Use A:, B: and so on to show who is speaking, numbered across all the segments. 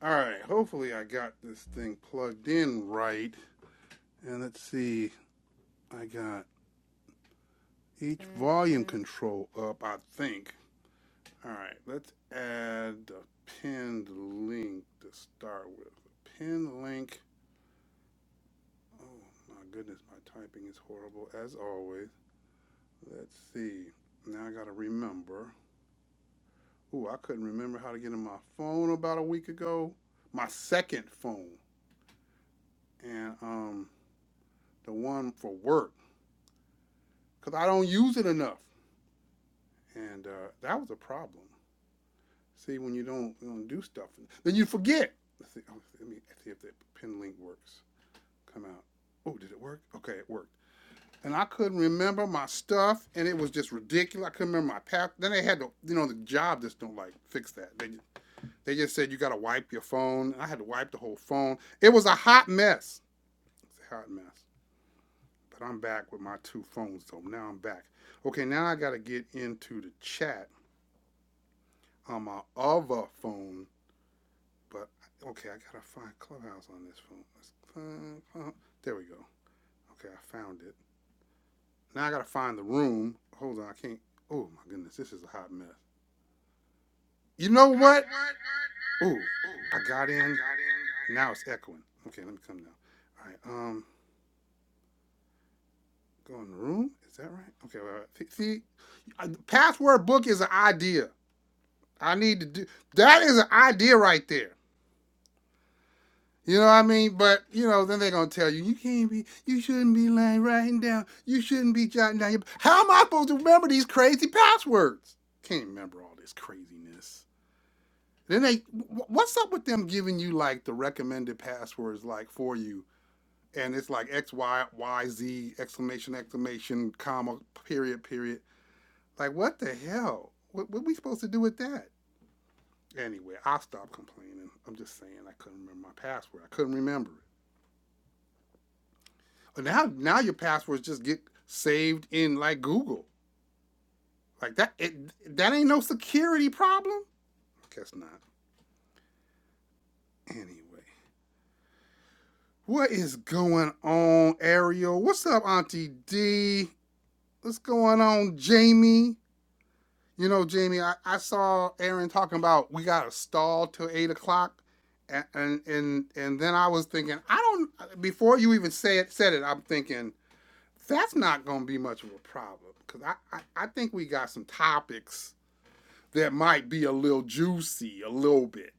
A: All right, hopefully I got this thing plugged in right. And let's see, I got each volume control up, I think. All right, let's add a pinned link to start with. A pinned link. Oh my goodness, my typing is horrible as always. Let's see. Now I gotta remember. Ooh, I couldn't remember how to get in my phone about a week ago. My second phone, and um, the one for work, cause I don't use it enough. and uh, that was a problem. See, when you don't, you don't do stuff, then you forget. Let's see, oh, let me see if the pin link works. Come out. Oh, did it work? Okay, it worked. And I couldn't remember my stuff, and it was just ridiculous. I couldn't remember my path. Then they had to, you know, the job just don't like fix that. They they just said you got to wipe your phone. And I had to wipe the whole phone. It was a hot mess. It's a hot mess. But I'm back with my two phones though. Now I'm back. Okay, now I got to get into the chat on my other phone But okay, I gotta find Clubhouse on this phone. Let's find, find- There we go. Okay, I found it. Now I gotta find the room. Hold on, I can't. Oh my goodness, this is a hot mess. You know what? Ooh, I got in. Now it's echoing. Okay, let me come down. All right, um, go in the room. Is that right? Okay, all right. See, uh, password book is an idea. I need to do that. Is an idea right there. You know what I mean? But you know, then they're gonna tell you you can't be, you shouldn't be lying, writing down, you shouldn't be jotting down. Your... How am I supposed to remember these crazy passwords? Can't remember all this craziness. Then they, what's up with them giving you like the recommended passwords like for you, and it's like X Y Y Z exclamation exclamation comma period period. Like what the hell? What what are we supposed to do with that? Anyway, I'll stop complaining. I'm just saying I couldn't remember my password. I couldn't remember it. But now now your passwords just get saved in like Google. Like that it, that ain't no security problem. Guess not. Anyway. What is going on, Ariel? What's up, Auntie D? What's going on, Jamie? You know, Jamie, I, I saw Aaron talking about we got to stall till eight o'clock, and, and and and then I was thinking, I don't. Before you even say it, said it, I'm thinking that's not going to be much of a problem because I, I I think we got some topics that might be a little juicy, a little bit.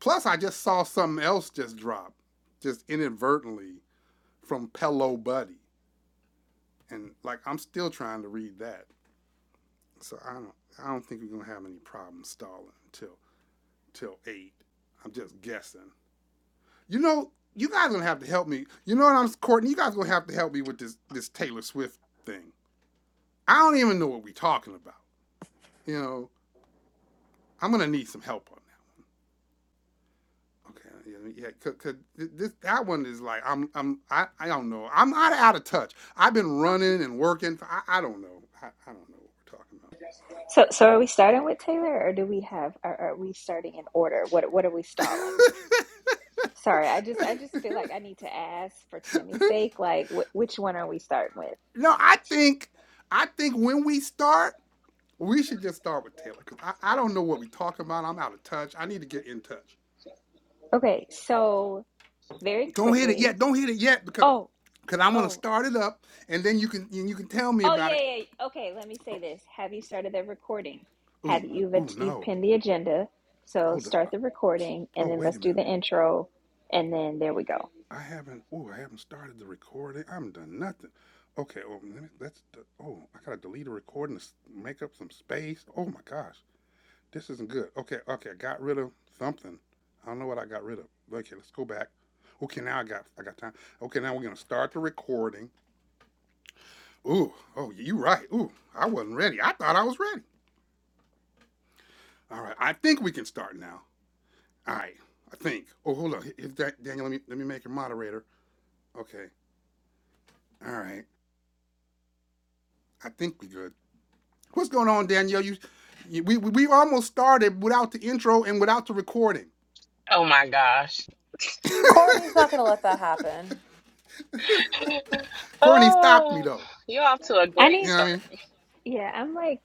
A: Plus, I just saw something else just drop, just inadvertently from Pello Buddy, and like I'm still trying to read that. So I don't, I don't think we're gonna have any problems stalling till till eight. I'm just guessing. You know, you guys gonna have to help me. You know what I'm, Courtney? You guys gonna have to help me with this this Taylor Swift thing. I don't even know what we're talking about. You know, I'm gonna need some help on. it. Okay, uh, yeah, yeah. cause this that one is like I'm I'm I, I don't know. I'm not out of touch. I've been running and working. For, I I don't know. I, I don't know what we're
B: So, so are we starting with Taylor, or do we have? Are, are we starting in order? What What are we
A: talking
B: stalling?
A: about.
B: Sorry, I just I just feel like I need to ask for Tammy's sake. Like, wh- which one are we starting with?
A: no, I think I think when we start, we should just start with Taylor because I, I don't know what we're talking about. I'm out of touch. I need to get in touch.
B: Okay, so very
A: Don't hit it
B: quickly.
A: yet. Don't hit it yet because
B: Oh,
A: because I am going to
B: oh,
A: start it up and then you can you can tell me
B: oh,
A: about
B: yeah,
A: it.
B: yeah. yeah. Okay, let me say this. Have you started the recording? Have
A: Ooh
B: you you've
A: ooh
B: you've
A: no.
B: pinned the agenda? So
A: Hold
B: start
A: up.
B: the recording,
A: Oh
B: and then
A: wait
B: let's
A: a
B: do
A: minute.
B: the intro, and then there we go.
A: I haven't. Oh, I haven't started the recording. I haven't done nothing. Okay. Oh, let me, let's. d- Oh, I gotta delete a recording to s- make up some space. Oh my gosh, this isn't good. Okay. Okay. I got rid of something. I don't know what I got rid of. Okay. Let's go back. Okay. Now I got. I got time. Okay. Now we're gonna start the recording. Ooh. Oh, you right. Ooh. I wasn't ready. I thought I was ready. All right. I think we can start now. All right. I think. Oh, hold on. If that, Daniel, let me let me make your moderator. Okay. All right. I think we good. What's going on, Danielle? You, you we, we almost started without the intro and without the recording.
C: Oh my gosh.
D: Courtney's not going to let that happen.
A: Courtney stopped me
C: Oh,
A: though.
C: you're off to a
B: I
C: great
A: You
B: need.
A: know what I
C: start.
A: mean?
B: Yeah, I'm like,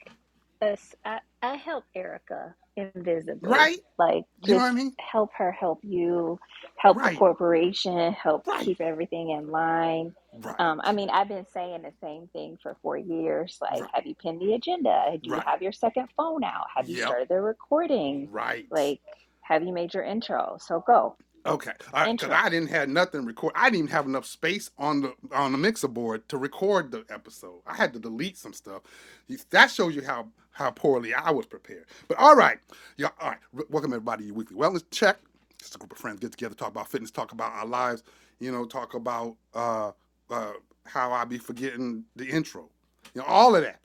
B: a s- I, I help Erica invisibly.
A: Right?
B: Like,
A: You know what I
B: just
A: mean?
B: help her help you, help the
A: Right.
B: corporation, help
A: Right.
B: keep everything in line. Um, I
A: Right.
B: mean, I've been saying the same thing for four years. Like,
A: Right.
B: have you pinned the agenda? Do you
A: Right.
B: have your second phone out? Have you
A: Yep.
B: started the recording?
A: Right.
B: Like, have you made your intro? So go,
A: Okay, all right, because
B: intro.
A: I didn't have nothing record. I didn't even have enough space on the on the mixer board to record the episode. I had to delete some stuff. You- That shows you how how poorly I was prepared. But all right, yeah, all right. w- Welcome everybody to your weekly wellness check. Just a group of friends get together, talk about fitness, talk about our lives. You know, talk about uh, uh, how I be forgetting the intro. You know, all of that.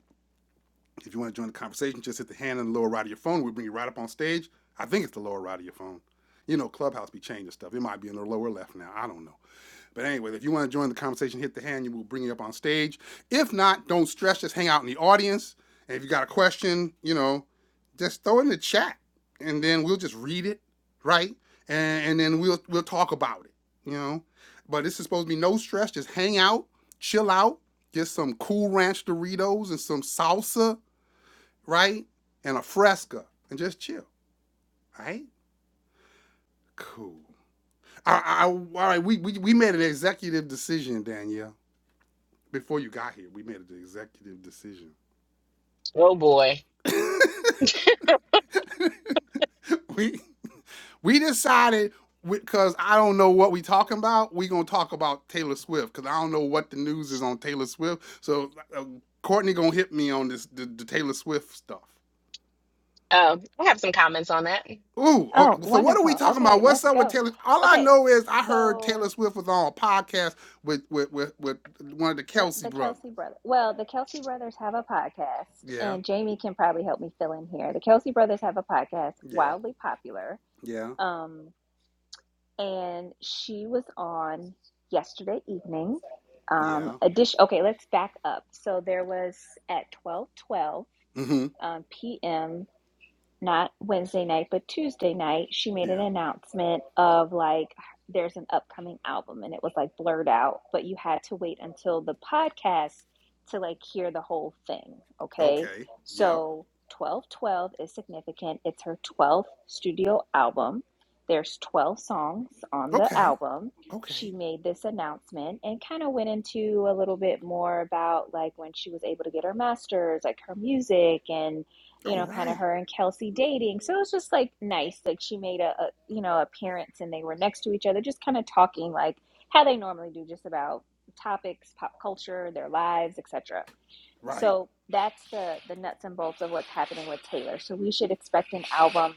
A: If you want to join the conversation, just hit the hand in the lower right of your phone. We bring you right up on stage. I think it's the lower right of your phone. You know, Clubhouse be changing stuff. It might be in the lower left now. I don't know. But anyway, if you want to join the conversation, hit the hand. You will bring you up on stage. If not, don't stress. Just hang out in the audience. And if you got a question, you know, just throw it in the chat, and then we'll just read it, right? And, and then we'll we'll talk about it, you know. But this is supposed to be no stress. Just hang out, chill out, get some cool ranch Doritos and some salsa right? And a fresca and just chill, right? Cool. I, I, all right, we, we, we made an executive decision, Danielle. Before you got here, we made an executive decision.
C: Oh boy.
A: we we decided because I don't know what we talking about. We gonna talk about Taylor Swift because I don't know what the news is on Taylor Swift. So uh, Courtney gonna hit me on this the, the Taylor Swift stuff.
C: Um, I have some comments on that. And
A: Ooh, oh,
B: Oh,
A: so what are we
B: wonderful.
A: talking about?
B: Okay,
A: What's
B: let's
A: up with
B: go.
A: Taylor? All I
B: Okay,
A: know is I heard
B: so.
A: Taylor Swift was on a podcast with with with, with one of the
B: Yep,
A: Kelsey
B: the
A: brothers.
B: Kelsey brothers. Well, the Kelsey brothers have a podcast,
A: Yeah,
B: and Jamie can probably help me fill in here. The Kelsey brothers have a podcast,
A: yeah,
B: wildly popular.
A: yeah,
B: Um, and she was on yesterday evening. Um,
A: yeah.
B: a dish. Okay, let's back up. So there was at twelve twelve
A: Mm-hmm.
B: um, p.m not Wednesday night, but Tuesday night, she made an
A: Yeah.
B: announcement of like, there's an upcoming album and it was like blurred out, but you had to wait until the podcast to like hear the whole thing. Okay.
A: Okay. Yep.
B: So 1212 is significant. It's her 12th studio album. There's 12 songs on the
A: Okay.
B: album. She
A: Okay.
B: made this announcement and kind of went into a little bit more about like when she was able to get her master's, like her music and you
A: Oh,
B: know, kind of
A: right.
B: her and Kelsey dating. So it was just like nice. Like she made a, a you know, appearance and they were next to each other, just kind of talking like how they normally do, just about topics, pop culture, their lives, etc.
A: Right.
B: So that's the the nuts and bolts of what's happening with Taylor. So we should expect an album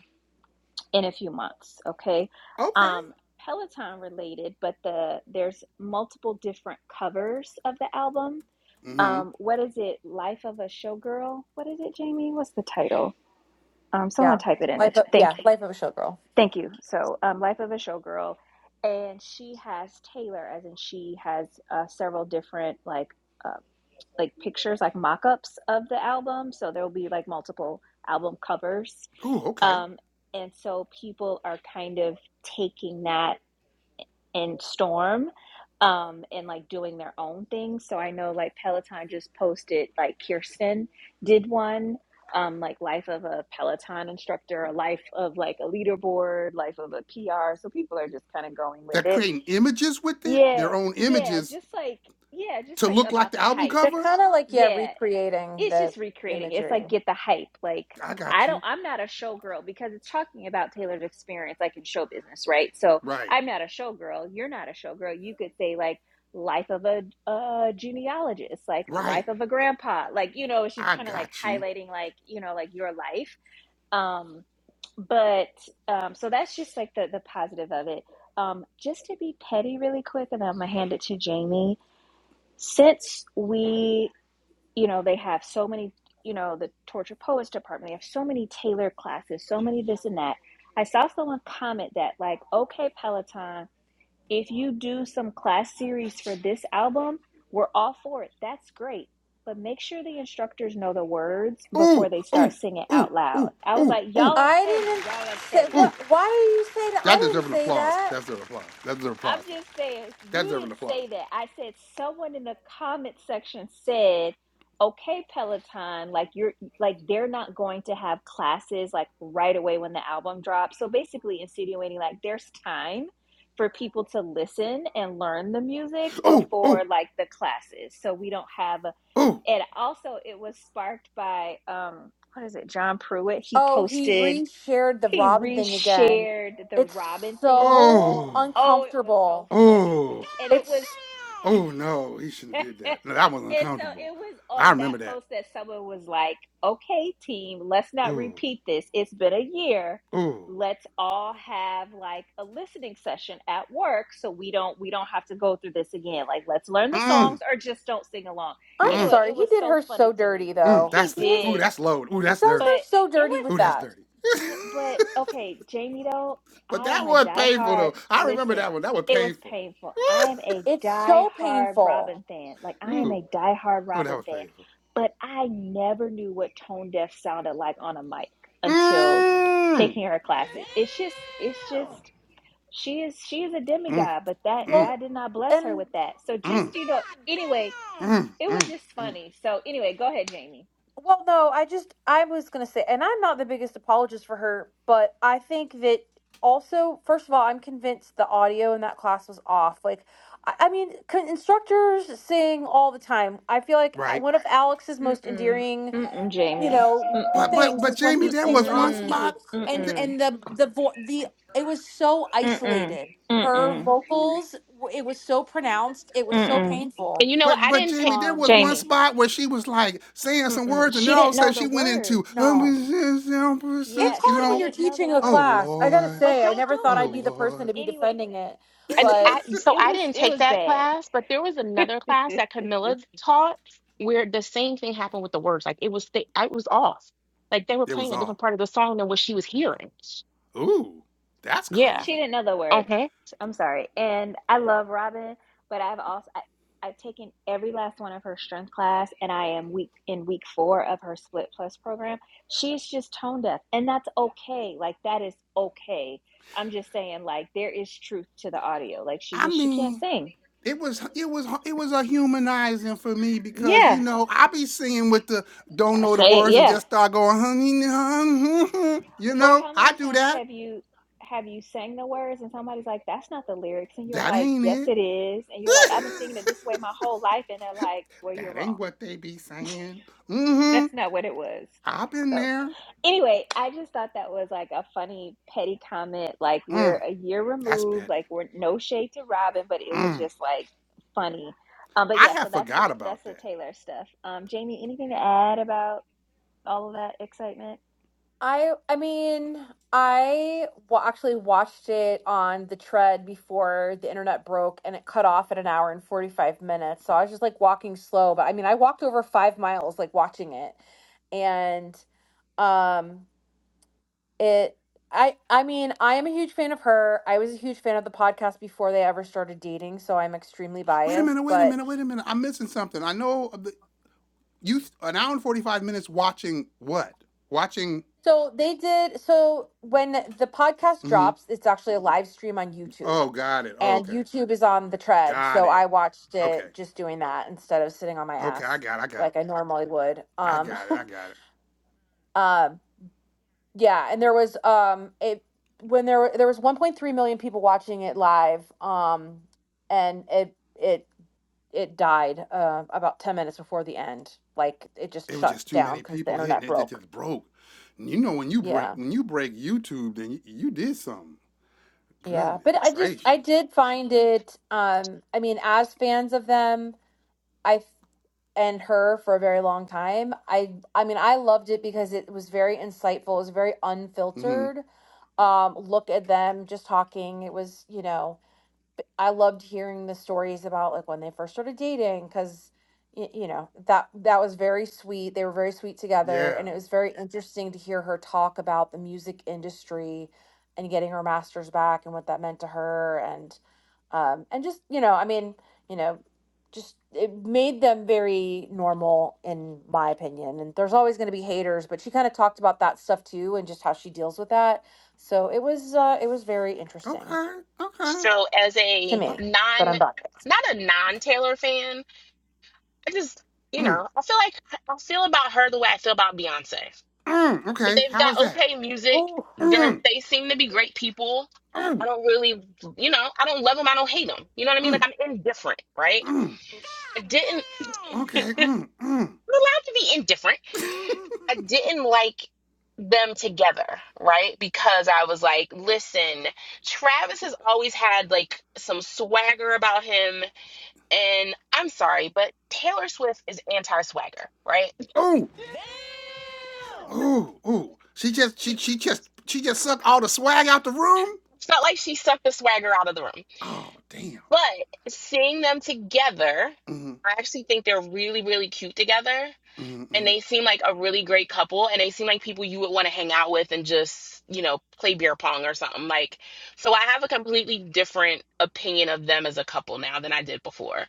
B: in a few months, okay?
A: Okay.
B: Um Peloton related, but the there's multiple different covers of the album. Um,
A: Mm-hmm.
B: what is it? Life of a Showgirl? What is it, Jamie? What's the title? Um, someone
D: Yeah.
B: type it in the
D: Life
B: ch-
D: of,
B: thank
D: yeah, Life of a Showgirl.
B: thank you. So, um, Life of a Showgirl, and she has Taylor, as in she has uh, several different like uh, like pictures, like mock-ups of the album. So there will be like multiple album covers,
A: Ooh, okay.
B: um, and so people are kind of taking that and Storm um and like doing their own thing. So I know like Peloton just posted like Kirsten did one um like life of a Peloton instructor, a life of like a leaderboard, life of a PR. So people are just kind of going with
A: They're
B: it.
A: creating images with it,
B: Yeah.
A: their own
B: Yeah,
A: images
B: just like yeah, just
A: to
B: like
A: look like
B: about
A: the
B: the
A: album
B: hype.
D: They're
A: cover.
D: kind of like yeah,
B: Yeah
D: recreating
B: it's
D: the
B: just recreating. It's
D: imagery.
B: like get the hype. Like
A: I
B: I
A: got
B: don't
A: you.
B: I'm not a showgirl because it's talking about Taylor's experience like in show business, right? So
A: Right.
B: I'm not a showgirl, you're not a showgirl. You could say like life of a a genealogist, like life
A: Right.
B: of a grandpa. Like, you know, it's just
A: I
B: kind of like
A: got you.
B: highlighting like, you know, like your life. Um but um so that's just like the the positive of it. Um just to be petty really quick and I'm going to hand it to Jamie. Since we you know they have so many you know the torture poets department they have so many tailor classes so many this and that i saw someone comment that like okay peloton if you do some class series for this album we're all for it that's great but make sure the instructors know the words before
A: Ooh,
B: they start
A: ooh,
B: singing
A: ooh,
B: out loud
A: ooh,
B: i was
A: ooh,
B: like
A: ooh.
B: y'all are
D: I
B: petty
D: didn't
B: y'all are
D: say
B: petty
A: Ooh,
D: what why do you say that? I
A: that
D: didn't
A: deserves an
D: say
A: applause.
D: that.
A: That deserves applause. That deserves
B: I'm
A: applause.
B: just saying,
A: That
B: you
A: deserves an
B: didn't
A: applause.
B: say that. I said someone in the comment section said, "Okay, Peloton, like you're like they're not going to have classes like right away when the album drops." So basically insinuating like there's time for people to listen and learn the music
A: Oh, oh,
B: before like the classes. So we don't have a,
A: oh,
B: and also it was sparked by um what is it? John Pruitt. He
D: Oh, he
B: posted
D: reshared the
B: he
D: Robin thing again.
B: reshared the
D: It's
B: Robin thing
D: so
A: oh,
B: Oh, it was so
D: uncomfortable.
B: funny.
A: oh,
B: And it was,
D: It's
A: oh no, he shouldn't
B: and
A: have did that. No, that was
B: so
A: uncomfortable.
B: it was
A: I
B: on that
A: remember that.
B: post that someone was like, okay, team, let's not
A: Ooh,
B: repeat this. It's been a year.
A: ooh,
B: Let's all have like a listening session at work so we don't we don't have to go through this again. Like let's learn the songs
A: mm,
B: or just don't sing along.
D: I'm
A: mm,
B: Anyway, it
D: sorry. He
B: was
D: did
B: so
D: her so
B: funny to me.
D: dirty
A: mm.
D: though.
A: That's
B: He
D: He
A: the,
D: was
A: ooh,
B: did,
A: that's low. Ooh,
D: he
A: that's
D: does
A: dirty.
B: but
D: her so
B: it
D: dirty
B: was.
D: with
A: Ooh, that's
D: that.
A: dirty.
B: But but okay, Jamie though,
A: but
B: I am
A: that
B: a
A: was painful
B: diehard
A: though. I remember
B: listen,
A: that one. That was
B: it was
A: painful.
B: painful. I am a
D: It's so
B: diehard
D: painful.
B: Robin fan. Like I am
A: ooh,
B: a diehard
A: ooh, that
B: Robin
A: was
B: fan.
A: painful.
B: But I never knew what tone deaf sounded like on a mic until
A: Mm,
B: taking her classes. It's just it's just she is she is a
A: mm.
B: demigod, but that
A: mm.
D: Well,
B: God did not bless her
D: and
B: with that. So just
A: Mm,
B: you know, anyway,
A: mm,
B: it was
A: mm,
B: just
A: mm,
B: funny. So anyway, go ahead, Jamie.
D: Well, no, I just I was gonna say, and I'm not the biggest apologist for her, but I think that also, first of all, I'm convinced the audio in that class was off. Like, I, I mean, con- instructors sing all the time. I feel like uh,
A: right.
D: one of Alex's
B: Mm
D: most
B: mm.
D: endearing,
B: Mm mm,
D: you
B: Jamie.
D: know,
B: Mm mm.
A: But but
D: things
A: but
D: is when
A: Jamie,
D: he
A: there
D: sings
A: was one
D: off
B: Mm-mm.
D: key,
A: spot.
D: and
B: Mm-mm.
D: and the the vo- the it was so
B: Mm-mm.
D: isolated. Her
B: Mm-mm.
D: vocals, w- it was so pronounced. It was so
B: Mm-mm.
D: painful.
C: you know, what?
A: But
C: I
A: but
C: didn't take
A: Jamie, there
D: Um,
A: was one
B: Jamie.
A: spot where she was like saying some
B: Mm-mm.
A: words, and then
B: She
A: all of a
B: didn't know
A: sudden
B: the
A: she went
B: words.
A: into um,
D: no. It's
B: Yeah,
A: you
D: hard
B: she
D: when
A: know,
D: you're
B: didn't know the
D: teaching a
A: oh
B: words.
D: class. I gotta
A: Lord,
B: But
D: say, I
B: don't do
D: never
A: oh
D: thought
B: it.
D: I'd be
B: Just
D: the person
A: Lord.
D: to be
B: anyway,
D: defending it,
B: it's
C: and
D: but
C: I
B: just
C: so
B: it
C: I
B: was
C: didn't
B: it
C: take
B: was
C: that
B: bad.
C: class, but there was another class that Camilla taught where the same thing happened with the words. Like it was th- it was off. Like they were
A: It was
C: playing a
A: all.
C: different part of the song than what she was hearing.
A: Ooh, that's
C: Yeah.
B: She
A: crazy.
B: didn't know the words.
C: Uh-huh.
B: I'm sorry. And I love Robin, but I've also I, I've taken every last one of her strength class and I am week in week 4 of her split plus program. She's just tone deaf and that's okay. Like that is okay. I'm just saying like there is truth to the audio. Like she
A: I
B: just she can't
A: mean,
B: sing.
A: it was it was it was a humanizing for me because you
B: Yeah.
A: know I be singing with the don't
B: I
A: know the
B: say
A: words and
B: yeah.
A: just start going honey hun," you
B: Or
A: know
B: how
A: I
B: many
A: do
B: times
A: that
B: have you have you sang the words and somebody's like, "That's not the lyrics," and you're
A: that
B: like, "Yes,
A: ain't
B: it is," and you're like, "I've
A: it
B: been singing it this way my whole life," and they're like, "Well, you're
A: that
B: wrong.
A: ain't what they be saying mm-hmm
B: That's not what it was."
A: I've been
B: So,
A: there
B: anyway, I just thought that was like a funny petty comment. Like we're
A: mm,
B: a year
A: that's
B: removed.
A: petty
B: Like we're no shade to Robin, but it was
A: mm,
B: just like funny. Um, but
A: I
B: yeah, so
A: have
B: that's the
A: forgot
B: that's
A: about
B: the
A: that
B: Taylor stuff. Um, Jamie, anything to add about all of that excitement?
D: I, I mean, I wa actually watched it on the tread before the internet broke, and it cut off at an hour and 45 minutes. So I was just like walking slow, but I mean, I walked over five miles like watching it, and um, it. I, I mean, I am a huge fan of her. I was a huge fan of the podcast before they ever started dating, so I'm extremely
A: wait a
D: biased.
A: minute wait a
D: But
A: minute wait a minute I'm missing something I know you an hour and forty five minutes watching what watching
D: So they did. So when the podcast
A: hmm
D: drops, it's actually a live stream on YouTube,
A: oh got it oh,
D: and
A: okay
D: YouTube is on the tread.
A: Got
D: So
A: it.
D: I watched
A: Okay.
D: it just doing that instead of sitting on my
A: Okay, I
D: ass
A: got it. I got it.
D: like I normally would.
A: I
D: Um,
A: got it. I got it.
D: um, yeah. And there was um, it when there were there was 1.3 million people watching it live. Um, and it it it died uh, about 10 minutes before the end. Like it just
A: It was
D: shut
A: just too
D: down
A: many
D: because the
A: people hitting
D: internet
A: it. It
D: broke.
A: just broke. And you know when you break
D: Yeah.
A: when you break YouTube, then you, you did something.
D: Yeah,
A: Goodness
D: but I just
A: gracious.
D: I did find it um I mean as fans of them I f- and her for a very long time I I mean I loved it because it was very insightful it was very
A: Mm-hmm.
D: unfiltered um look at them just talking it was you know I loved hearing the stories about like when they first started dating because you know that that was very sweet. They were very sweet together,
A: Yeah.
D: and it was very interesting to hear her talk about the music industry and getting her master's back and what that meant to her, and um, and just you know, I mean, you know, just it made them very normal in my opinion. And there's always going to be haters, but she kind of talked about that stuff too, and just how she deals with that. So it was uh, it was very interesting
A: Okay. Okay.
C: So as
D: to
C: a
A: Uh,
D: me. But
C: non
D: I'm back.
C: not a non-Taylor fan, I just, you
A: mm,
C: know, I feel like I feel about her the way I feel about Beyonce.
A: mm,
C: Like
A: okay.
C: they've
A: How was
C: got
A: that?
C: okay music.
D: Oh,
C: They're
A: Mm,
C: they seem to be great people. I
A: mm,
C: don't really, you know, I don't love them. I don't hate them. You know what I mean?
A: mm,
C: Like I'm indifferent, right?
A: mm.
C: I
A: God
C: didn't.
A: damn! Okay. Mm,
C: I'm allowed to be indifferent.
A: mm.
C: I didn't like them together, right? Because I was like, listen, Travis has always had like some swagger about him, and I'm sorry, but Taylor Swift is anti-swagger, right?
A: Oh, oh, oh! She just, she, she just, she just sucked all the swag out the room.
C: It's not like she sucked the swagger out of the room.
A: Oh damn.
C: But seeing them together,
A: Mm-hmm,
C: I actually think they're really, really cute together.
A: mm-hmm.
C: And
A: mm-hmm.
C: they seem like a really great couple. And they seem like people you would want to hang out with and just, you know, play beer pong or something. Like, so I have a completely different opinion of them as a couple now than I did before.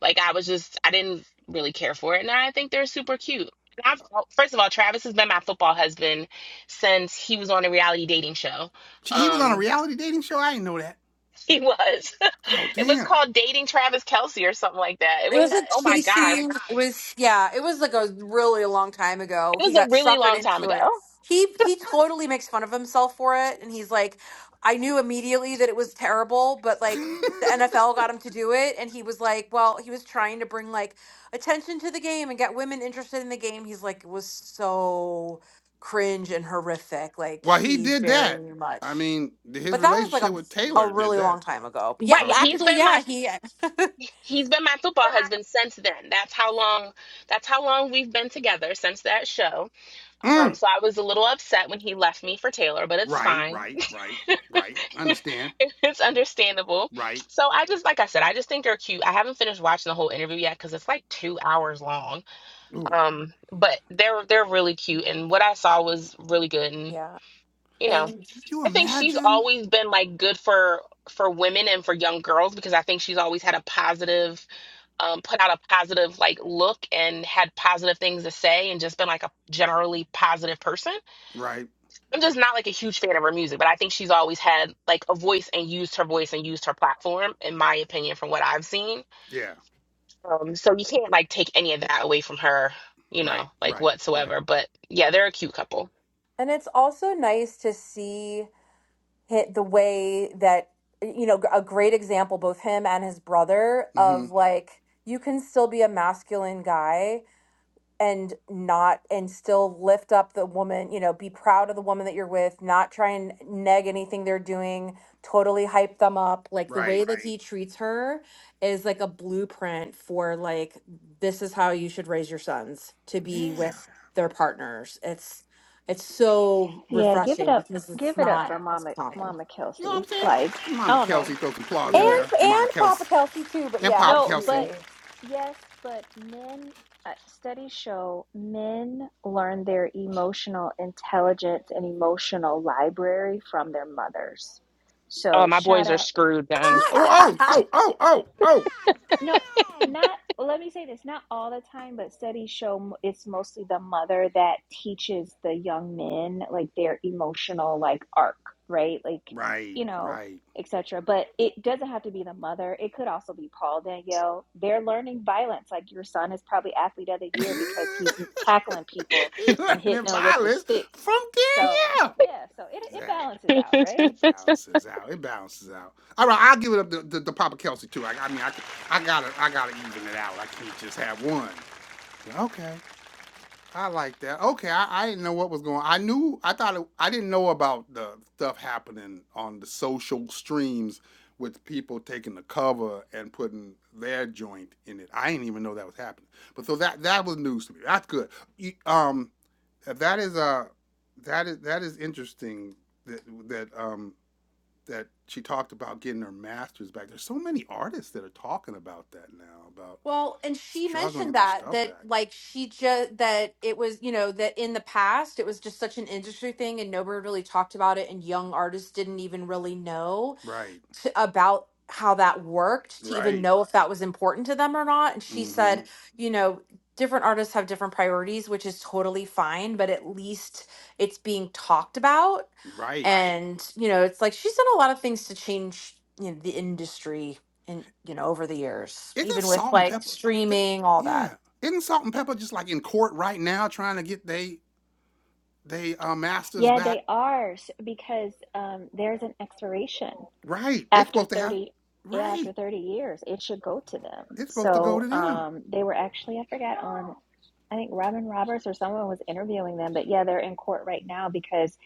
C: Like, I was just, I didn't really care for it. Now I think they're super cute. And I've, well, first of all, Travis has been my football husband since he was on a reality dating show.
A: She, he was on a
C: Um,
A: reality dating show. I didn't know that.
C: he was.
A: Oh
C: It was
A: damn.
C: called Dating Travis Kelsey or something like that. It
D: it was
C: was,
D: a
C: oh my gosh.
D: chasing. It was yeah. It was like a really long time ago.
C: It
D: He
C: was a
D: got
C: really
D: suckered
C: long time
D: into
C: ago.
D: it. He he totally makes fun of himself for it, and he's like, I knew immediately that it was terrible, but like the NFL got him to do it, and he was like, well, he was trying to bring like attention to the game and get women interested in the game. He's like, it was so cringe and horrific. Like
A: well, he
D: he
A: did
D: very
A: that.
D: much.
A: I mean, his
D: But that was like
A: relationship with
D: a, a
A: Taylor did
D: really long
A: that.
D: time ago. Yeah,
C: Right.
A: Oh,
D: well,
A: okay.
C: He's
D: actually,
C: been my
D: yeah, he
C: he's been my football husband since then. That's how long that's how long we've been together since that show. Um,
A: Mm.
C: so I was a little upset when he left me for Taylor, but it's
A: Right,
C: fine.
A: right, right, right. Understand.
C: it's understandable.
A: Right.
C: So I just like I said, I just think they're cute. I haven't finished watching the whole interview yet because it's like two hours long.
A: Ooh.
C: Um, but they're they're really cute and what I saw was really good and.
D: yeah.
C: you know,
D: And
A: You
C: I think she's
A: imagine?
C: always been like good for for women and for young girls because I think she's always had a positive, um, put out a positive like look and had positive things to say and just been like a generally positive person.
A: Right.
C: I'm just not like a huge fan of her music, but I think she's always had like a voice and used her voice and used her platform, in my opinion, from what I've seen.
A: Yeah.
C: Um, so you can't like take any of that away from her, you
A: Right.
C: know, like
A: Right. Right.
C: whatsoever. But yeah, they're a cute couple.
D: and it's also nice to see hit the way that you know a great example both him and his brother
A: Mm-hmm.
D: of like you can still be a masculine guy and not and still lift up the woman you know be proud of the woman that you're with not try and neg anything they're doing totally hype them up like the
A: Right.
D: way that Right. he treats her is like a blueprint for like this is how you should raise your sons to be with
A: Yeah.
D: Yeah. their partners it's it's so
B: Yeah, give it
D: refreshing
B: up.
D: because it's
B: Give it up
D: not
B: for
D: as
B: Mama
D: common
B: Mama
A: You know what
B: Kelsey.
A: I'm
D: yeah
B: Like,
A: saying?
B: I
A: Mama
B: don't
A: Kelsey,
B: know.
A: throw some claws in
B: Yes.
D: and
A: there. Mama
D: and
A: Kelsey
D: papa kelsey too but
A: and
D: yeah
A: Papa
B: No,
A: Kelsey.
B: but
D: absolutely
B: yes, but men uh, studies show men learn their emotional intelligence and emotional library from their mothers.
C: Oh,
B: So,
C: my
B: shout
C: boys are
B: out
C: screwed
A: Oh,
C: then.
A: oh, oh, oh, oh, oh.
B: No,
A: God Damn!
B: not, let me say this, not all the time, but studies show m- it's mostly the mother that teaches the young men like their emotional like arc, right? Like,
A: Right,
B: you know,
A: right.
B: etc. But it doesn't have to be the mother. It could also be Paul Danielle. They're learning violence. Like your son is probably athlete of the year because he's tackling people
A: you
B: and
A: learning
B: hitting them with the
A: violence
B: stick.
A: from
B: So,
A: Danielle.
B: yeah, so it it
A: Exactly.
B: balances out, right?
A: It balances out. It balances out. All right, I'll give it up to, to, to Papa Kelsey too. I, I mean, I, I gotta, I gotta even it out. I can't just have one. Okay, I like that. Okay, I, I didn't know what was going. on. I knew I thought it, I didn't know about the stuff happening on the social streams with people taking the cover and putting their joint in it. I didn't even know that was happening. But so that that was news to me. That's good. You- um, uh, that is uh, that is that is interesting that that um that she talked about getting her masters back. There's so many artists that are talking about that now about
D: Well, and she
A: struggling to
D: mentioned
A: get their
D: that
A: stuff
D: that
A: back.
D: like she just that it was, you know, that in the past it was just such an industry thing and nobody really talked about it and young artists didn't even really know
A: Right.
D: t about how that worked to even
A: Right.
D: know if that was important to them or not. And she
A: Mm-hmm.
D: said, you know, different artists have different priorities, which is totally fine, but at least it's being talked about. Right.
A: Right.
D: And, you know, it's like she's done a lot of things to change you know, the industry and, you know, over the years,
A: Isn't
D: even with
A: salt and
D: like
A: pepper? it-
D: streaming, all that.
A: yeah. Isn't salt and pepper just like in court right now trying to get they they uh, masters
B: Yeah,
A: back?
B: they are s- because um, there's an expiration.
A: Right. They're
B: after
A: supposed to have.
B: 30 yeah,
A: Right.
B: after 30 years it should go to them
A: It's supposed to go
B: so
A: to them.
B: um they were actually i forgot on i think robin roberts or someone was interviewing them but yeah they're in court right now because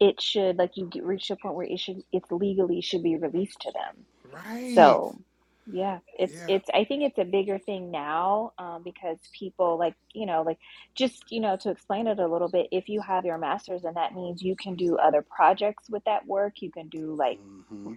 B: it should like you get, reach a point where it should it's legally should be released to them
A: Right.
B: so yeah it's
A: Yeah.
B: it's i think it's a bigger thing now um, because people like you know like just you know to explain it a little bit if you have your master's and that means you can do other projects with that work you can do like
A: Mm-hmm.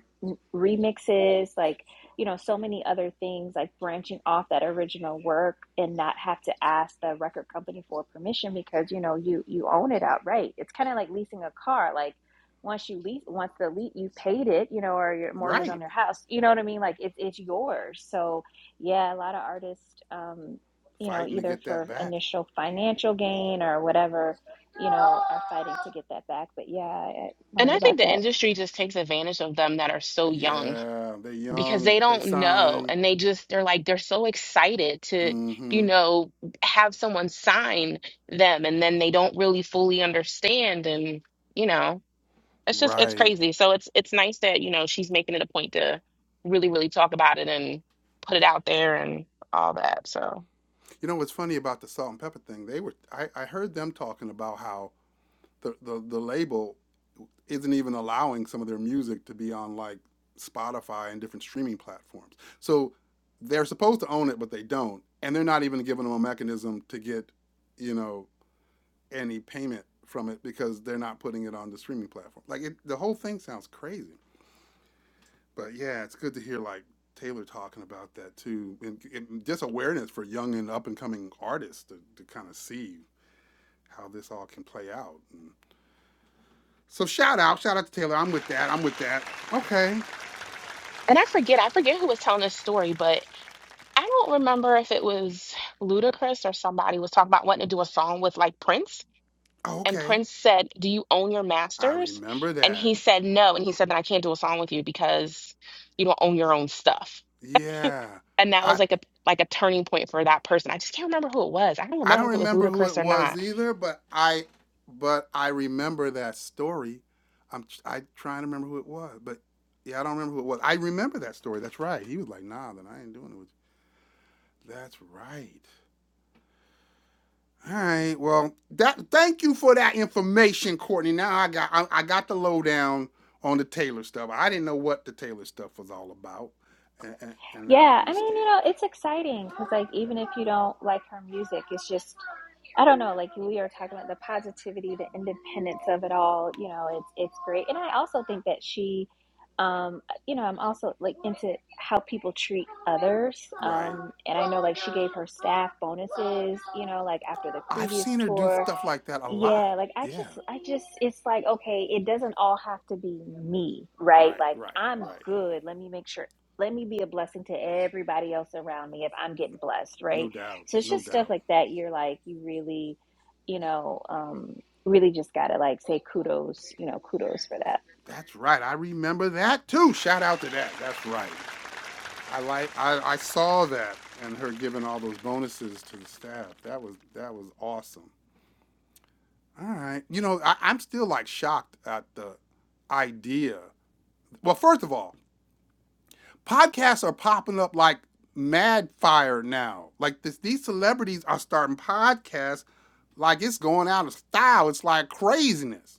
B: remixes, like, you know, so many other things, like branching off that original work and not have to ask the record company for permission because, you know, you you own it outright. It's kind of like leasing a car. Like once you lease, once the lease, you paid it, you know, or your mortgage
A: Right.
B: on your house, you know what I mean? Like it's it's yours. So yeah, a lot of artists, um, you know,
A: Fighting to
B: either
A: get that
B: for
A: back.
B: initial financial gain or whatever, you know, are fighting to get that back. But yeah, I I
C: And
B: learned
C: I
B: about
C: think the
B: that
C: industry just takes advantage of them that are so young
A: Yeah. They are
C: because
A: young.
C: they
A: They
C: don't know.
A: sign.
C: And they just, they're like, they're so excited to, you
A: Mm-hmm.
C: know, have someone sign them and then they don't really fully understand. And, you know, it's just, it's
A: Right.
C: crazy. So it's, it's nice that, you know, she's making it a point to really, really talk about it and put it out there and all that. So,
A: You know what's funny about the salt and pepper thing? They were I, I heard them talking about how the, the, the label isn't even allowing some of their music to be on like Spotify and different streaming platforms. So they're supposed to own it, but they don't, and they're not even giving them a mechanism to get, you know, any payment from it because they're not putting it on the streaming platform. Like it, the whole thing sounds crazy, but yeah, it's good to hear like Taylor talking about that too, and, and just awareness for young and up and coming artists to, to kind of see how this all can play out. And so shout out, shout out to Taylor. I'm with that. I'm with that. Okay,
C: and I forget, I forget who was telling this story, but I don't remember if it was Ludacris or somebody was talking about wanting to do a song with like Prince
A: Oh,
C: And
A: okay.
C: Prince said, Do you own your
A: I
C: masters?
A: remember
C: And
A: that.
C: he said, No. And he said, Then I can't do a song with you because you don't own your own stuff.
A: Yeah.
C: And that was
A: I
C: like a like a turning point for that person. I just can't remember who it was. I don't
A: I
C: remember
A: don't
C: if it was
A: remember who
C: Ludacris
A: it
C: or
A: was
C: not.
A: either, but I but I remember that story. I'm tr- I trying to remember who it was, but yeah, I don't remember who it was. I remember that story. That's right. He was like, "Nah, then I ain't doing it." With you. That's right. All right. Well, that thank you for that information, Courtney. Now I got I, I got the lowdown on the Taylor stuff. I didn't know what the Taylor stuff was all about, and, and, and now I
B: Yeah, I mean, you
A: understand.
B: know, it's exciting because, like, even if you don't like her music, it's just, I don't know, like we are talking about the positivity, the independence of it all. You know, it's it's great, and I also think that she, um, you know, I'm also like into how people treat others,
A: Right.
B: um, and I know like she gave her staff bonuses, you know, like after the
A: I've
B: previous
A: seen her do
B: tour,
A: stuff like that a lot.
B: yeah, like I
A: Yeah.
B: just, I just, it's like, okay, it doesn't all have to be me, right?
A: Right,
B: Like
A: right,
B: I'm
A: right.
B: good. Let me make sure, let me be a blessing to everybody else around me if I'm getting blessed, right?
A: No doubt.
B: So it's
A: No
B: just stuff
A: doubt.
B: like that. You're like, you really, you know, um, really just gotta like say kudos, you know, kudos for that.
A: That's right. I remember that too. Shout out to that. That's right. I like I, I saw that and her giving all those bonuses to the staff. That was that was awesome. All right. You know, I, I'm still like shocked at the idea. Well, first of all, podcasts are popping up like mad fire now. Like this, these celebrities are starting podcasts like it's going out of style. It's like craziness.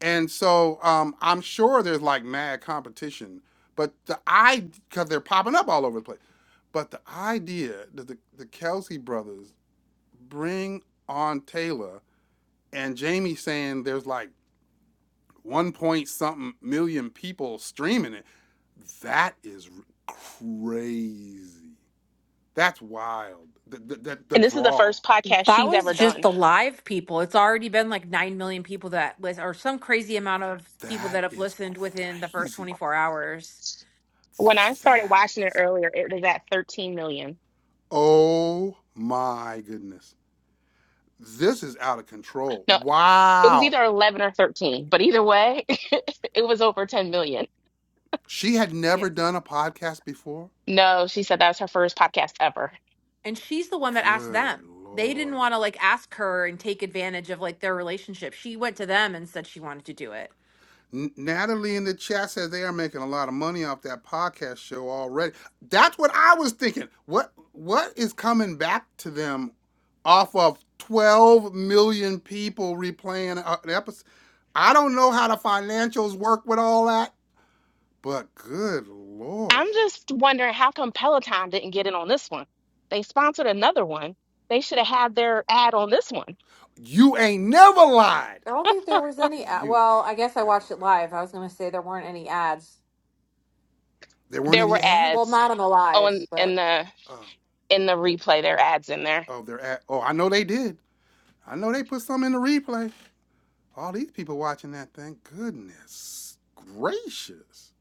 A: And so um, I'm sure there's like mad competition, but the I because they're popping up all over the place. But the idea that the, the Kelsey brothers bring on Taylor and Jamie saying there's like one point something million people streaming it, that is crazy. That's wild. The, the, the, the
C: And this is the
A: draw.
C: first podcast
D: That
C: she's
D: was
C: ever
D: just
C: done.
D: the live people. It's already been like 9 million people that list, or some crazy amount of people
A: That
D: that have
A: is
D: listened within the first
A: crazy.
D: 24 hours.
C: When I started
A: That
C: watching it
A: is.
C: earlier, it was at 13 million.
A: Oh my goodness. This is out of control.
C: No, it was
A: Wow.
C: either 11 or 13, but either way, it was over 10 million.
A: She had
D: Yes.
A: never done a podcast before.
C: No, she said that was her first podcast ever.
D: And she's the one that asked
A: Good
D: them. They didn't
A: Lord.
D: want to like ask her and take advantage of like their relationship. She went to them and said she wanted to do it.
A: Natalie in the chat says they are making a lot of money off that podcast show already. That's what I was thinking. What what is coming back to them off of 12 million people replaying an episode? I don't know how the financials work with all that, but good lord.
C: I'm just wondering how come Peloton didn't get in on this one? They sponsored another one. They should have had their ad on this one.
A: You ain't never lied.
D: I don't think there was any ad.
A: You
D: Well, I guess
A: ain't
D: I
A: never
D: watched it
A: lied.
D: live. I was going to say there weren't any ads.
A: There weren't
C: There were
A: any
D: Well,
A: ads?
C: ads
D: not on the
C: on
D: lives,
C: in
D: but
C: the
A: Oh,
C: in the replay. There are ads in there.
A: oh, they're ad. Oh, I know they did. I know they put some in the replay. All these people watching that thing. Goodness gracious.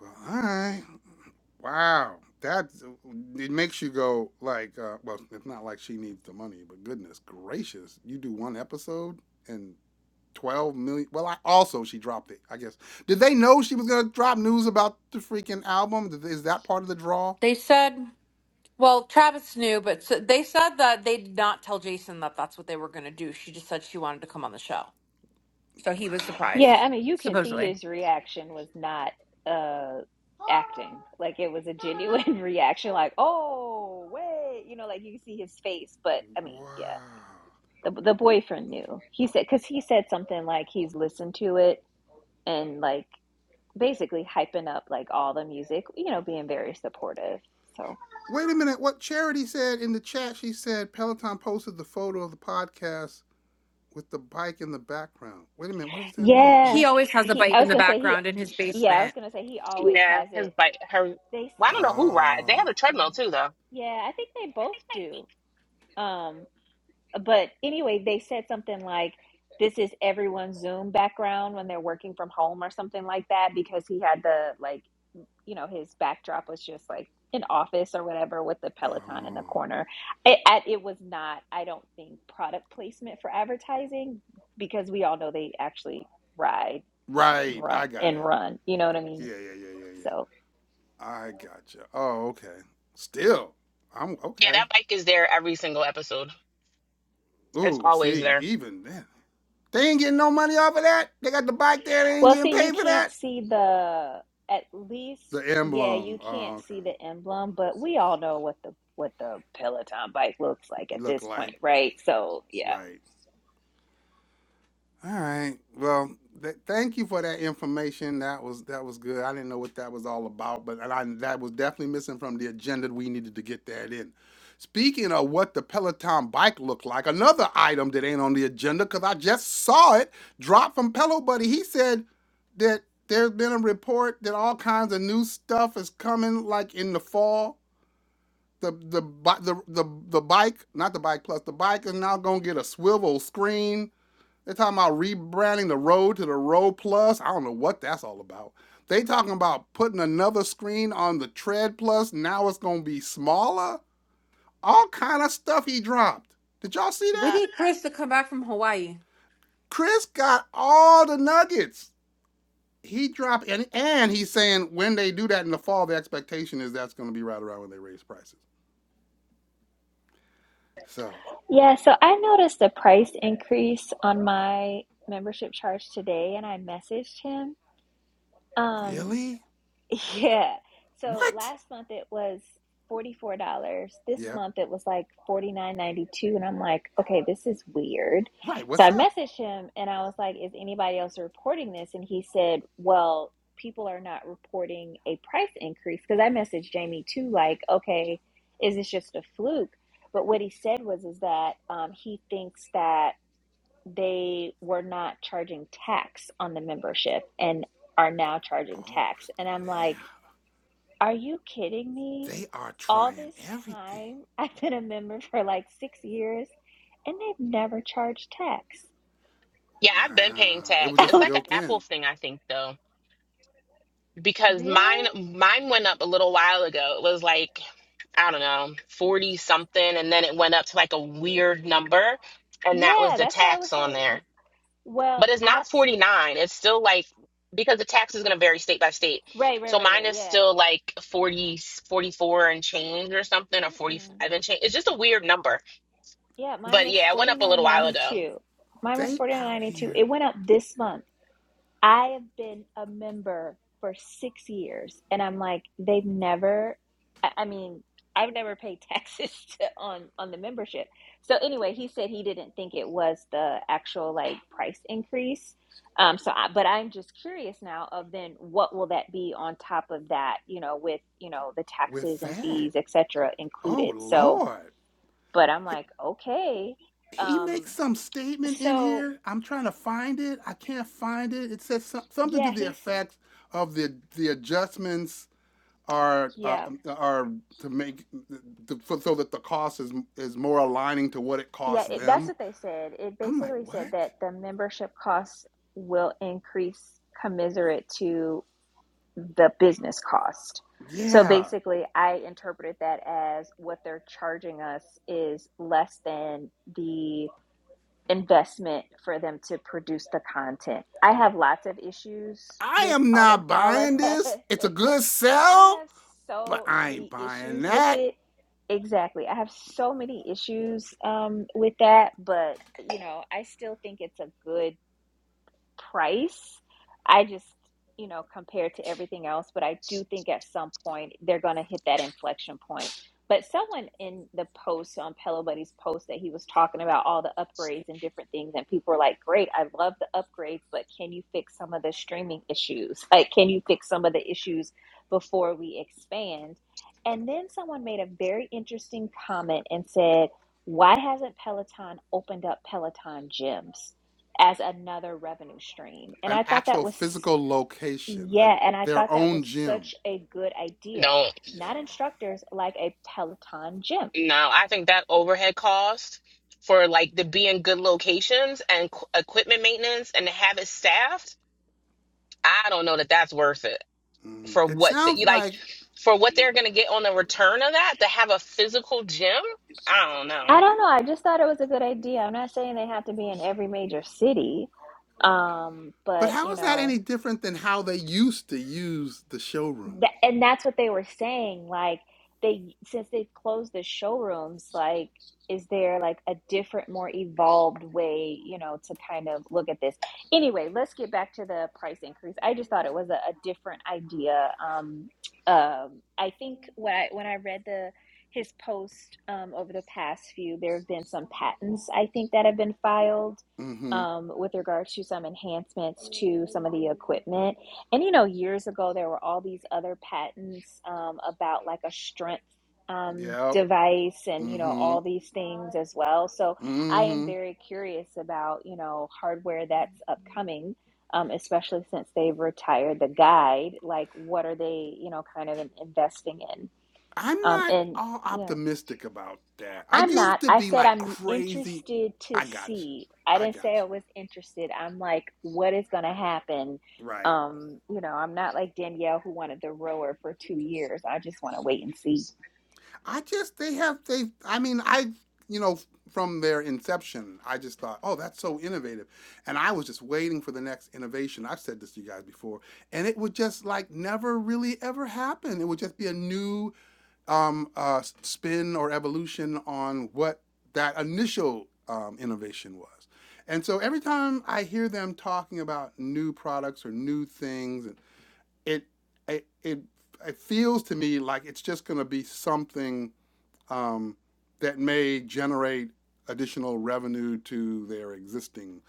A: Well, all right. Wow. That it makes you go like, uh, well, it's not like she needs the money, but goodness gracious, you do one episode and twelve million. Well, I also she dropped it. I guess did they know she was gonna drop news about the freaking album? Is that part of the draw?
D: they said, well, Travis knew, but s they said that they did not tell Jason that that's what they were going to do. She just said she wanted to come on the show. So he was
A: Wow.
B: Yeah,
D: surprised,
B: I mean, you can see
D: supposedly.
B: his reaction was not uh acting. Like it was a genuine reaction, like, "Oh, wait," you know, like you can see his face. But I mean,
A: Wow.
B: yeah, the the boyfriend knew. He said because he said something like he's listened to it and like basically hyping up like all the music, you know, being very supportive. So,
A: Wait a minute. What Charity said in the chat, she said Peloton posted the photo of the podcast with the bike in the background. Wait a minute, what does that mean? With
B: yeah,
D: He always has a
B: he, I
D: bike in
B: was
D: the
B: gonna say he,
D: background in his
B: yeah, I was
D: basement.
B: gonna say he always
C: Yeah,
B: has
C: his
B: it.
C: bike. Her.
B: They,
C: Well, I
B: s-
C: don't know who rides. They
A: oh,
C: have a treadmill too, though.
B: yeah, I think they both do. Um, but anyway, they said something like, this is everyone's Zoom background when they're working from home or something like that because he had the like you know his backdrop was just like an office or whatever with the peloton in the
A: oh,
B: corner it, it was not i don't think product placement for advertising because we all know they actually ride and
A: right,
B: run
A: I got
B: and
A: it.
B: run you know what i mean
A: Yeah, yeah, yeah, yeah, yeah.
B: so
A: I got you. Oh, okay. Still, I'm
C: Yeah,
A: okay.
C: that bike is there every single episode. It's
A: Ooh,
C: always
A: see,
C: there.
A: even then, they ain't getting no money off of that. They got the bike there. They ain't
B: well
A: getting
B: see you
A: paid for
B: can't
A: that.
B: see the at
A: The
B: least yeah
A: emblem.
B: you
A: Oh,
B: can't
A: okay.
B: see the emblem but we all know what the what the peloton bike looks like at
A: Look
B: this point
A: like
B: right so yeah
A: right. All right. Well, th- thank you for that information. That was that was good. I didn't know what that was all about, but and I, that was definitely missing from the agenda. We needed to get that in. Speaking of what the Peloton bike looked like, another item that ain't on the agenda because I just saw it drop from Pelo Buddy. He said that there's been a report that all kinds of new stuff is coming, like in the fall. The the bi- the the, the bike, not the bike plus the bike is now gonna get a swivel screen they're talking about rebranding the road to the road plus. I don't know what that's all about. They talking about putting another screen on the tread plus. Now it's gonna be smaller. All kind of stuff he dropped. Did y'all see
D: We
A: that?
D: need Chris to come back from Hawaii.
A: Chris got all the nuggets. He dropped and and he's saying when they do that in the fall, the expectation is that's gonna be right around when they raise prices. So
B: Yeah, so I noticed the price increase on my membership charge today and I messaged him. Um,
A: really?
B: yeah. So
A: What?
B: last month it was $44. This
A: Yeah.
B: month it was like forty nine ninety two, And I'm like, okay, this is weird.
A: Right,
B: So
A: what's
B: I
A: up?
B: messaged him and I was like, is anybody else reporting this? And he said, well, people are not reporting a price increase. Because I messaged Jamie too, like, okay, is this just a fluke? But what he said was, is that um, he thinks that they were not charging tax on the membership and are now charging
A: Oh
B: tax. And I'm like,
A: snap.
B: are you kidding me?
A: They are
B: All
A: trying
B: this
A: everything.
B: time, I've been a member for like six years and they've never charged tax.
C: Yeah, I've been paying
A: Wow. It was
C: tax. It's
A: just
C: like an
A: built
C: Apple
A: in.
C: thing, I think, though. because
B: Really?
C: mine mine went up a little while ago. It was like I don't know, 40 something and then it went up to like a weird number and that was
B: Yeah,
C: the
B: that's why I was
C: tax on
B: like,
C: there.
B: w- well,
C: But it's
B: I t-
C: not 49. It's still like because the tax is going to vary state by state.
B: right, right,
C: So
B: right,
C: mine
B: right.
C: is
B: Yeah.
C: still like 40 44 and change or something or 45
B: Mm-mm.
C: and change. It's just a weird number.
B: Yeah, mine
A: They
C: But
B: was
C: yeah, it went up a little while ago.
B: 49.92. Mine was
A: they out
B: 49.92.
A: here
B: It went up this month. I have been a member for six years, and I'm like, they've never. I, I mean, I've never paid taxes to, on on the membership. So anyway, he said he didn't think it was the actual like price increase. Um, so, I, but I'm just curious now of then what will that be on top of that? You know, with you know the
A: with
B: taxes and
A: that.
B: fees, etc.,
A: Oh
B: included. So,
A: Lord.
B: but I'm
A: He,
B: like, okay.
A: he
B: Um,
A: makes some statement in
B: so
A: here. I'm trying to find it. I can't find it. It says some, something to
B: yeah,
A: the
B: he's
A: effect of the the adjustments are uh,
B: yeah.
A: um, are to make to, so so that the cost is is more aligning to what it
B: Yeah,
A: costs
B: it, that's
A: them.
B: what they said. It
A: I'm like,
B: basically
A: what?
B: said that the membership costs will increase commensurate to the business cost. So
A: Yeah,
B: basically, I interpreted that as what they're charging us is less than the investment for them to produce the content. I have lots of issues
A: I
B: with
A: am
B: all of
A: not
B: all of
A: buying
B: that.
A: this. It's a good
B: I
A: sell,
B: have
A: but
B: so
A: I ain't
B: many
A: buying
B: issues with
A: that.
B: it. Exactly. I have so many issues um, with that, but you know, I still think it's a good price. I just, you know, compared to everything else, but I do think at some point they're going to hit that inflection point. But someone in the post on Pillow Buddy's post that he was talking about all the upgrades and different things, and people were like, "Great, I love the upgrades, but can you fix some of the streaming issues? Like, can you fix some of the issues before we expand?" And then someone made a very interesting comment and said, "Why hasn't Peloton opened up Peloton gyms?" as another revenue stream. And
A: an
B: I thought that
A: actual
B: was,
A: physical location, a,
B: yeah, and I
A: their
B: thought that
A: own
B: was
A: gym.
B: such a good idea.
A: Yeah.
B: Not instructors like a Peloton gym.
C: No, I think that overhead cost for like to be in good locations and qu- equipment maintenance and to have it staffed, I don't know that that's worth it
A: Mm,
C: for
A: it
C: what the,
A: sounds
C: you like
A: like,
C: for what they're going to get on the return of that to have a physical gym. I don't know.
B: I don't know. I just thought it was a good idea. I'm not saying they have to be in every major city, um,
A: but
B: but
A: how
B: you
A: is that
B: know,
A: any different than how they used to use the showrooms?
B: Th- and that's what they were saying. Like they, since they've closed the showrooms, like is there like a different, more evolved way, you know, to kind of look at this? Anyway, let's get back to the price increase. I just thought it was a, a different idea. Um, um, I think when I when I read the his post um, over the past few, there have been some patents I think that have been filed
A: Mm hmm.
B: um, with regard to some enhancements to some of the equipment. And you know, years ago, there were all these other patents um, about like a strength um,
A: Yep.
B: device and, you
A: Mm
B: know,
A: hmm.
B: all these things as well. So
A: Mm
B: I am
A: hmm.
B: very curious about, you know, hardware that's upcoming, um, especially since they've retired the guide. Like, what are they, you know, kind of in- investing in?
A: I'm
B: Um,
A: not
B: and
A: all
B: yeah.
A: optimistic about that. I
B: I'm
A: used
B: not.
A: to
B: I
A: be
B: said
A: like
B: I'm
A: crazy.
B: interested to
A: I got you.
B: see. I
A: I
B: didn't say
A: got
B: I
A: you.
B: was interested. I'm like, what is going to happen?
A: Right.
B: Um, you know, I'm not like Danielle who wanted the rower for two years. I just want to wait and see.
A: I just they have they I mean I you know from their inception I just thought oh that's so innovative and I was just waiting for the next innovation I've said this to you guys before and it would just like never really ever happen it would just be a new um, uh, spin or evolution on what that initial um, innovation was and so every time I hear them talking about new products or new things it it it, it feels to me like it's just going to be something um, that may generate additional revenue to their existing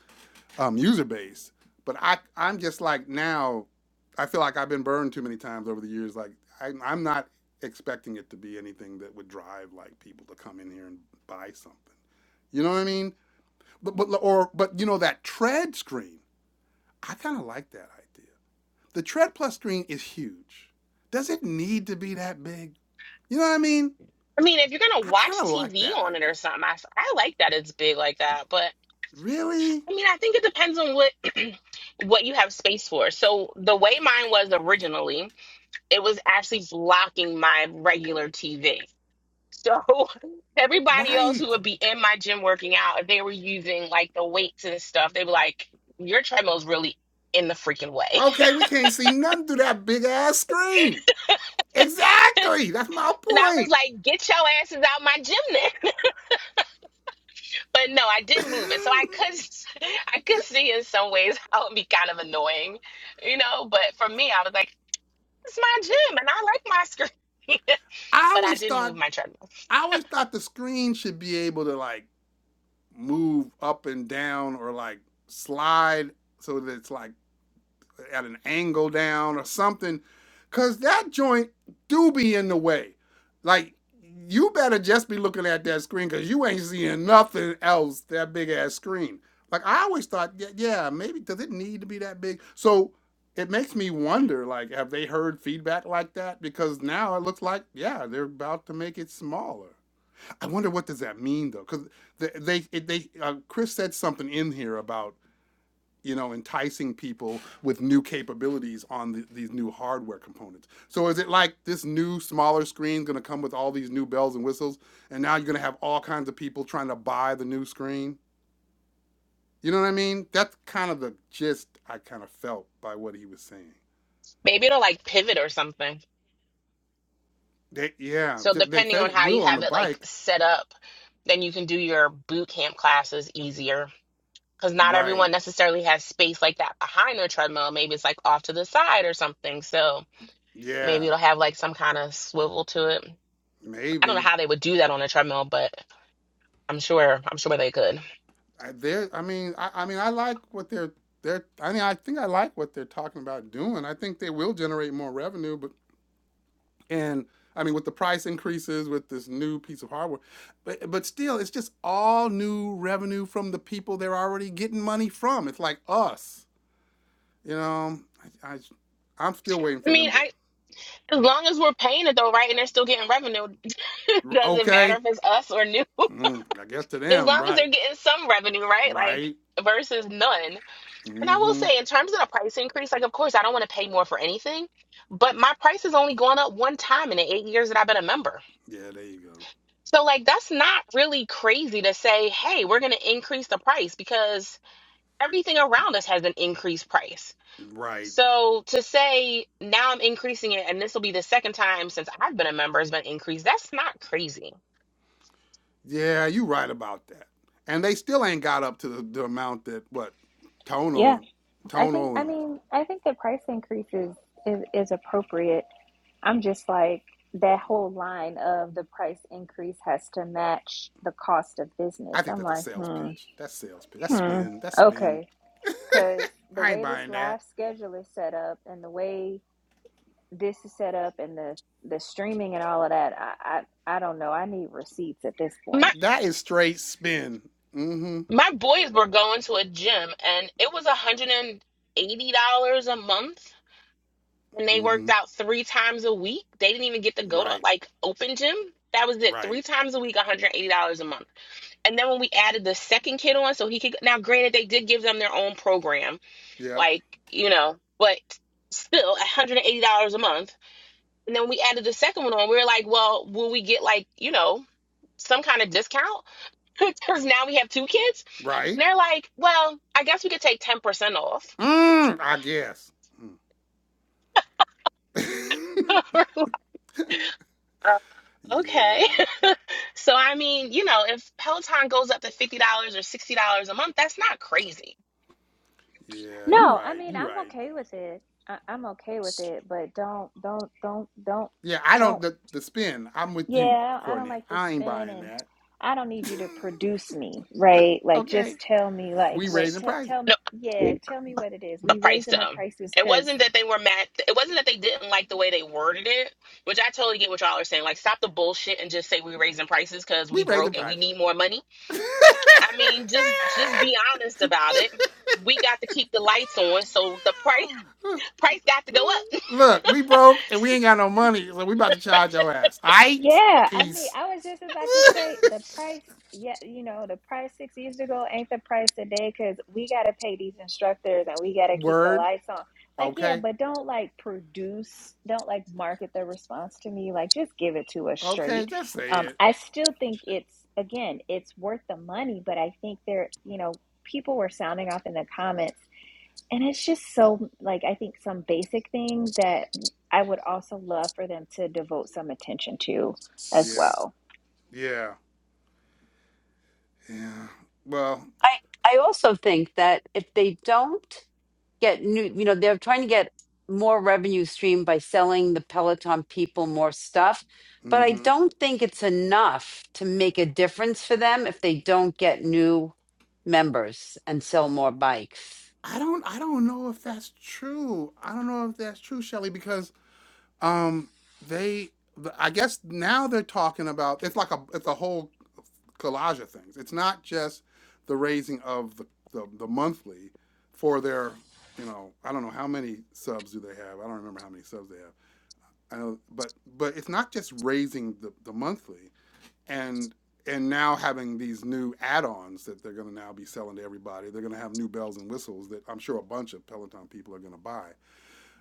A: um, user base. But I, I'm just like now, I feel like I've been burned too many times over the years. Like i I'm not expecting it to be anything that would drive like people to come in here and buy something. You know what I mean? But, but or but you know that tread screen. I kind of like that idea. The tread plus screen is huge. Does it need to be that big? You know what I mean?
C: I mean, if you're going to
A: I kind
C: watch
A: of like
C: TV
A: that
C: on it
A: idea.
C: or something, I, s- I like that it's big like that, but
A: Really?
C: I mean, I think it depends on what what you have space for. So the way mine was originally, it was actually blocking my regular TV. So everybody else who
A: Right.
C: would be in my gym working out, if they were using like the weights and stuff, they were like, Your treadmill's really in the freaking way.
A: Okay, we can't see nothing through that big ass screen. Exactly. That's my
C: And I was
A: point.
C: like, Get your asses out my gym then. But no, I did move it. So I could s- I could see in some ways how it'd be kind of annoying, you know, but for me, I was like, it's my gym and I like my screen.
A: I
C: but I
A: always
C: did move
A: thought
C: my treadmill.
A: I always thought the screen should be able to like move up and down or like slide so that it's like at an angle down or something, cause that joint do be in the way. Like you better just be looking at that screen, cause you ain't seeing nothing else that big ass screen. Like I always thought, yeah, yeah, maybe does it need to be that big? So it makes me wonder, like, have they heard feedback like that? Because now it looks like, yeah, they're about to make it smaller. I wonder what does that mean though, because they they, they uh, Chris said something in here about you know, enticing people with new capabilities on the, these new hardware components. So is it like this new smaller screen going to come with all these new bells and whistles, and now you're going to have all kinds of people trying to buy the new screen? You know what I mean? That's kind of the gist I kind of felt by what he was saying.
C: Maybe it'll like pivot or something.
A: They, yeah,
C: So
A: they
C: depending
A: said
C: on
A: it
C: how you
A: will on
C: have
A: the
C: it like
A: bike,
C: set up, then you can do your boot camp classes easier because not
A: right?
C: everyone necessarily has space like that behind their treadmill. Maybe it's like off to the side or something. So
A: Yeah,
C: maybe it'll have like some kind of swivel to it. I don't know
A: maybe.
C: how they would do that on a treadmill, but I'm sure I'm sure they could.
A: I, I mean, I, I mean, I like what they're they're. I mean, I think I like what they're talking about doing. I think they will generate more revenue, but And I mean, with the price increases, with this new piece of hardware, but but still, it's just all new revenue from the people they're already getting money from. It's like us, you know. I, I I'm still waiting
C: I
A: for
C: mean,
A: them to.
C: I as long as we're paying it though, right? And they're still getting revenue. Doesn't matter
A: Okay,
C: if it's us or new.
A: mm, I guess to
C: As
A: them,
C: long as they're
A: right,
C: getting some revenue, right? Like
A: right.
C: versus none. And I will
A: Mm-hmm.
C: say, in terms of the price increase, like, of course, I don't want to pay more for anything, but my price has only gone up one time in the eight years that I've been a member.
A: Yeah, there you go.
C: So, like, that's not really crazy to say, hey, we're going to increase the price because everything around us has an increased price.
A: Right.
C: So, to say now I'm increasing it and this will be the second time since I've been a member has been increased, that's not crazy.
A: Yeah, you right about that. And they still ain't got up to the, the amount that what
B: Yeah,
A: Tonal,
B: I think.
A: Tonal,
B: I
A: and
B: mean, I think the price increase is, is is appropriate. I'm just like that whole line of the price increase has to match the cost of business.
A: I think
B: I'm
A: that's a
B: like,
A: sales
B: hmm,
A: pitch. That's sales pitch. That's
B: hmm,
A: spin. That's spin.
B: okay, because the
A: I ain't
B: way this
A: buying that.
B: live schedule is set up and the way this is set up and the the streaming and all of that I, I i don't know i need receipts at this
C: My,
B: point
A: That is straight spin. Mm-hmm.
C: my boys were going to a gym and it was $180 a month and they worked
A: Mm-hmm.
C: out three times a week. They didn't even get to go to
A: Right.
C: like open gym. That was it.
A: Right.
C: Three times a week, $180 a month. And then when we added the second kid on, so he could now granted they did give them their own program,
A: Yep.
C: like, you know, but still $180 a month. And then when we added the second one on, we were like, well, will we get like, you know, some kind of discount? Because now we have two kids.
A: Right.
C: And they're like, well, I guess we could take 10% off.
A: Mm, I guess. Mm.
C: Okay.
A: yeah.
C: So I mean, you know, if Peloton goes up to $50 or $60 a month, that's not crazy.
A: Yeah. You
B: no i
A: right.
B: mean
A: You
B: i'm
A: right.
B: okay with it I, i'm okay with it but don't don't don't don't
A: Yeah, I don't
B: don't
A: the, the spin. I'm with you,
B: yeah i don't
A: Courtney.
B: like to
A: I ain't
B: spin
A: buying
B: and
A: that.
B: i don't need you to produce me right like
A: okay.
B: just tell me like
A: We
B: what
A: raising
B: t-
A: prices.
B: tell
C: No,
B: me yeah tell me what it is
C: the
B: we
C: price
B: raising the
C: um
B: prices
C: It
B: because
C: wasn't that they were mad. It wasn't that they didn't like the way they worded it, which I totally get what y'all are saying. Like, stop the bullshit and just say we're raising prices because
A: We
C: we
A: raising
C: broke and we
A: prices.
C: need more money.
A: God
C: I mean, just just be honest about it. We got to keep the lights on, so the price
A: damn!
C: price got to go up.
A: Look, we broke and we ain't got no money, so we about to charge your ass. Aight?
B: Yeah, I mean,
A: Peace.
B: I was just about to say the price, yeah, you know, the price six years ago ain't the price today because we got to pay these instructors and we got to keep the
A: Word.
B: lights on. Like, yeah,
A: Okay.
B: but don't like produce, don't like market the response to me. Like, just give it to us
A: Okay,
B: straight.
A: just say
B: Um,
A: it.
B: I still think it's, again, it's worth the money, but I think there, you know, people were sounding off in the comments. And it's just so, like, I think some basic things that I would also love for them to devote some attention to as
A: Yeah.
B: well.
A: Yeah. Yeah. Well,
E: I I also think that if they don't get new, you know, they're trying to get more revenue stream by selling the Peloton people more stuff, but I
A: mm-hmm.
E: don't think it's enough to make a difference for them if they don't get new members and sell more bikes.
A: I don't I don't know if that's true. I don't know if that's true, Shelly, because um they I guess now they're talking about it's like a it's a whole collage of things. It's not just the raising of the, the, the monthly for their, you know, I don't know how many subs do they have. I don't remember how many subs they have. I know, but but it's not just raising the, the monthly and and now having these new add-ons that they're going to now be selling to everybody. They're going to have new bells and whistles that I'm sure a bunch of Peloton people are going to buy.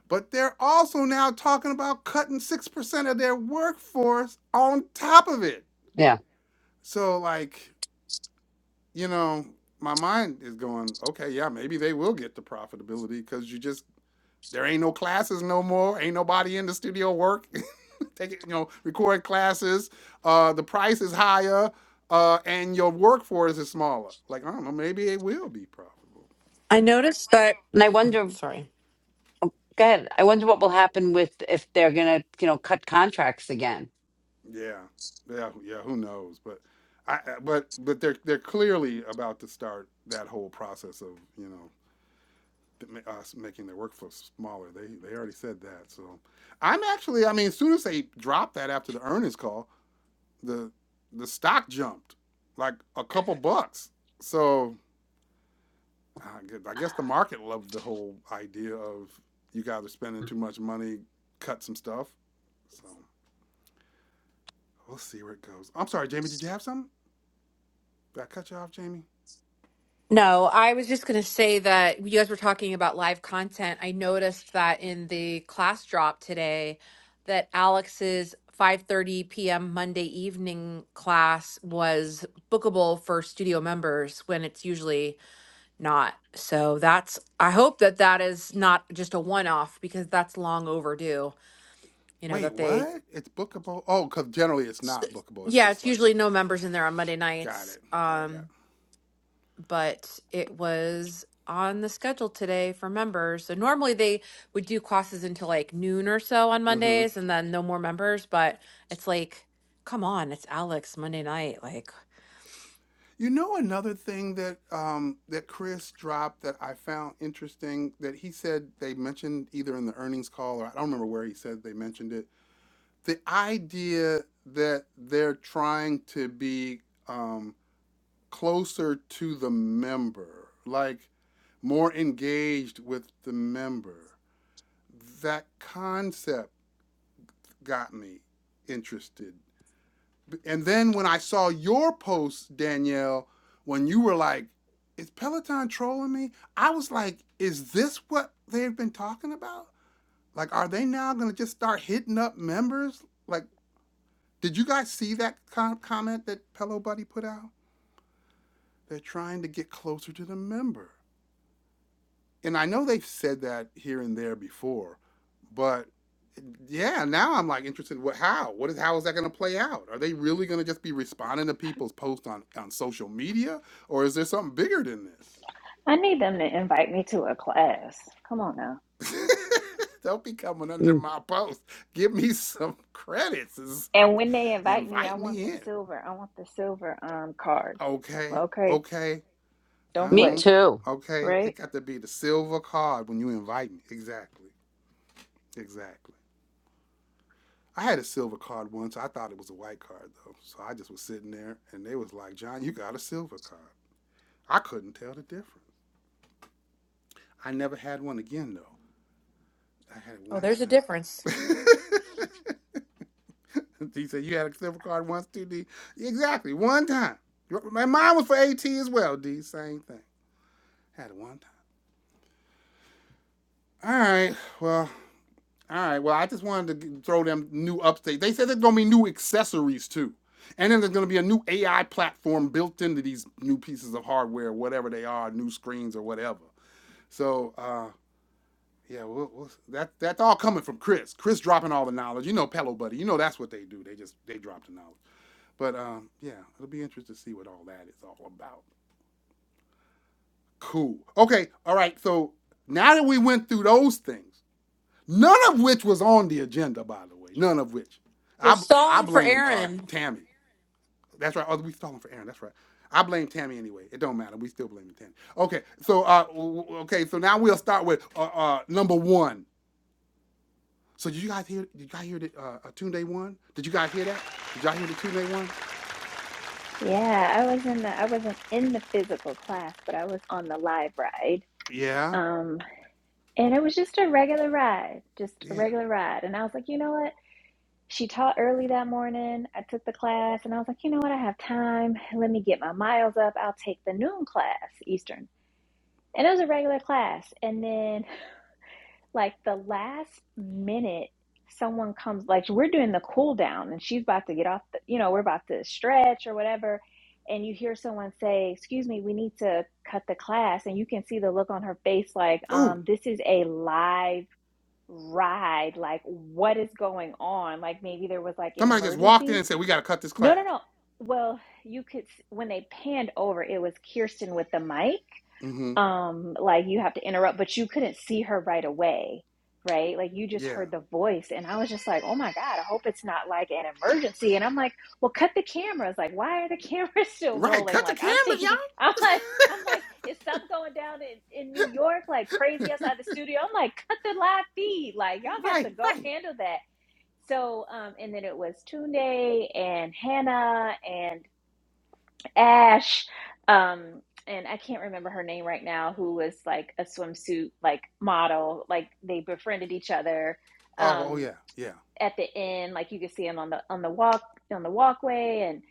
A: But they're also now talking about cutting 6% of their workforce on top of it.
E: Yeah.
A: So like you know, my mind is going, okay, yeah, maybe they will get to profitability because you just there ain't no classes no more, ain't nobody in the studio work, Take it, you know record classes. Uh, the price is higher, uh, and your workforce is smaller. Like I don't know, maybe it will be profitable.
D: I noticed that.
E: And I wonder,
D: Sorry.
E: go ahead. I wonder what will happen with if they're going to, you know, cut contracts again.
A: Yeah, yeah, yeah. Who knows? But I- but but they're they're clearly about to start that whole process of you know us making their workflow smaller. They they already said that. So I'm actually, I mean, as soon as they dropped that after the earnings call, the the stock jumped like a couple bucks. So I gue- I guess the market loved the whole idea of you guys are spending too much money, cut some stuff. So we'll see where it goes. I'm sorry, Jamie. Did you have something? Did I cut you off, Jamie?
D: No, I was just going to say that you guys were talking about live content. I noticed that in the class drop today that Alex's 5:30 p.m. Monday evening class was bookable for studio members when it's usually not. So that's I hope that that is not just a one-off because that's long overdue, you know,
A: Wait,
D: that they
A: what? It's bookable. Oh, because generally it's
D: S-
A: not bookable. It's
D: Yeah,
A: just
D: it's
A: like
D: usually no members in there on Monday
A: got
D: nights.
A: it, got it, got
D: Um,
A: it.
D: but it was on the schedule today for members. So normally they would do classes until like noon or so on
A: Mm-hmm.
D: Mondays and then no more members, but it's like, come on, it's Alex Monday night. Like,
A: You know another thing that um, that Chris dropped that I found interesting that he said they mentioned either in the earnings call or I don't remember where he said they mentioned it. The idea that they're trying to be um, closer to the member, like more engaged with the member. That concept got me interested And then when I saw your post, Danielle, when you were like, is Peloton trolling me? I was like, is this what they've been talking about? Like, are they now going to just start hitting up members? Like, did you guys see that com- comment that Pillow Buddy put out? They're trying to get closer to the member. and I know they've said that here and there before, but yeah, now I'm like interested. What? How? What is? How is that going to play out? Are they really going to just be responding to people's posts on on social media, or is there something bigger than this?
B: I need them to invite me to a class. Come on now.
A: Don't be coming under
E: Mm,
A: my post. Give me some credits. It's-
B: And when they invite me, I
A: Invite
B: want
A: me
B: the
A: in.
B: silver. I want the silver um card.
A: Okay,
B: Okay,
A: okay. I
B: don't
E: me
B: play,
A: won't.
E: too.
A: Okay, it
B: right?
A: got to be the silver card when you invite me. Exactly, exactly. I had a silver card once. I thought it was a white card though. So I just was sitting there and they was like, John, you got a silver card. I couldn't tell the difference. I never had one again though. I had it
D: oh,
A: one
D: there's a difference.
A: time. he said, You had a silver card once too, D? Exactly, one time. My mine was for AT as well, D. Same thing. Had it one time. All right. Well, All right. Well, I just wanted to throw them new updates. They said there's gonna be new accessories too, and then there's gonna be a new AI platform built into these new pieces of hardware, whatever they are, new screens or whatever. So, uh, yeah, we'll, we'll, that that's all coming from Chris. Chris dropping all the knowledge. You know, Pello Buddy. You know that's what they do. They just they drop the knowledge. But um, yeah, it'll be interesting to see what all that is all about. Cool. Okay. All right. So now that we went through those things, None of which was on the agenda, by the way. None of which.
D: We're
A: I I
D: stalling for
A: blame uh,
D: Aaron.
A: Tammy. That's right. Oh, we stalling for Aaron. That's right. I blame Tammy anyway. It don't matter. We still blame Tammy. Okay. So uh, okay. So now we'll start with uh, uh, number one. So did you guys hear? Did you guys hear the uh, uh, Day one? Did you guys hear that? Did y'all hear the Tune Day one?
B: Yeah, I was in the I wasn't in the physical class, but I was on the live ride.
A: Yeah.
B: Um, and it was just a regular ride, just a
A: Yeah.
B: regular ride. And I was like, you know what? She taught early that morning. I took the class and I was like, you know what? I have time. Let me get my miles up. I'll take the noon class, Eastern. And it was a regular class. And then, like, the last minute, someone comes, like, we're doing the cool down and she's about to get off, the, you know, we're about to stretch or whatever. And you hear someone say, Excuse me, we need to cut the class. And you can see the look on her face, like,
A: Ooh.
B: um, this is a live ride. Like, what is going on? Like, maybe there was like an
A: Somebody just walked in
B: emergency
A: and said we gotta cut this
B: no,
A: class.
B: no, no. Well, you could s- when they panned over, it was Kirsten with the mic.
A: Mm-hmm.
B: Um, like you have to interrupt, but you couldn't see her right away, right? Like you just
A: Yeah.
B: heard the voice, and I was just like, "Oh my God, I hope it's not like an emergency." And I'm like, "Well, cut the cameras. Like, why are the cameras still
A: Right.
B: rolling?"
A: Cut the
B: Like I'm
A: cameras,
B: thinking, I'm
A: y'all.
B: like, I'm like, is something going down in, in New York like crazy outside the studio? I'm like, cut the live feed. Like y'all got to
A: right.
B: go
A: Right.
B: handle that. So, um, and then it was Tunde and Hannah and Ash, um, and I can't remember her name right now, who was like a swimsuit like model. Like they befriended each other.
A: Oh. Oh
B: Um,
A: yeah. Yeah.
B: at the end, like you could see him on the on the walk on the walkway, and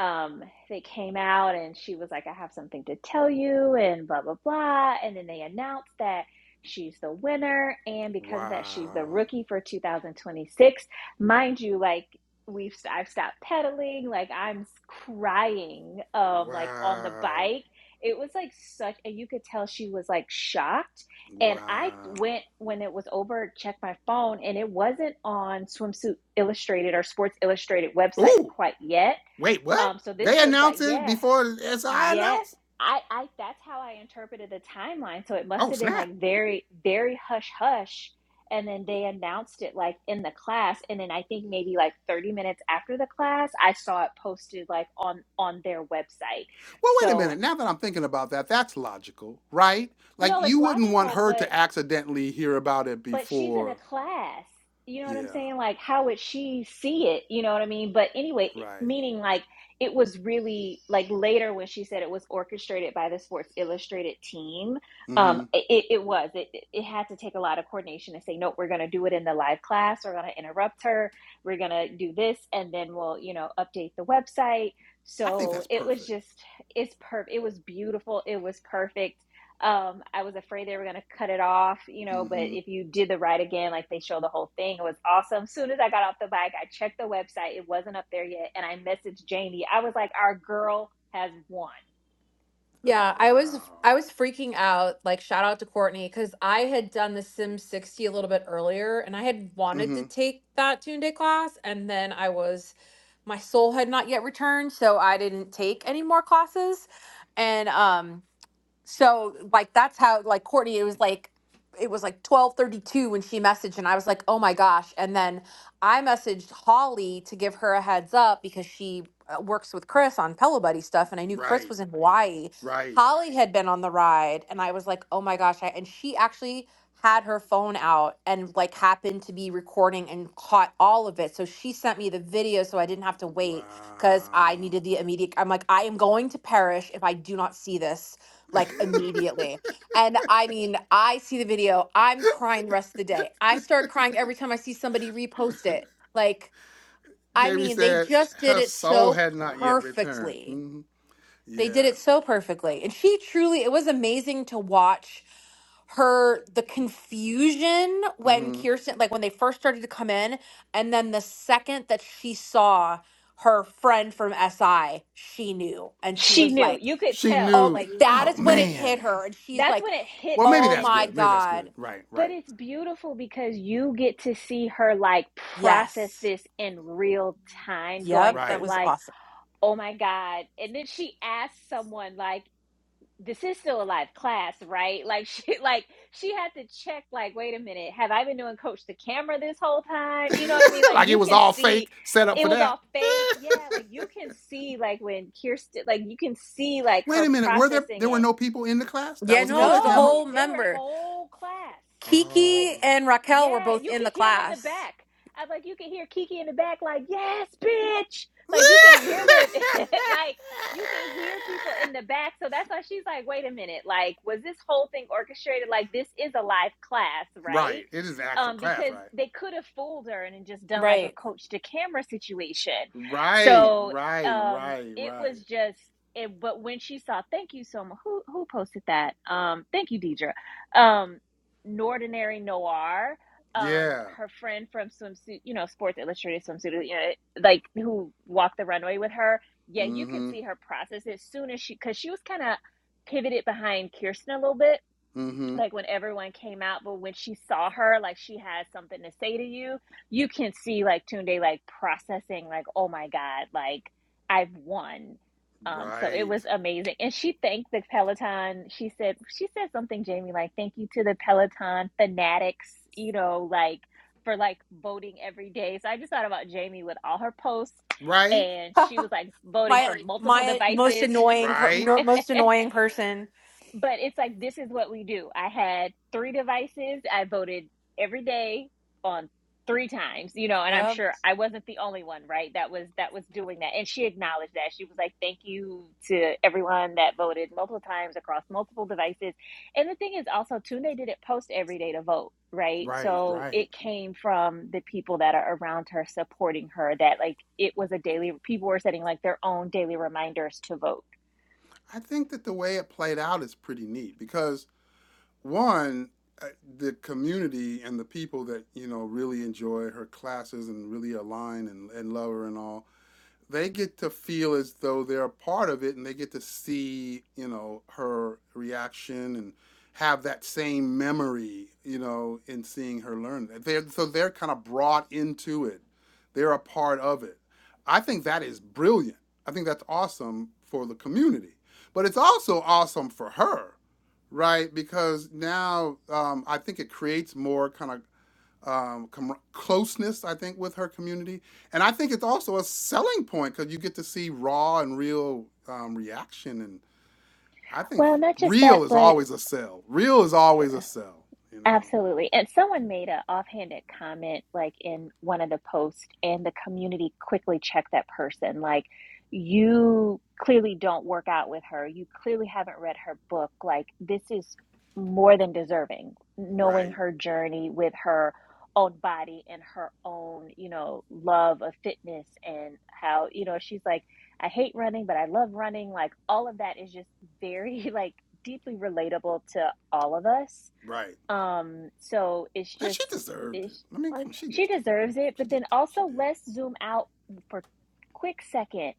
B: um, they came out, and she was like, "I have something to tell you," and blah blah blah, and then they announced that she's the winner, and because of that, she's the
A: Wow.
B: rookie for 2026, mind you, like. We've i I've stopped pedaling, like I'm crying, um, like on the
A: Wow.
B: bike. It was like such, and you could tell she was like shocked and I
A: Wow.
B: went when it was over, checked my phone, and it wasn't on Swimsuit Illustrated or Sports Illustrated website
A: Ooh,
B: quite yet.
A: wait, what?
B: Um, so this
A: They
B: was like,
A: announced it
B: yeah,
A: before SI
B: yeah.
A: announced?
B: I, I that's how I interpreted the timeline. So it must
A: Oh,
B: have been
A: snap.
B: like very, very hush hush. And then they announced it like in the class. And then I think maybe like 30 minutes after the class, I saw it posted like on on their website.
A: Well, wait a
B: So
A: minute. Now that I'm thinking about that, that's logical, right? Like,
B: no, it's
A: you wouldn't want
B: logical,
A: her
B: but.
A: to accidentally hear about it
B: but she's in a
A: before.
B: class. You know what I'm
A: Yeah,
B: saying? Like, how would she see it? You know what I mean? But anyway,
A: right.
B: meaning like it was really like later when she said it was orchestrated by the Sports Illustrated team.
A: Mm
B: Um,
A: hmm.
B: it, it was. It, it it had to take a lot of coordination to say, nope, we're going to do it in the live class. We're going to interrupt her. We're going to do this, and then we'll, you know, update the website.
A: I think
B: So
A: that's
B: it was
A: perfect.
B: just, it's perfect. It was beautiful. It was perfect um i was afraid they were going to cut it off you know
A: Mm
B: but
A: hmm.
B: if you did the ride again like they show the whole thing it was awesome As soon as i got off the bike i checked the website it wasn't up there yet and i messaged janie i was like our girl has won
D: Yeah, I was
A: Wow.
D: I was freaking out. Like shout out to Courtney because I had done the Sim 60 a little bit earlier and I had
A: Mm
D: wanted to
A: hmm.
D: take that Toon Day class and then I was my soul had not yet returned, so I didn't take any more classes. And um so like that's how like courtney it was like it was like 12:32 when she messaged and I was like, "Oh my gosh." And then I messaged Holly to give her a heads up because she uh, works with Chris on Pillow Buddy stuff and I knew Chris
A: Right,
D: was in Hawaii.
A: right.
D: Holly had been on the ride and I was like, "Oh my gosh." I, and she actually had her phone out and like happened to be recording and caught all of it. So she sent me the video so I didn't have to
A: Wow.
D: wait because I needed the immediate. I'm like, I am going to perish if I do not see this like immediately. And I mean, I see the video, I'm crying the rest of the day. I start crying every time I see somebody repost it. Like, I
A: Jamie
D: mean, they
A: said
D: just did
A: her
D: it
A: soul
D: so
A: had not yet returned.
D: perfectly.
A: hmm
D: They did
A: Yeah.
D: it so perfectly. And she truly, it was amazing to watch her, the confusion when
A: hmm
D: Kirsten, like when they first started to come in, and then the second that she saw her friend from SI, she knew. And she
B: she
D: was
B: knew
D: like,
B: you could
A: She
B: tell
D: Oh,
A: knew.
D: my-
B: like
D: that
A: Oh
D: is when it
A: man.
D: hit her. And she's
B: that's
D: like,
B: when it hit
A: Well,
B: her
A: maybe
D: Oh
A: that's
B: and
D: my
A: good.
B: it's
A: Maybe that's good.
D: God.
A: Right.
B: but
A: Right.
B: it's beautiful because you get to see her like process
D: Yes.
B: this in real time going
D: Yep. It
B: from
A: Right.
D: was
B: like
D: awesome.
B: oh my god and then she asked someone like this is still a live class, right? Like she like she had to check like wait a minute, have I been doing coach the camera this whole time? You know what I mean? Like
A: like it
B: you
A: was
B: can
A: all
B: see
A: fake, set up
B: it
A: for
B: was
A: that.
B: all fake. Yeah, like you can see like when Kirsten like you can see like
A: Wait a
B: her
A: minute. Were there
B: processing
A: there were
B: it
A: no people in the class? That
D: Yeah,
A: was a
D: no,
A: coach's
D: there's a
A: camera.
B: no,
D: whole
B: they were
D: member.
B: whole class.
A: Oh.
B: Like,
D: Kiki and Raquel were
B: yeah,
D: both
B: you
D: in
B: could
D: the
B: hear them in the
D: class.
B: back. I like you could hear Kiki in the back, like, yes, bitch. Like you can hear them like you can hear people in the back. So that's why she's like, wait a minute, like, was this whole thing orchestrated? Like this is a live class, right?
A: right. It is an actual
B: Um,
A: class,
B: because
A: right?
B: they could have fooled her and then just done like a
D: Right.
B: coach to camera situation.
A: Right.
B: So
A: Right.
B: um
A: Right.
B: it
A: Right.
B: was just it but when she saw thank you so much who who posted that um thank you deidre um nordinary noir um
A: Yeah.
B: her friend from swimsuit you know sports illustrated swimsuit you know like who walked the runway with her yeah you could
A: Mm-hmm.
B: see her process as soon as she because she was kind of pivoted behind kirsten a little bit
A: Mm-hmm.
B: like when everyone came out, but when she saw her, like she had something to say to you, you can see like Tunde like processing, like, oh my God, like I've won. Um, so it
A: Right.
B: was amazing. And she thanked the Peloton. She said, she said something, Jamie, like, thank you to the Peloton fanatics, you know, like for like voting every day. So I just thought about Jamie with all her posts.
A: Right.
B: And she was like voting for
D: My
B: multiple
D: my most
B: devices.
D: annoying per,
A: Right.
D: no- most annoying person.
B: but it's like this is what we do. I had three devices. I voted every day on three times, you know, and I'm
D: Yep.
B: sure I wasn't the only one, right? That was that was doing that. And she acknowledged that. She was like, "Thank you to everyone that voted multiple times across multiple devices." And the thing is also too they didn't post every day to vote, right?
A: Right.
B: So
A: Right.
B: it came from the people that are around her supporting her that like it was a daily people were setting like their own daily reminders to vote.
A: I think that the way it played out is pretty neat because one, uh, the community and the people that you know really enjoy her classes and really align and, and love her and all they get to feel as though they're a part of it and they get to see, you know, her reaction and have that same memory, you know, in seeing her learn. They're, so they're kind of brought into it. They're a part of it. I think that is brilliant. I think that's awesome for the community, but it's also awesome for her, right? Because now um, I think it creates more kind of um, com- closeness, I think, with her community. And I think it's also a selling point because you get to see raw and real um, reaction. And I think
B: Well, not just
A: real
B: that,
A: is
B: but
A: always a sell. Real is always a sell, you know?
B: Absolutely. And someone made a offhanded comment like in one of the posts and the community quickly checked that person like you clearly don't work out with her. You clearly haven't read her book. Like this is more than deserving knowing
A: Right,
B: her journey with her own body and her own, you know, love of fitness and how, you know, she's like I hate running, but I love running. Like all of that is just very like deeply relatable to all of us
A: right.
B: um, so it's
A: And
B: just
A: she deserved it.
B: it's,
A: I mean, come on, she
B: she
A: just
B: deserves
A: deserved it.
B: it,
A: She
B: but then
A: just did. She
B: also
A: did.
B: let's zoom out for a quick second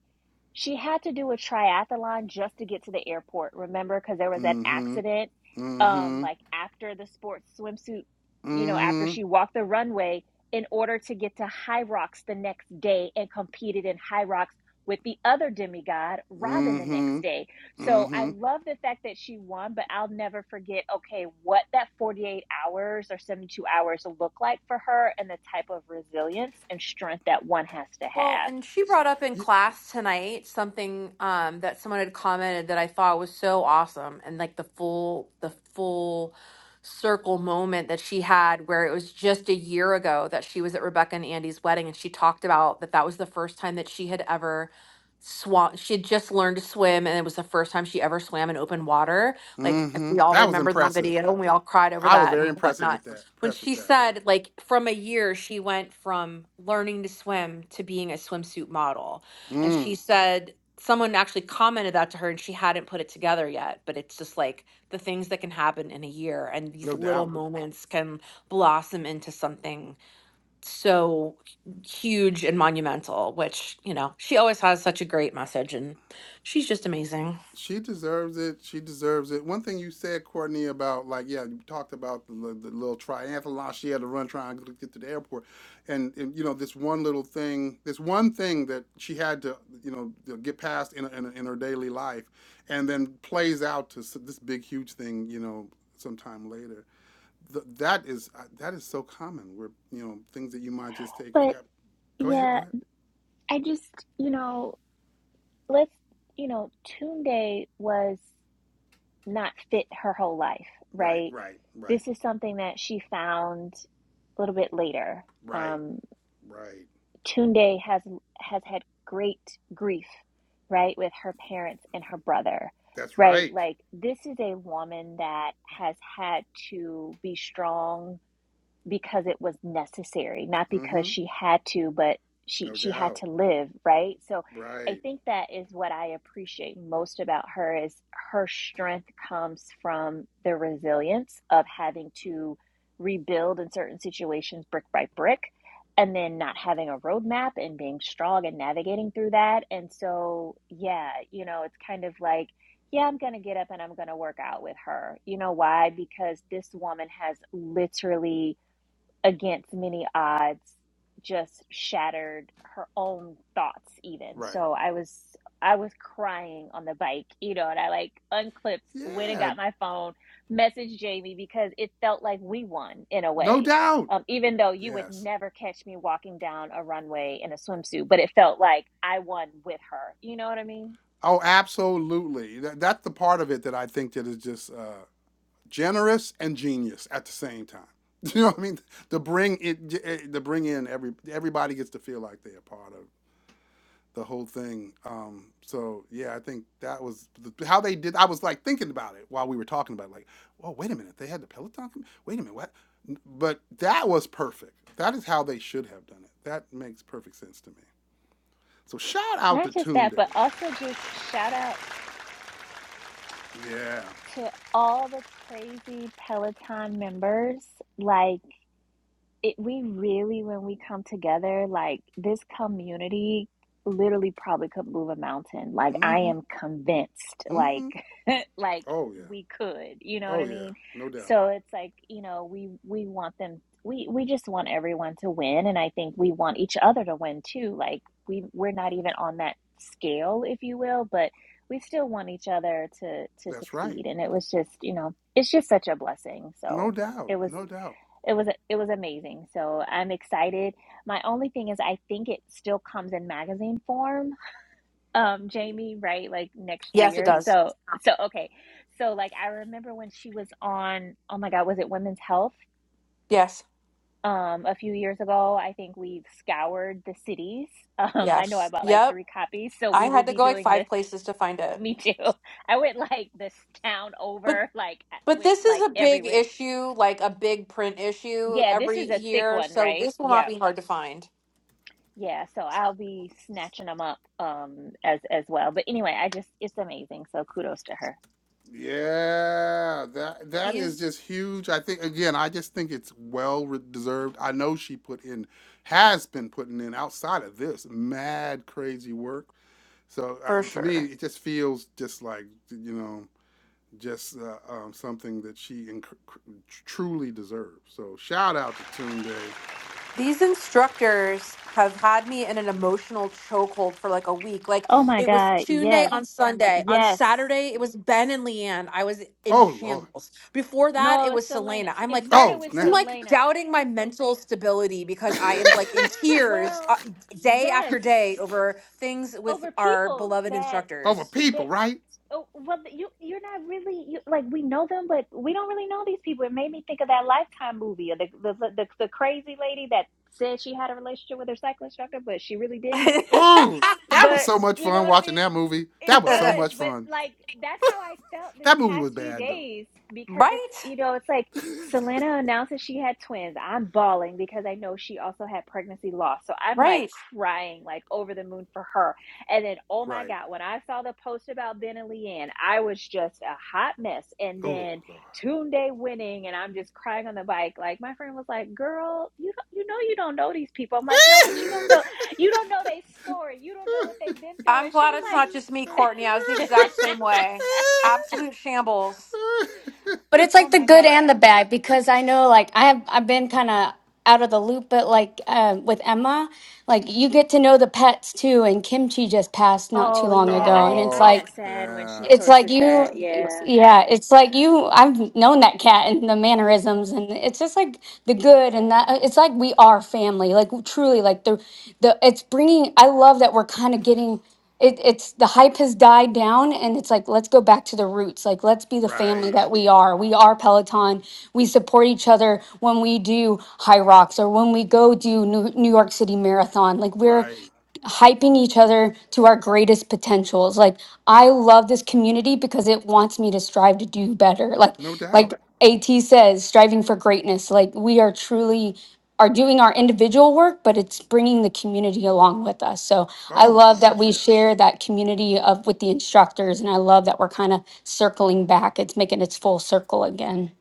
B: she had to do a triathlon just to get to the airport, remember? Because there was that
A: Mm hmm.
B: accident,
A: Mm
B: um,
A: hmm.
B: like after the sports swimsuit, you know,
A: Mm
B: after she walked the runway in order to get to High Rocks the next day and competed in High Rocks with the other demigod,
A: hmm.
B: Robin,
A: Mm
B: the
A: hmm.
B: next day.
A: Mm
B: So I
A: hmm.
B: love the fact that she won, but I'll never forget, okay, what that 48 hours or 72 hours look like for her and the type of resilience and strength that one has to
D: Well,
B: have.
D: and she brought up in class tonight something um, that someone had commented that I thought was so awesome, and like the full the full circle moment that she had, where it was just a year ago that she was at Rebecca and Andy's wedding, and she talked about that that was the first time that she had ever swam. She had just learned to swim, and it was the first time she ever swam in open water. Like
A: Mm
D: if
A: hmm.
D: we all
A: That was
D: remember that
A: impressive.
D: video, and we all cried over
A: I was
D: that and
A: very impressed
D: whatnot
A: with that.
D: when
A: Impressed with
D: she
A: that,
D: said
A: yeah.
D: like from a year she went from learning to swim to being a swimsuit model and she
A: Mm,
D: said someone actually commented that to her and she hadn't put it together yet but it's just like the things that can happen in a year and these
A: no
D: little
A: doubt.
D: moments can blossom into something so huge and monumental which you know she always has such a great message and she's just amazing
A: She deserves it. She deserves it. One thing you said, Courtney, about like yeah, you talked about the, the little triathlon she had to run trying to get to the airport, and, and you know this one little thing, this one thing that she had to you know get past in, in in her daily life, and then plays out to s- this big huge thing you know sometime later. Th that is uh, that is so common where you know things that you might just take.
B: But
A: yeah, Go ahead,
B: yeah,
A: go ahead.
B: I just, you know, let's, you know, Tunde was not fit her whole life,
A: Right,
B: right?
A: right, right,
B: This is something that she found a little bit later.
A: right,
B: Um,
A: right.
B: Tunde has has had great grief, right, with her parents and her brother,
A: That's
B: right?
A: right.
B: Like this is a woman that has had to be strong because it was necessary, not
A: Mm-hmm.
B: because she had to, but she
A: No
B: she had
A: doubt.
B: to live, right? So I
A: Right.
B: think that is what I appreciate most about her is her strength comes from the resilience of having to rebuild in certain situations brick by brick and then not having a roadmap and being strong and navigating through that. And so yeah, you know, it's kind of like yeah, I'm going to get up and I'm going to work out with her. You know why? Because this woman has literally against many odds just shattered her own thoughts even
A: Right.
B: so i was i was crying on the bike you know and i like unclipped went and
A: Yeah.
B: got my phone messaged jamie because it felt like we won in a
A: No
B: way
A: doubt.
B: um, even though you would
A: Yes.
B: never catch me walking down a runway in a swimsuit but it felt like i won with her you know what i mean
A: Oh, absolutely. That, that's the part of it that I think that is just uh, generous and genius at the same time. You know what I mean? To bring it, eh, to bring in every everybody gets to feel like they're a part of the whole thing. Um, so yeah, I think that was the, how they did. I was like thinking about it while we were talking about it, like, oh wait a minute, they had the Peloton. Wait a minute, what? But that was perfect. That is how they should have done it. That makes perfect sense to me. So shout out
B: not
A: to
B: just
A: Toon
B: that
A: Day.
B: but also just shout out
A: Yeah.
B: to all the crazy peloton members like it we really when we come together like this community literally probably could move a mountain like i
A: Mm-hmm.
B: am convinced like
A: Mm-hmm.
B: like
A: Oh yeah.
B: we could you know what
A: Oh
B: i
A: yeah.
B: mean
A: No doubt.
B: so it's like you know we we want them we we just want everyone to win and i think we want each other to win too like we we're not even on that scale if you will but we still want each other to to
A: That's right.
B: succeed and it was just you know it's just such a blessing
A: No
B: so
A: doubt.
B: it was
A: No doubt.
B: it was it was amazing. So I'm excited. My only thing is I think it still comes in magazine form, um, Jamie, right? Like next
D: yes it
B: year.
D: does
B: So so okay. So like I remember when she was on, oh my God, was it Women's Health?
D: yes
B: Um, a few years ago, I think we scoured the cities. Um, I know I
D: yes
B: bought like
D: yep
B: three copies, so
D: i
B: we will
D: had to
B: be
D: go like
B: doing this.
D: five places to find it
B: Me too. I went like this town
D: but
B: over, like I
D: But
B: went
D: this is
B: like
D: a big
B: everywhere.
D: issue, like a big print issue
B: Yeah, this
D: every
B: is a thick
D: year,
B: one,
D: so
B: right?
D: this will
B: Yeah.
D: not be hard to find.
B: Yeah, so I'll be snatching them up um as as well. But anyway, I just it's amazing. So kudos to her.
A: Yeah, that that is
D: These
A: just huge. I think again, I just think it's well re- deserved. I know she put in, has been putting in outside of this mad crazy work. So uh,
D: for
A: to me,
D: sure.
A: it just feels just like you know, just uh, um, something that she inc- cr- truly deserves. So shout out to Toon Day.
D: These instructors have had me in an emotional chokehold for like a week. Like
B: Oh my
D: it was
B: God,
D: Tune Day
B: yes.
D: on Sunday. On
B: Yes.
D: Saturday, it was Ben and Leanne. I was in
A: Oh Lord.
D: shambles. Before that,
B: No,
D: it
B: it's
D: was
B: Selena.
D: Selena.
B: S-
D: I'm
B: It
D: like,
B: started
A: Oh
B: with
D: I'm
A: snap.
D: like
B: Selena.
D: doubting my mental stability because I am like in tears uh,
B: Well,
D: day
B: yes.
D: after day over things with
B: Over
D: our
B: people
D: beloved
B: that
A: Over
D: instructors.
B: that
A: people, right?
B: oh well you you're not really you like we know them but we don't really know these people. It made me think of that Lifetime movie or the the the, the crazy lady that said she had a relationship with her cycle instructor but she really didn't
D: right?
A: Ooh, that was
B: But
A: so much
B: you know
A: fun
B: what I
A: watching
B: mean?
A: that movie.
B: It
A: That was so
B: was,
A: much
B: but
A: fun.
B: like that's how I felt this
A: That movie was
B: past few
A: bad though.
B: days because it's you
D: Right.
B: know, it's like Selena announces she had twins. I'm bawling because I know she also had pregnancy loss. So I'm like crying like over the moon for her. And then oh my
A: Right.
B: God, when I saw the post about Ben and Leanne, I was just a hot mess. And
A: Oh
B: then
A: lord.
B: Day winning and I'm just crying on the bike. Like my friend was like, Girl, you don't, you know you don't know these people. I'm like, no, but you don't know. You don't know their story. You don't know what they've been through.
D: I'm
B: And she
D: glad
B: was
D: it's not just me, Courtney. I was the
B: like,
D: exact same way. Absolute shambles.
F: But it's
B: Oh
F: like the
B: my
F: good
B: God.
F: and the bad because I know like I have I've been kind of out of the loop, but like um, with Emma, like you get to know the pets too. And Kimchi just passed not too
B: Oh
F: long
B: yeah,
F: ago, and
B: I
F: it's
B: I
A: oh
F: like
B: got sad when she
A: yeah.
F: it's like
B: posted
F: you,
B: that. Yeah.
F: yeah, it's like you. I've known that cat and the mannerisms, and it's just like the good and that. uh, It's like we are family, like truly, like the the. It's bringing. I love that we're kind of getting. It, it's the hype has died down, and it's like let's go back to the roots. Like let's be the family
A: Right.
F: that we are. We are Peloton. We support each other when we do High Rocks or when we go do New, New York City Marathon. Like we're
A: Right.
F: hyping each other to our greatest potentials. Like I love this community because it wants me to strive to do better. Like
A: No
F: like
A: doubt.
F: AT says, striving for greatness. Like we are truly are doing our individual work, but it's bringing the community along with us. So I
A: Oh my
F: love that
A: gosh,
F: we
A: yeah.
F: share that community of with the instructors, and I love that we're kind of circling back. It's making its full circle again.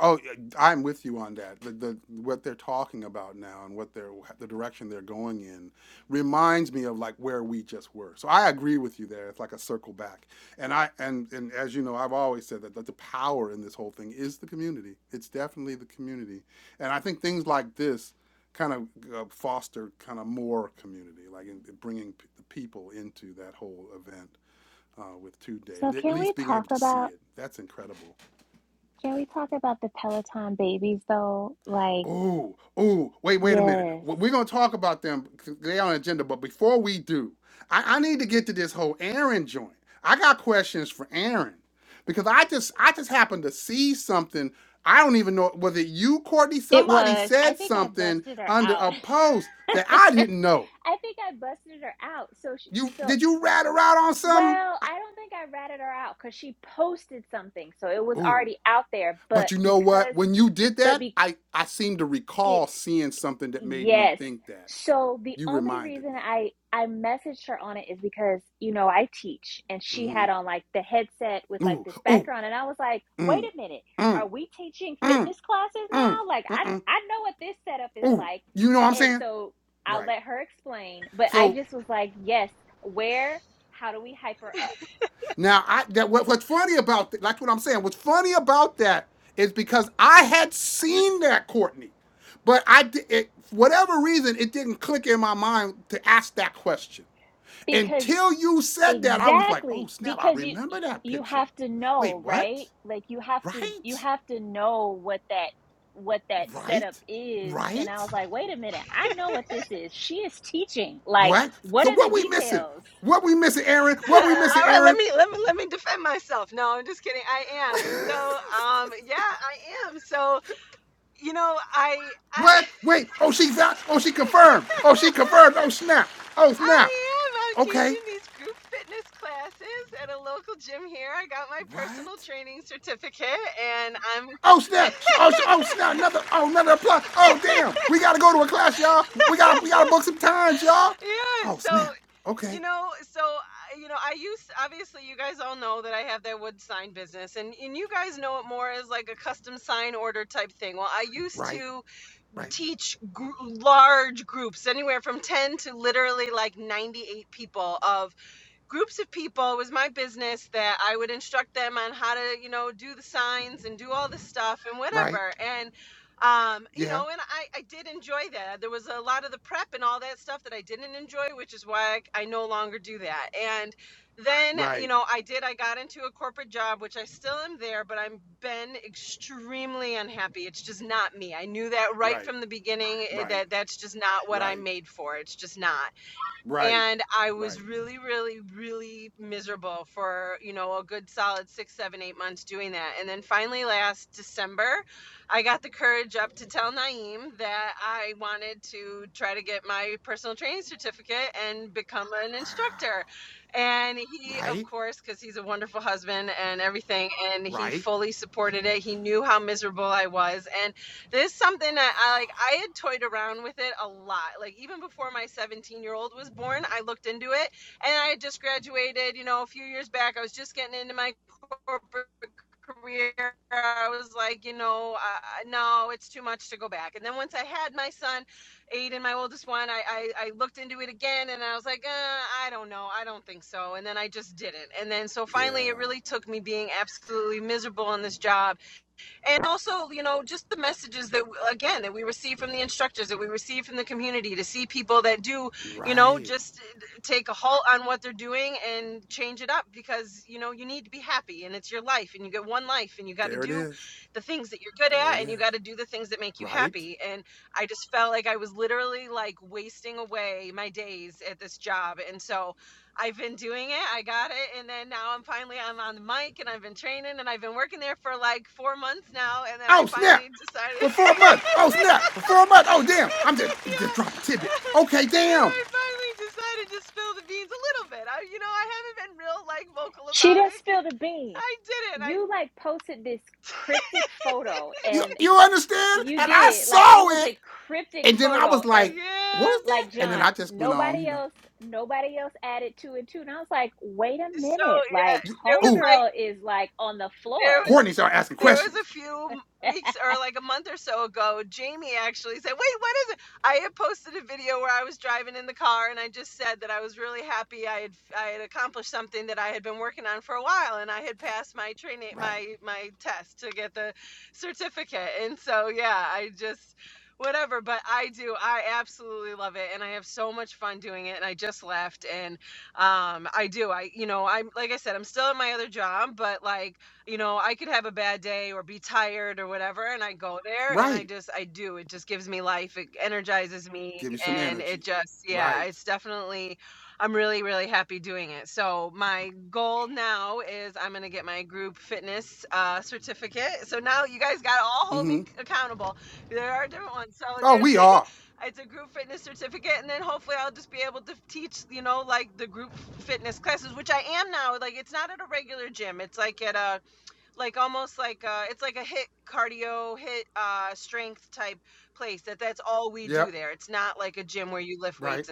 A: Oh, yeah, I'm with you on that. The, the what they're talking about now and what they're the direction they're going in reminds me of like where we just were. So I agree with you there. It's like a circle back. And I and and as you know, I've always said that, that the power in this whole thing is the community. It's definitely the community. And I think things like this kind of uh, foster kind of more community, like in, in bringing p- the people into that whole event uh, with two day,
B: So
A: Le- at
B: can we
A: least being
B: talk
A: able to see
B: about
A: it. That's incredible.
B: can we talk about the Peloton babies though? Like,
A: Oh, oh, wait, wait a minute.
B: yes.
A: We- are gonna talk about them. They on agenda, but before we do, I, I need to get to this whole Aaron joint. I got questions for Aaron because I just I just happened to see something. I don't even know was it you, Courtney?
B: It
A: Somebody
B: was. I
A: said
B: think I
A: something
B: busted her
A: under
B: out.
A: a post that I
B: I
A: didn't know.
B: think I busted her out. So she
A: You
B: so
A: did
B: e,
A: you rat her out on something?
B: well,
A: I,
B: I don't think I ratted her out cuz she posted something. So it was
A: ooh.
B: already out there,
A: But
B: but
A: you know what?
B: because
A: When you did
B: but
A: that,
B: because
A: I I seem to recall
B: It's
A: seeing something that made me
B: yes.
A: think that.
B: So the
A: You
B: only
A: reminded
B: reason
A: me.
B: I I messaged her on it is because, you know, I teach and she
A: Mm-hmm.
B: had on like the headset with like
A: Ooh,
B: this
A: ooh,
B: background and I was like, "Wait
A: mm,
B: a minute.
A: mm,
B: Are we teaching
A: mm,
B: fitness classes
A: mm,
B: now? Like I
A: mm,
B: I know what this setup is
A: ooh.
B: like."
A: You know what I'm
B: And
A: saying?
B: so I'll
A: Right.
B: let her explain, but I
A: So
B: just was like, "Yes, where how do we hype her up?"
A: now I that what, what's funny about that, like what I'm saying, what's funny about that is because I had seen that Courtney, but I it, whatever reason it didn't click in my mind to ask that question.
B: Because
A: Until you said that, I was like, oh
B: Exactly,
A: snap, I
B: because you
A: remember that
B: you
A: picture.
B: have to
A: Wait,
B: know,
A: what?
B: right? Like you have to you
A: Right?
B: have to know what that what that setup
A: Right?
B: is. And I
A: Right?
B: was like, "Wait a minute. I know what this is. She is teaching. Like,
A: What?
B: what
A: So
B: are the
A: what we missing?
B: details?"
A: What we missing, Aaron? What we missing, Aaron? what? Wait. Oh, she's out. Oh, she confirmed. Oh, she confirmed. Oh, snap. Oh, snap. Okay. What? Oh, snap. Oh, oh snap. Another. Oh, another plot. Oh, damn. We gotta go to a class, y'all. We gotta. We gotta book some times, y'all. Oh, snap. Okay. Right. Right. Right. Yeah. Right. Right. Right. Right. Right. Right. Wow. Right. Right. Yeah. Right. There it is. There it is. Right. Oh snap! For four months. Oh snap! For four months. Oh damn! I'm just just dropping tidbit. Okay, damn.
B: She didn't spill the beans. You like posted this cryptic photo
A: You
B: and
A: you understand?
B: you
A: And I
B: did. Like it
A: saw
B: was
A: it,
B: a cryptic
A: and then I
B: photo
A: was
B: and
A: like, "What was that?"
B: like
A: And then I
B: John,
A: just went on, you
B: nobody
A: know.
B: else, nobody else added two and two. And I was like, wait a minute, like
A: You, ooh,
B: homegirl is like on the floor.
A: Courtney started asking questions. Right. Right. Give you some energy. Right. Mm-hmm. Oh, we are. Yep. Right.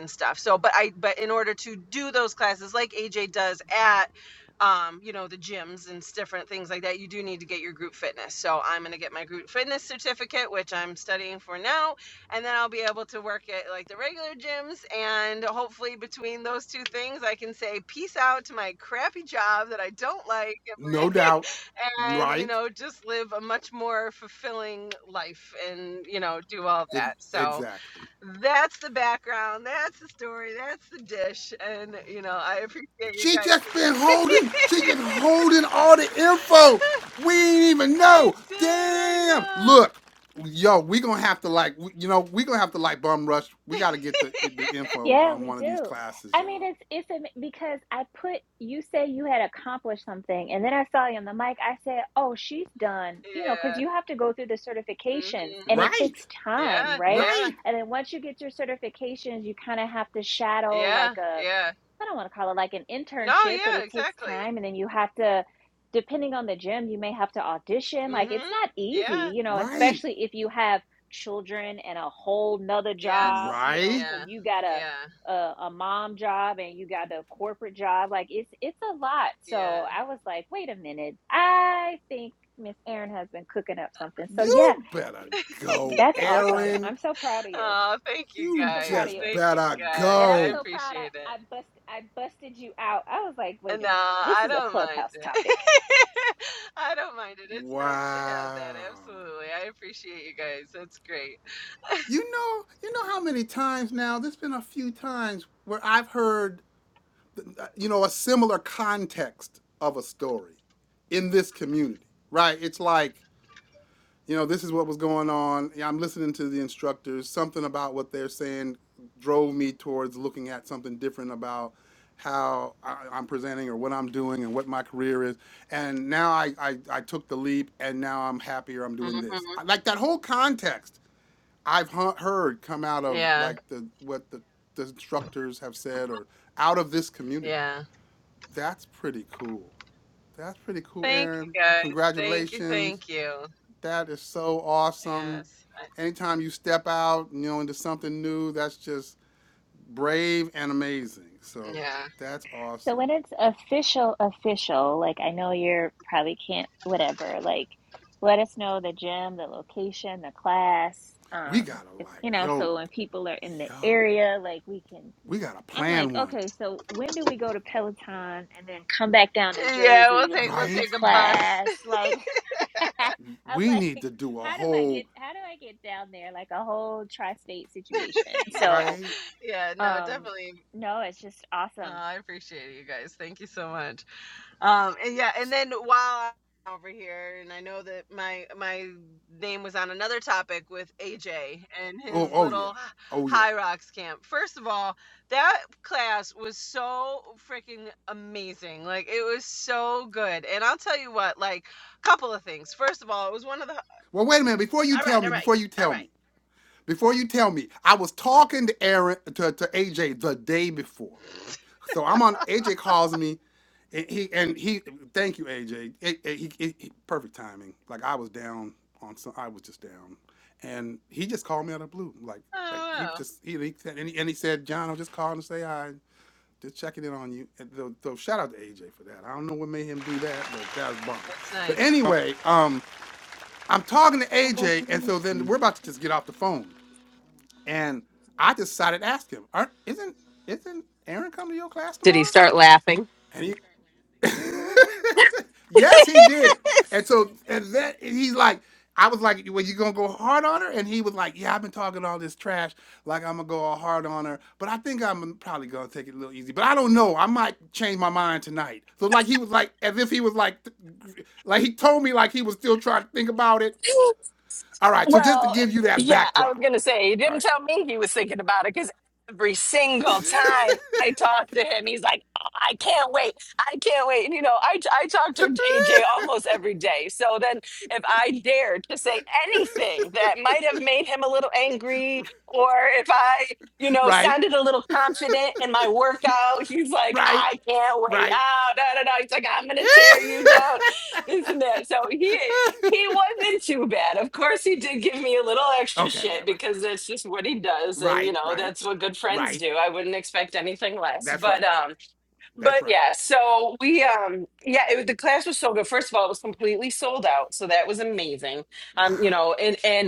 A: No doubt. Right. E- exactly. She just been holding, she been holding all the info. We ain't even know. Damn. Look, yo, we gonna have to like, you know, we gonna have to like bum rush. We gotta get the the info
B: Yeah,
A: on
B: we
A: one of these
B: do.
A: classes,
B: I mean,
A: y'all.
B: it's it's am- because I put you say you had accomplished something, and then I saw you on the mic. I said, "Oh, she's done," you know, because you have to go through the certifications, and it takes
A: Right,
B: time, right?
A: right,
B: And then once you get your certifications, you kind of have to shadow like a, I don't want to call it like an internship, but it takes time, and then you have to, depending on the gym, you may have to audition. Like it's not easy, you know,
A: right,
B: especially if you have children and a whole nother job, you know,
A: right.
B: so you gotta a, a mom job and you got a corporate job like it's it's a lot so i was like wait a minute i think miss Erin has been cooking up something so yeah
A: You better go,
B: that's awesome
A: Aaron.
B: i'm so proud of you i'm
A: You
B: so proud of you
A: just better
B: and i'm
A: go.
B: so proud i i bust i busted you out i was like wait a minute this is a clubhouse topic
A: Wow. You know, you know how many times now, there's been a few times where I've heard you know a similar context of a story in this community right it's like you know this is what was going on Yeah, i'm listening to the instructors something about what they're saying drove me towards looking at something different about how I, am presenting or what i'm doing and what my career is and now I, I i took the leap and now i'm happier i'm doing this like that whole context i've heard come out of like the what the, the instructors have said or out of this community that's pretty cool. That's pretty cool, Aaron. Congratulations. That is so awesome. Anytime you step out, you know, into something new, that's just brave and amazing. So that's
B: So
A: awesome.
B: when it's official, official, like I know you're probably can't, whatever, like let us know the gym, the location, the class.
A: We
B: Um,
A: gotta
B: if,
A: like,
B: you know,
A: yo,
B: so when people are in the
A: yo,
B: area, like we can,
A: we gotta
B: I'm like,
A: plan one,
B: okay, so when do we go to Peloton and then come back down to Jersey and take a
A: right?
B: class? Like, I'm
A: We
B: like,
A: need to do a
B: how do I get,
A: whole,
B: how do I get down there? Like a whole tri-state situation. So,
A: right?
B: um, no, it's just awesome.
A: Oh, oh yeah, oh yeah. Well, wait a minute. Before you tell me, before you tell me, Before you tell me, I was talking to Aaron to, to AJ the day before. So I'm on AJ calls me and he and he thank you AJ. It- it- he, he- he- perfect timing. Like I was down on some I was just down. And he just called me out of the blue. Like like he was just he, he said and he, and he said, "John, I'm just calling to say hi. Just checking in on you." And so, so shout out to AJ for that. I don't know what made him do that, but that was bomb. But anyway, um I'm talking to AJ and so then we're about to just get off the phone. And I decided to ask him, Aren't, isn't isn't Aaron coming to your class tomorrow? And he yes, he did. And so, and that he's like, I was like, "Well, you gonna go hard on her?" And he was like, "Yeah, I've been talking all this trash, like I'm gonna go all hard on her, but I think I'm probably gonna take it a little easy. But I don't know. I might change my mind tonight." So like he was like, as if he was like, like he told me like he was still trying to think about it. All right, so just to
G: Well,
A: give you that
G: yeah, I was
A: backdrop,
G: gonna say he
A: all
G: didn't tell
A: right,
G: me he was thinking about it because every single time I talk to him, he's like, oh, "I can't wait, I can't wait." And you know, I I talk to AJ almost every day. So then, if I dared to say anything that might have made him a little angry, or if I you know
A: right?
G: sounded a little confident in my workout, he's like,
A: Right.
G: "I can't wait."
A: Right.
G: Oh, no, no, no. He's like, "I'm gonna tear you down." this and that. So he he wasn't too bad. Of course, he did give me a little extra
A: okay, okay,
G: shit
A: right,
G: because
A: right.
G: that's just what he does, and you
A: Right,
G: know
A: right.
G: that's what good friends
A: Right.
G: do. I wouldn't expect anything less.
A: That's
G: But
A: right.
G: um,
A: That's
G: but
A: right.
G: yeah. So we um, yeah, it, was- the class was so good. First of all, it was completely sold out, so that was amazing.
A: Wow.
G: Um, you know, and and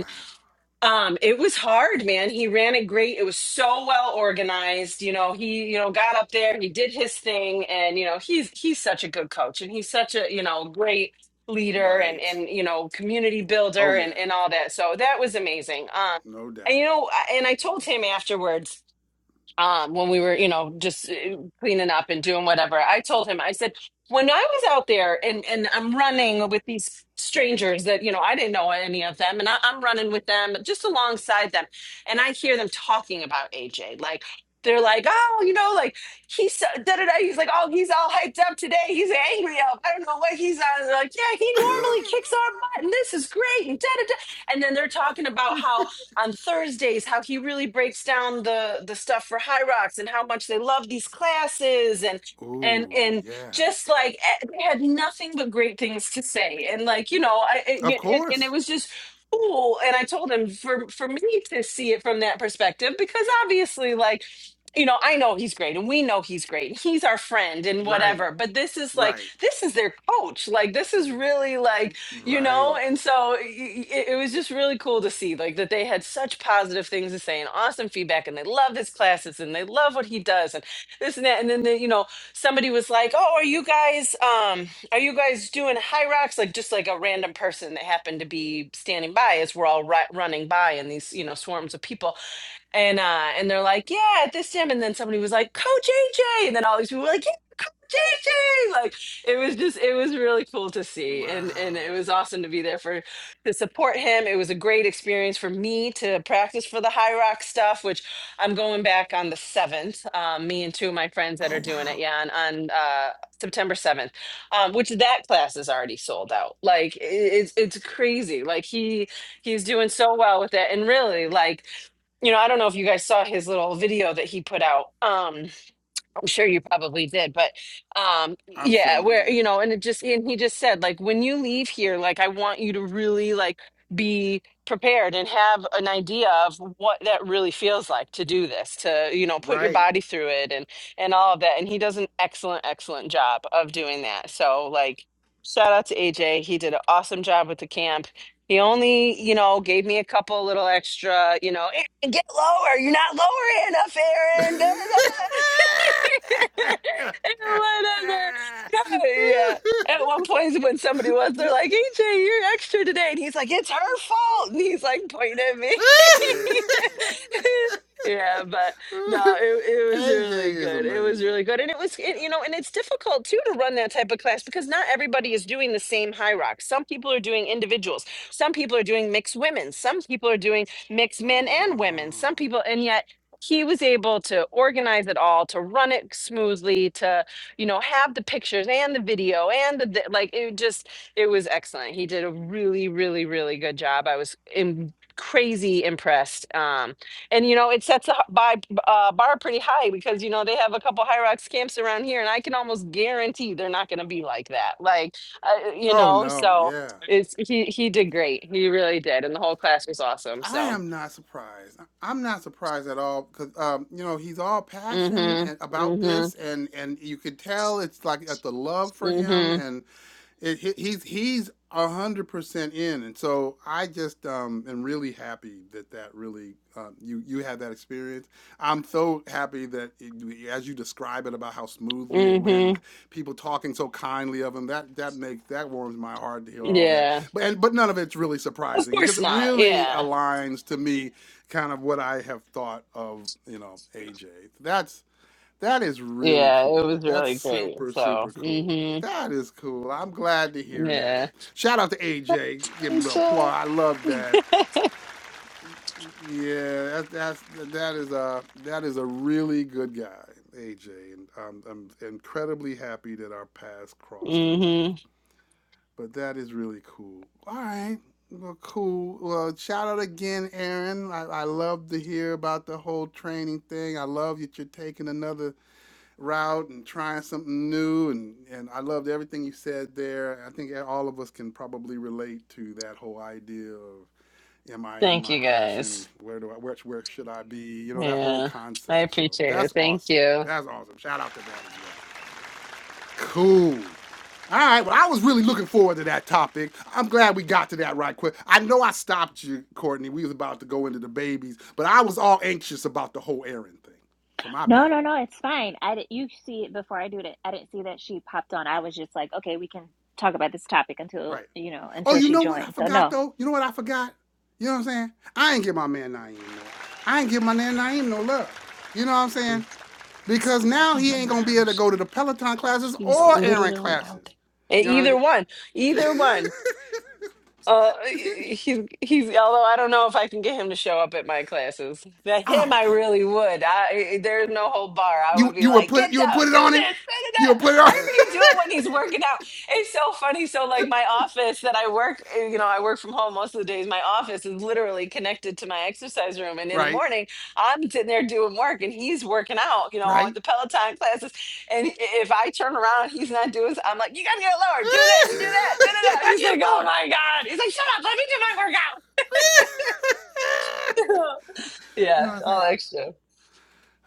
G: um, it was hard, man. He ran it great. It was so well organized. You know, he, you know, got up there, he did his thing, and you know, he's he's such a good coach and he's such a, you know, great leader and
A: Right.
G: and you know, community
A: Oh
G: builder and
A: yeah,
G: and all that. So that was amazing. Um
A: no
G: and you
A: doubt.
G: know, I- and I told him afterwards um, when we were, you know, just uh, cleaning up and doing whatever, I told him, I said, when I was out there and, and I'm running with these strangers that, you know, I didn't know any of them, and I, I'm running with them just alongside them, and I hear them talking about AJ. Like, they're like, oh, you know, like he's so, da da da. He's like, oh, he's all hyped up today. He's angry up. I don't know what he's on. They're like, yeah, he normally kicks our butt, and this is great, and da da da. And then they're talking about how on Thursdays how he really breaks down the the stuff for High Rocks and how much they love these classes and and
A: Ooh,
G: and
A: yeah.
G: just like eh, they had nothing but great things to say and like you know I it,
A: Of
G: it, it- and it
A: course.
G: was just cool and I told him for for me to see it from that perspective because obviously like you know I know he's great and we know he's great he's our friend and
A: Right.
G: whatever but this is like
A: Right.
G: this is their coach like this is really like you know
A: Right.
G: and so it, it was just really cool to see like that they had such positive things to say and awesome feedback and they love his classes and they love what he does and this and that and then they, you know somebody was like oh are you guys um are you guys doing high rocks like just like a random person that happened to be standing by as we're all ri- running by in these you know swarms of people and uh and they're like yeah at this gym and then somebody was like coach aj and then all these people were like Gigi! Like it was just it was really cool to see and
A: Wow.
G: and it was awesome to be there for to support him. It was a great experience for me to practice for the high rock stuff, which I'm going back on the seventh. Um, me and two of my friends that
A: Oh
G: are doing it,
A: wow.
G: yeah, on, on uh September 7th, um, which that class is already sold out. Like i- it's it's crazy. Like he he's doing so well with that, And really, like, you know, I don't know if you guys saw his little video that he put out. Um I'm sure you probably did, but um
A: I'm sure
G: yeah,
A: we
G: where you
A: did.
G: know, and it just and he just said like when you leave here, like I want you to really like be prepared and have an idea of what that really feels like to do this, to you know, put your
A: Right.
G: body through it and and all of that. And he does an excellent excellent job of doing that. So like shout out to AJ. He did an awesome job with the camp. He only, you know, gave me a couple little extra, you know, "Aaron, get lower. You're not lower enough, Aaron. Da, da, da." whatever. Yeah. At one point, when somebody was, they're like, "AJ, you're extra today," and he's like, "It's her fault," and he's like pointing at me. yeah, but no, it
A: AJ
G: it was really
A: is
G: good. It was
A: amazing.
G: really good, and it was it, you know, and it's difficult too to run that type of class because not everybody is doing the same high rock. Some people are doing individuals. Some people are doing mixed women. Some people are doing mixed men and women.
A: Oh.
G: Some people, and yet he was able to organize it all to run it smoothly to you know have the pictures and the video and the thi- like it just it was excellent he did a really really really good job i was in crazy impressed um and you know it sets the h- by uh, bar pretty high because you know they have a couple high rocks camps around here and i can almost guarantee they're not going to be like that like uh, you
A: oh
G: know
A: no,
G: so
A: yeah.
G: it's he he did great he really did and the whole class was awesome
A: I
G: so
A: am not surprised. I'm not surprised at all because um, you know he's all passion
G: mhm
A: and about
G: mhm
A: this, and and you could tell it's like at the love for
G: Mm mhm
A: him, and it, he- he's he's a hundred percent in, and so I just um, am really happy that that really um, you you had that experience. I'm so happy that it, as you describe it about how smoothly it went,
G: hmm
A: and people talking so kindly of him. That that makes that warms my heart to hear all that.
G: Yeah.
A: But and, but none of it's really
G: Of
A: surprising. It
G: course
A: just
G: not.
A: really
G: Yeah.
A: aligns to me, kind of what I have thought of you know AJ. That's that is really
G: Yeah,
A: cool.
G: it was
A: That's
G: really great.
A: super,
G: So,
A: super cool.
G: hmm
A: That is cool. I'm glad to hear that.
G: yeah.
A: Shout out to AJ. Give him a
G: Thanks,
A: little applause.
G: y'all.
A: I love that. Yeah, that, that's that is a that is a really good guy, AJ, and I'm, I'm incredibly happy that our paths crossed in life.
G: hmm
A: But that is really cool. All right. Well, cool. Well, shout out again, Aaron. I, I love to hear about the whole training thing. I love that you're taking another route and trying something new and and I loved everything you said there. I think all of us can probably relate to that whole idea of am I in
G: Thank
A: my
G: you
A: passion?
G: guys.
A: Where do I where, where should I be? You know that whole
G: Yeah. I
A: concept. So
G: appreciate it.
A: that's
G: Thank
A: awesome.
G: you.
A: That's awesome. Shout out to that as well. Cool. All right, well, I was really looking forward to that topic. I'm glad we got to that right quick. I know I stopped you, Courtney. We was about to go into the babies, but I was all anxious about the whole Aaron thing. So my
B: No,
A: bad.
B: no, no, it's fine. I did, you see it before I do it. I didn't see that she popped on. I was just like, okay, we can talk about this topic until,
A: Right.
B: you know,
A: Oh,
B: until
A: you
B: she
A: know what I
B: joins. So
A: forgot
B: no.
A: though? You know what I forgot? You know what I'm saying? I ain't give my man Naeem no. I ain't give my man Naeem no love. You know what I'm saying?
G: It's
A: Because
G: not
A: now
G: Logan's
A: he
G: in
A: ain't
G: the
A: gonna be able to
G: house.
A: go to the Peloton classes
G: He's
A: or Aaron
G: literally out
A: classes.
G: there.
A: You know
G: E- Either one.
A: what I
G: Either one. Uh,
A: mean?
G: he's he's. Although I don't know if I can get him to show up at my classes. Now him,
A: oh
G: I
A: damn.
G: really would. I eh, there's no whole bar. I would
A: You
G: be
A: you would
G: like,
A: put
G: get
A: you would
G: down,
A: put
G: do
A: it on him?
G: this, da, da,
A: You would
G: da."
A: put it on
G: I already do it when he's working out. It's so funny. So like my office that I work, eh, you know, I work from home most of the days. My office is literally connected to my exercise room, and in the
A: Right.
G: morning I'm sitting there doing work, and he's working out. You know,
A: Right.
G: the Peloton classes. And i- if I turn around and he's not doing, s- I'm like, you gotta get it lower. Do this, do that, da da da.
A: I
G: He's
A: get
G: like, oh
A: hard.
G: my god. He's like, shut up. Let me do my workout.
A: you know what
G: yeah,
A: I'm
G: all
A: saying?
G: that extra.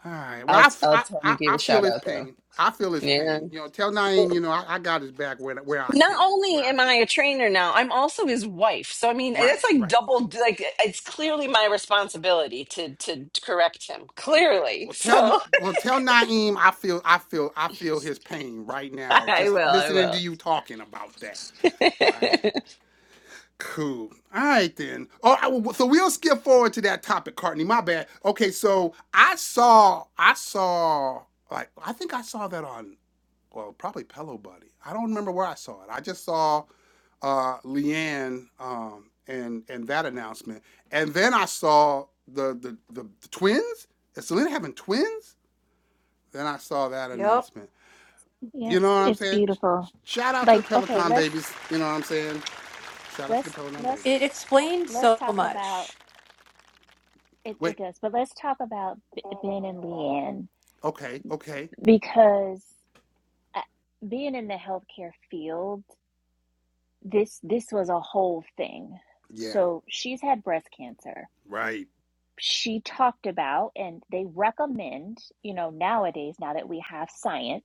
A: All right. Well,
G: I'll
A: I,
G: t- I'll
A: f-
G: tell him
A: I,
G: he
A: I,
G: gave
A: I
G: a
A: feel
G: shout
A: his
G: out though.
A: pain. I feel his
G: Yeah.
A: pain. You know, tell Naeem, you know, I, I got his back where, where I
G: Not
A: can, where
G: only
A: I
G: am I
A: can.
G: a trainer now, I'm also his wife. So I mean, that's
A: Right,
G: like
A: right.
G: double. Like it's clearly my responsibility to to correct him. Clearly,
A: Well, tell
G: so
A: well tell Naeem I feel I feel I feel his pain right now.
G: I
A: Just
G: will. I
A: listening to
G: will.
A: you talking about that. All right. Cool. All right then. Oh, I- well, so we'll skip forward to that topic, Courtney. My bad. Okay, so I saw I saw like I think I saw that on well, probably Pillow Buddy. I don't remember where I saw it. I just saw uh, Leanne um, and and that announcement, and then I saw the the, the, the twins. Is Selena having twins? Then I saw that
D: Yep.
A: announcement. You
B: Yes,
A: know what I'm
B: it's
A: saying?
B: beautiful.
A: Shout out to the
B: Like, okay,
A: Peloton
B: let's
A: babies. You know what I'm saying? Shout out to the
B: let's
A: Peloton
B: let's
A: babies.
D: It explained
B: let's
D: so
B: talk about
D: much.
B: it it
A: Wait.
B: does. But let's talk about B- Ben and Leanne
A: Okay. Okay.
B: because uh, being in the healthcare field, this this was a whole thing.
A: Yeah.
B: So she's had breast cancer.
A: Right.
B: she talked about and they recommend you know nowadays now that we have science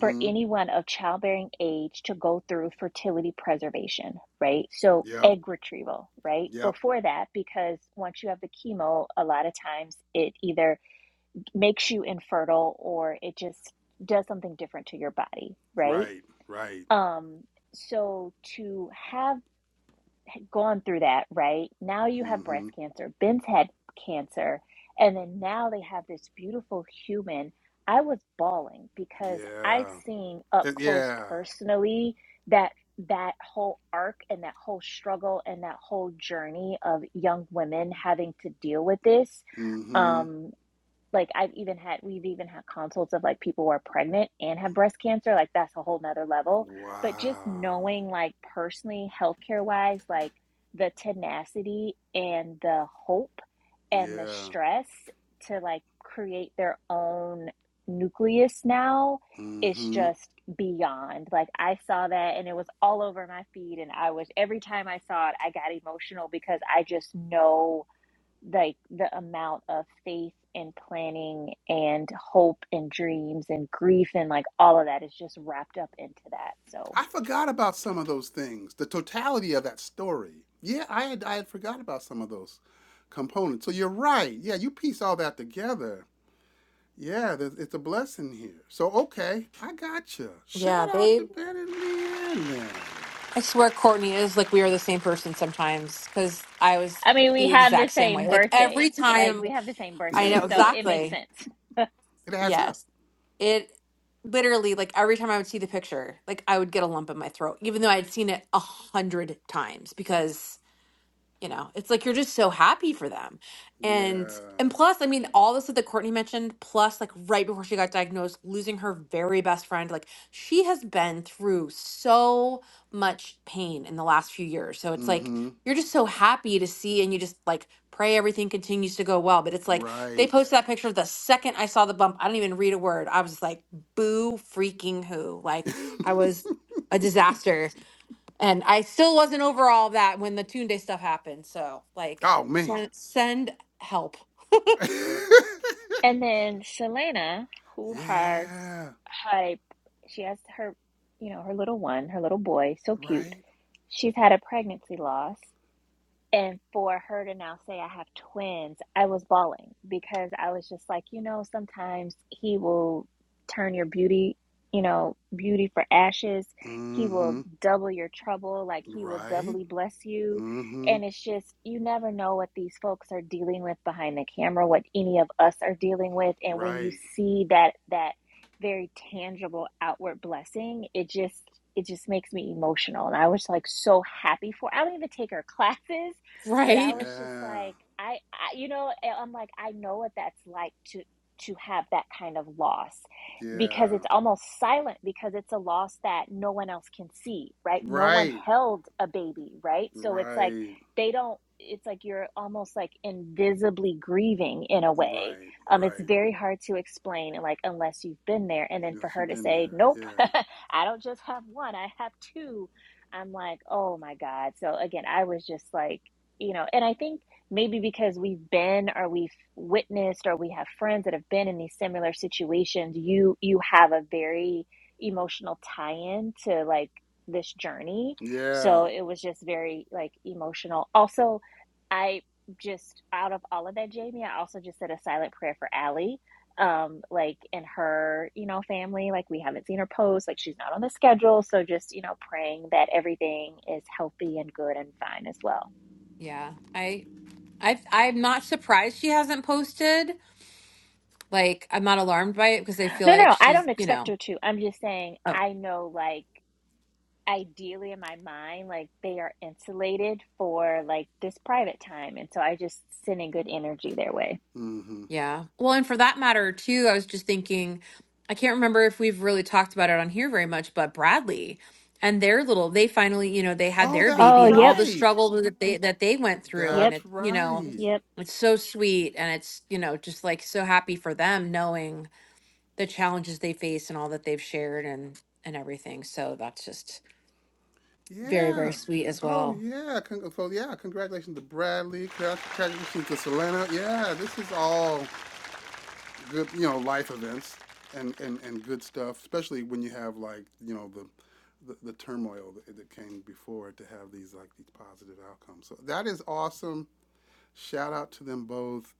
B: for anyone of childbearing age to go through fertility preservation right so
A: Yep.
B: egg retrieval right
A: Yep.
B: before that because once you have the chemo a lot of times it either makes you infertile or it just does something different to your body right
A: Right. Right.
B: um so to have gone through that, right? Now you have
A: Mm-hmm.
B: breast cancer. Ben's had cancer. And then now they have this beautiful human. I was bawling because I've
A: Yeah.
B: seen up
A: Uh,
B: close
A: yeah.
B: personally that that whole arc and that whole struggle and that whole journey of young women having to deal with this.
A: Mm-hmm.
B: Um, like I've even had we've even had consults of like people who are pregnant and have breast cancer. Like that's a whole nother level. But just
A: Wow.
B: knowing like personally, healthcare wise, like the tenacity and the hope and the
A: Yeah.
B: stress to like create their own nucleus now is
A: Mm-hmm.
B: just beyond. Like I saw that and it was all over my feed and I was every time I saw it I got emotional because I just know like the amount of faith and planning and hope and dreams and grief and like all of that is just wrapped up into that. So,
A: I forgot about some of those things. The totality of that story. Yeah, I had I had forgot about some of those components. So you're right. Yeah, you piece all that together. Yeah, there's, it's a blessing here. So okay, I gotcha. Shout
D: Yeah,
A: out
D: they.
A: to Ben and Leanne.
D: I swear, Courtney is like we are the same person sometimes because I was
B: I mean, we
D: the
B: have the
D: exact same
B: same
D: way. Like
B: birthday,
D: every
B: like
D: time
B: we have the same
D: I
A: then.
B: birthday,
D: know
B: so it makes
D: exactly.
B: sense.
A: it adds up.
D: Yes. It literally, like every time I would see the picture, like I would get a lump in my throat, even though I'd seen it a hundred times because. You know, it's like you're just so happy for them. And
A: Yeah.
D: and plus, I mean, all this stuff that Courtney mentioned, plus like right before she got diagnosed, losing her very best friend, like she has been through so much pain in the last few years. So it's like
A: Mm-hmm.
D: you're just so happy to see and you just like pray everything continues to go well. But it's like they
A: Right.
D: posted that picture the second I saw the bump. I didn't even read a word. I was like, boo freaking who. Like I was a disaster and I still wasn't over all that when the Toon Day stuff happened. So like
A: oh man.
D: send send help.
B: And then Shalana, who has
A: yeah.
B: her, she has her, you know, her little one, her little boy, so cute.
A: Right.
B: She's had a pregnancy loss And for her to now say I have twins, I was bawling because I was just like, you know, sometimes he will turn your beauty, you know, beauty for ashes. He will
A: Mm-hmm.
B: double your trouble, like he will
A: Right?
B: doubly bless you.
A: Mm-hmm.
B: And it's just, you never know what these folks are dealing with behind the camera, what any of us are dealing with. And when you
A: Right.
B: see that, that very tangible outward blessing, it just, it just makes me emotional. And I was like so happy for, I don't even take her classes. But I
D: Right.
B: was just
A: Yeah.
B: like, I, I you know, I'm like, I know what that's like to to have that kind of loss
A: Yeah.
B: because it's almost silent because it's a loss that no one else can see, right? No one
A: Right.
B: held a baby, right? So it's like
A: Right.
B: they don't it's like you're almost like invisibly grieving in a way
A: Right.
B: um, it's
A: Right.
B: very hard to explain, like unless you've been there. And then
A: Yeah.
B: for
A: She
B: her to
A: been
B: say,
A: there.
B: "Nope,
A: Yeah.
B: I don't just have one; I have two. I'm like, "Oh my god!" So again, I was just like you know and i think maybe because we've been or we've witnessed or we have friends that have been in these similar situations you you have a very emotional tie-in to like this journey
A: Yeah.
B: so it was just very like emotional also i just out of all of that jamie i also just said a silent prayer for Allie um like in her you know family like we haven't seen her post like she's not on the schedule so just you know praying that everything is healthy and good and fine as well
D: Yeah. I I I'm not surprised she hasn't posted. Like I'm not alarmed by it because I feel
B: No,
D: like
B: no, I
D: she's,
B: don't
D: you
B: expect
D: know.
B: her to. I'm just saying, I know, like, ideally in my mind, like, they are insulated for, like, this private time. And so I just send in good energy their way.
A: Mm-hmm.
D: Yeah. Well, and for that matter, too, I was just thinking, I can't remember if we've really talked about it on here very much, but Bradley and their little, they finally, you know, they had
A: Oh,
D: their
A: that's
B: Oh,
D: baby and all
B: yep,
D: the
A: right.
D: struggle that they that they went through, and
B: yep,
A: That's
D: it, you know,
A: right.
B: yep.
D: it's so sweet, and it's, you know, just like so happy for them knowing the challenges they face and all that they've shared and and everything. So that's just very, very
A: Yeah.
D: sweet as
A: Oh
D: well.
A: yeah. Con- so yeah, congratulations to Bradley. Congratulations to Selena. Yeah, this is all good, you know, life events and, and, and good stuff, especially when you have like, you know, the, the, the turmoil that, that came before to have these like these positive outcomes. So that is awesome. Shout out to them both.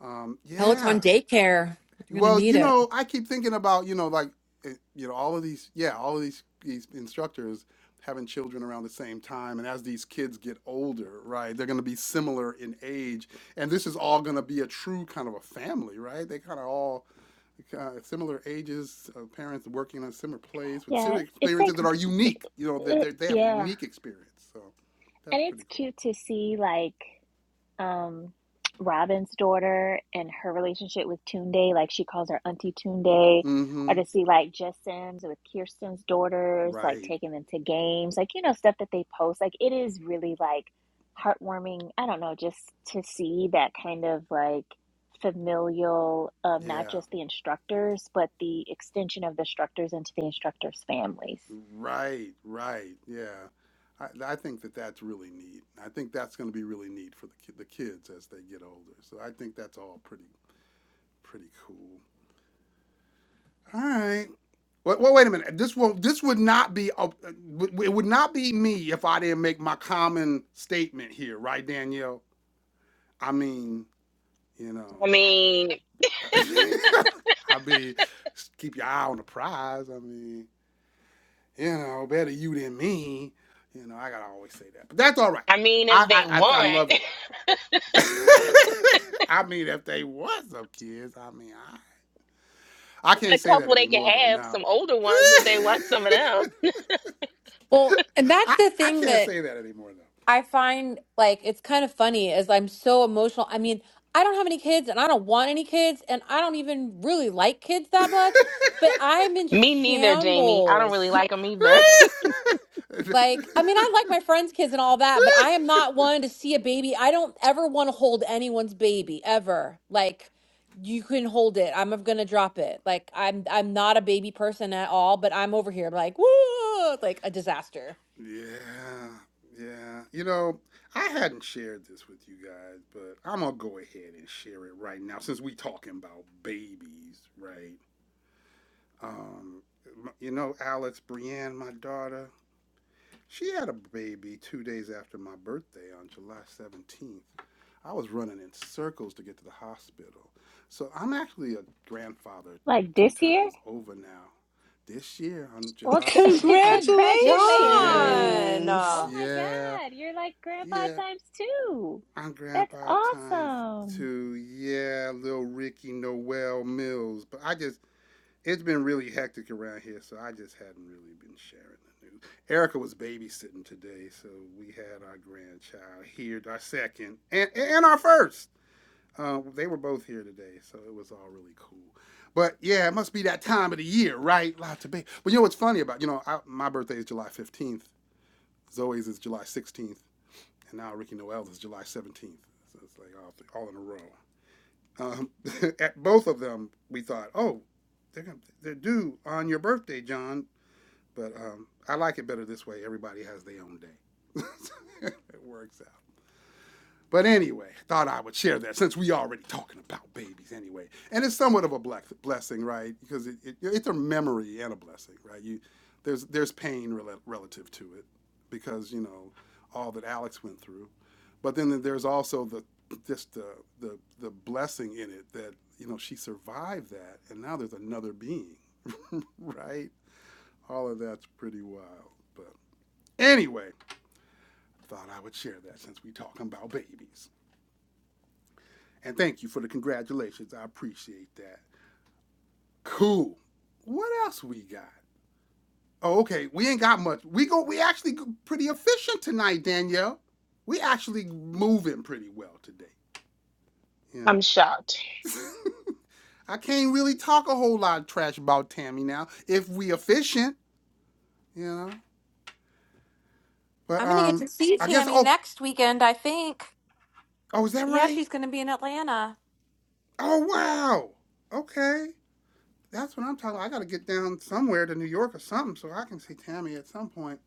A: Um,
D: Peloton
A: yeah,
D: daycare, you're gonna
A: well,
D: need
A: you
D: it.
A: know, I keep thinking about you know like it- you know all of these yeah all of these these instructors having children around the same time and as these kids get older right they're going to be similar in age and this is all going to be a true kind of a family right they kind of all uh, similar ages of parents working on similar plays with
B: Yeah,
A: similar
B: it's
A: experiences
B: like,
A: that are
B: it,
A: unique you know that
B: it,
A: they they have a
B: yeah.
A: unique experience so that's
B: And it's
A: pretty cool
B: cute to see like um Robin's daughter and her relationship with Tunde, like she calls her Auntie Tunde, or
A: mm-hmm
B: to see like Jess Sims with Kirsten's daughters, like
A: right
B: taking them to games, like you know, stuff that they post. Like it is really like heartwarming. I don't know, just to see that kind of like familial, um, not
A: yeah
B: just the instructors, but the extension of the instructors into the instructors' families.
A: Right, right. Yeah. I, I think that that's really neat. I think that's going to be really neat for the, ki- the kids as they get older. So I think that's all pretty pretty cool. All right. Well, well wait a minute. This won't. This would not be. a- w- It would not be me if I didn't make my common statement here, right, Danielle? I mean, you
C: I
A: know,
C: mean,
A: I mean, keep your eye on the prize. I mean, you know, better you than me. You know, I gotta always say that, but that's all right.
C: I mean, if
A: I
C: they
A: I I, I love
C: want
A: it. I mean, if they was up kids, I mean, I I can't
C: a
A: say that
C: couple, they can
A: anymore though.
C: have
A: Now,
C: some older ones if they want some of them.
D: Well, and that's
A: I
D: the
A: I
D: thing
A: can't
D: that
A: say that anymore
D: I find like it's kind of funny as I'm so emotional. I mean, I don't have any kids and I don't want any kids and I don't even really like kids
A: though.
D: that much, but I'm in
C: Me neither, Jamie. I don't really
D: shambles.
C: like them either.
D: Like, I mean, I like my friends' kids and all that, but I am not one to see a baby. I don't ever want to hold anyone's baby ever. Like, you can hold it. I'm gonna drop it. Like, I'm I'm not a baby person at all, but I'm over here like, woo, like a disaster.
A: Yeah, yeah. You know, I hadn't shared this with you guys, but I'm gonna go ahead and share it right now since we talking about babies, right? Um, m- you know, Alex, Brienne, my daughter, she had a baby two days after my birthday on July 17th. I was running in circles to get to the hospital. So I'm actually a grandfather
B: Like
A: two
B: this year,
A: times over now. This year on
B: Well,
A: July
B: c-
A: 17th.
B: congratulations.
A: Yeah,
G: Congratulations.
B: Oh
D: John.
B: my
A: yeah.
B: God, you're like grandpa
A: Yeah,
B: times two.
A: I'm
B: That's
A: Grandpa times
B: awesome.
A: two. Yeah, little Ricky Noel Mills. But I just, it's been really hectic around here, so I just hadn't really been sharing the news. Erica was babysitting today, so we had our grandchild here, our second, and, and our first. Uh, they were both here today, so it was all really cool. But yeah, it must be that time of the year, right? Lots of baby. But you know what's funny about, you know, I, my birthday is July 15th. Zoe's is July 16th and now Ricky Noel is July 17th. So it's like all, all in a row. Um, at both of them, we thought, oh, they're, gonna, they're due on your birthday, John. But um, I like it better this way. Everybody has their own day. it works out. But anyway, thought I would share that since we already talking about babies anyway, and it's somewhat of a black blessing, right? Because it, it, it's a memory and a blessing, right? You there's there's pain rela- relative to it because you know all that Alex went through, but then there's also the just the the the blessing in it that you know she survived that, and now there's another being, right? All of that's pretty wild. But anyway, thought I would share that since we talking about babies. And thank you for the congratulations. I appreciate that. Cool. What else we got? Oh, okay. We ain't got much. We go. We actually pretty efficient tonight, Danielle. We actually moving pretty well today. Yeah.
C: I'm shocked.
A: I can't really talk a whole lot of trash about Tammy now. If we efficient, you know. But
D: I'm gonna get to
A: um,
D: see
A: I guess.
D: Tammy
A: Oh,
D: next weekend, I think.
A: oh, is that
D: Yeah,
A: right?
D: she's gonna be in Atlanta.
A: Oh wow. Okay. That's what I'm talking about. I gotta get down somewhere to New York or something so I can see Tammy at some point.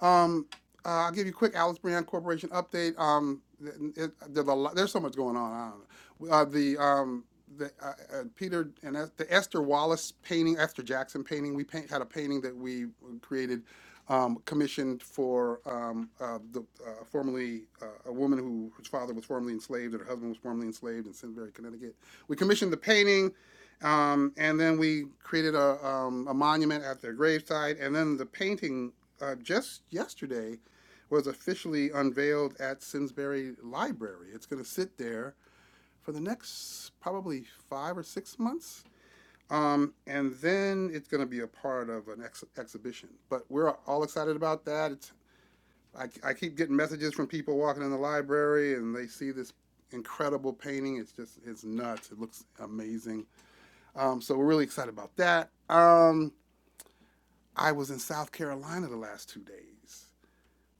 A: Um, uh, I'll give you a quick Alice Brand Corporation update. Um, th- it, there's, a there's so much going on. I don't know. Uh, the um, the uh, uh, Peter and Es- the Esther Wallace painting, Esther Jackson painting. We paint, had a painting that we created, um, commissioned for um, uh, the uh, formerly uh, a woman who whose father was formerly enslaved, and her husband was formerly enslaved in Simsbury, Connecticut. We commissioned the painting. Um, and then we created a, um, a monument at their gravesite, and then the painting uh, just yesterday was officially unveiled at Simsbury Library. It's going to sit there for the next probably five or six months. Um, and then it's going to be a part of an ex- exhibition. But we're all excited about that. It's, I, I keep getting messages from people walking in the library and they see this incredible painting. It's just, it's nuts. It looks amazing. Um, so we're really excited about that. Um, I was in South Carolina the last two days.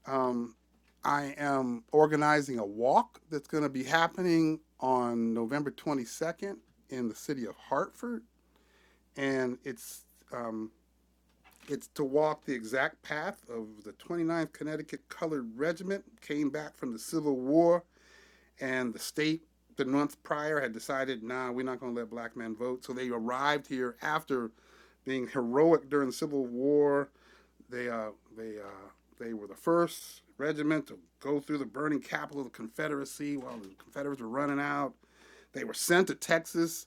A: Um, I am organizing a walk that's going to be happening on November 22nd in the city of Hartford, and it's um, it's to walk the exact path of the twenty-ninth Connecticut Colored Regiment came back from the Civil War, and the state the month prior had decided, nah, we're not going to let black men vote, so they arrived here after being heroic during the Civil War they uh, they uh, they were the first regiment to go through the burning capital of the Confederacy while the Confederates were running out. They were sent to Texas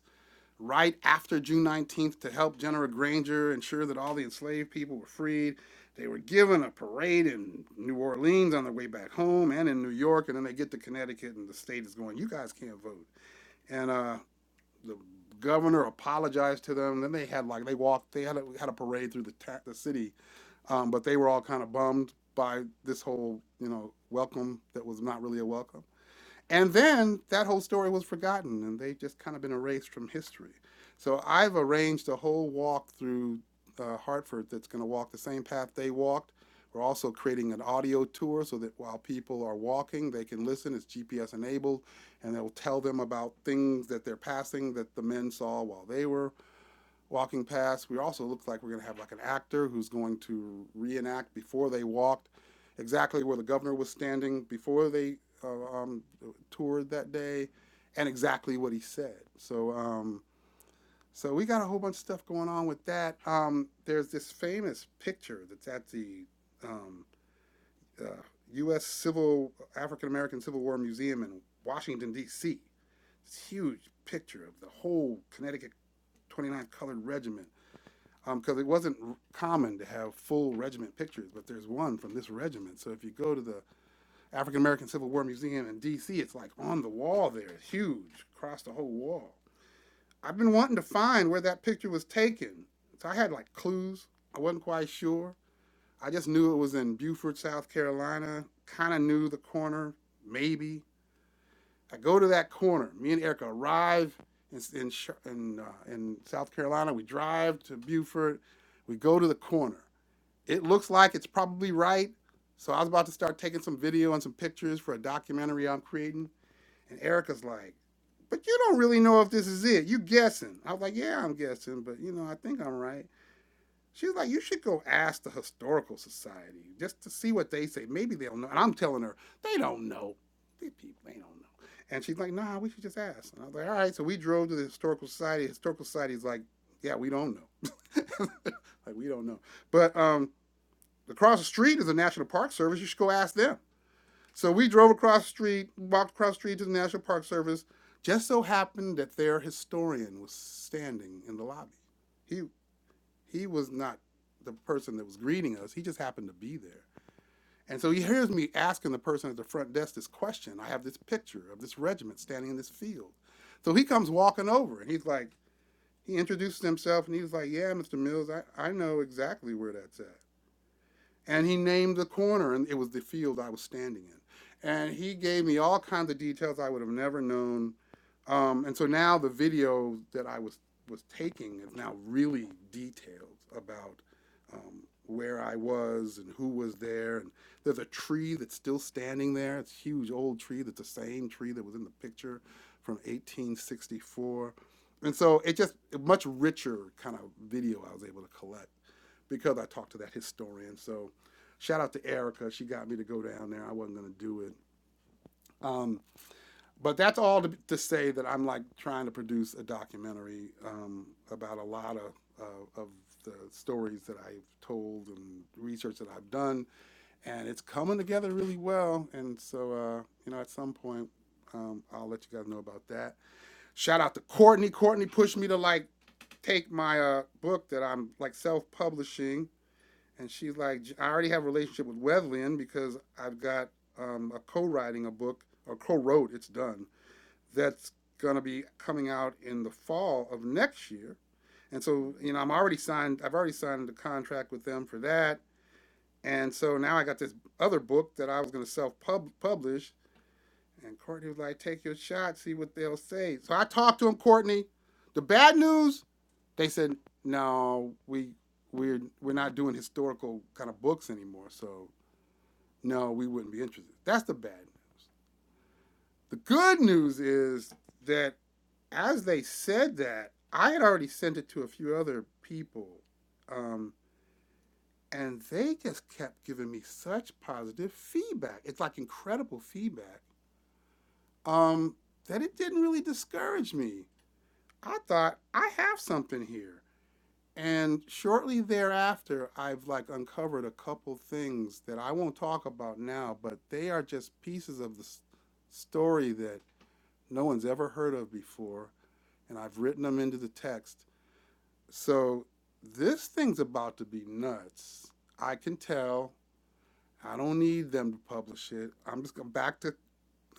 A: right after June 19th to help General Granger ensure that all the enslaved people were freed. They were given a parade in New Orleans on their way back home and in New York, and then they get to Connecticut, and the state is going, You guys can't vote. And uh, the governor apologized to them. Then they had like, they walked, they had a, had a parade through the, ta- the city um, but they were all kind of bummed by this whole, you know, welcome that was not really a welcome. And then that whole story was forgotten and they've just kind of been erased from history. So I've arranged a whole walk through uh, Hartford that's going to walk the same path they walked. We're also creating an audio tour so that while people are walking, they can listen. It's GPS enabled, and they'll tell them about things that they're passing that the men saw while they were walking past. We also look like we're going to have like an actor who's going to reenact before they walked exactly where the governor was standing before they uh, um, toured that day and exactly what he said. So, um, so we got a whole bunch of stuff going on with that. Um, there's this famous picture that's at the um, uh, U.S. Civil African American Civil War Museum in Washington D.C. This huge picture of the whole Connecticut 29th Colored Regiment because um, it wasn't r- common to have full regiment pictures, but there's one from this regiment. So if you go to the African American Civil War Museum in D.C., it's like on the wall there, it's huge, across the whole wall. I've been wanting to find where that picture was taken, so I had like clues. I wasn't quite sure. I just knew it was in Beaufort, South Carolina. Kind of knew the corner, maybe. I go to that corner. Me and Erica arrive in in in, uh, in South Carolina. We drive to Beaufort. We go to the corner. It looks like it's probably right. So I was about to start taking some video and some pictures for a documentary I'm creating. And Erica's like, but you don't really know if this is it. You guessing. I was like, yeah, I'm guessing, but you know, I think I'm right. She's like, you should go ask the historical society just to see what they say. Maybe they'll know. And I'm telling her, they don't know. These people, they don't know. And she's like, nah, we should just ask. And I was like, all right. So we drove to the historical society. Historical society's like, yeah, we don't know. Like we don't know. But um Across the street is the National Park Service. You should go ask them. So we drove across the street, walked across the street to the National Park Service. Just so happened that their historian was standing in the lobby. He he was not the person that was greeting us. He just happened to be there. And so he hears me asking the person at the front desk this question. I have this picture of this regiment standing in this field. So he comes walking over and he's like, he introduces himself and he was like, Yeah, Mr. Mills, I, I know exactly where that's at. And he named the corner, and it was the field I was standing in. And he gave me all kinds of details I would have never known. Um, and so now the video that I was, was taking is now really detailed about um, where I was and who was there. And there's a tree that's still standing there. It's a huge old tree that's the same tree that was in the picture from 1864. And so it just a much richer kind of video I was able to collect because I talked to that historian. So shout out to Erica. She got me to go down there. I wasn't going to do it. Um, but that's all to, to say that I'm like trying to produce a documentary um, about a lot of, uh, of the stories that I've told and research that I've done. And it's coming together really well. And so, uh, you know, at some point, um, I'll let you guys know about that. Shout out to Courtney. Courtney pushed me to like take my uh, book that I'm like self publishing and she's like, I already have a relationship with Wesleyan because I've got um, a co-writing a book or co-wrote. It's done. That's gonna be coming out in the fall of next year, and so you know I'm already signed. I've already signed the contract with them for that, and so now I got this other book that I was gonna self pub publish. And Courtney was like, "Take your shot, see what they'll say." So I talked to him, Courtney. The bad news they said no, we we're we're not doing historical kind of books anymore. So no, we wouldn't be interested. That's the bad news. The good news is that as they said that, I had already sent it to a few other people, um, and they just kept giving me such positive feedback. It's like incredible feedback um, that it didn't really discourage me. I thought I have something here. and shortly thereafter i've like uncovered a couple things that i won't talk about now but they are just pieces of the story that no one's ever heard of before and i've written them into the text so this thing's about to be nuts i can tell i don't need them to publish it i'm just going back to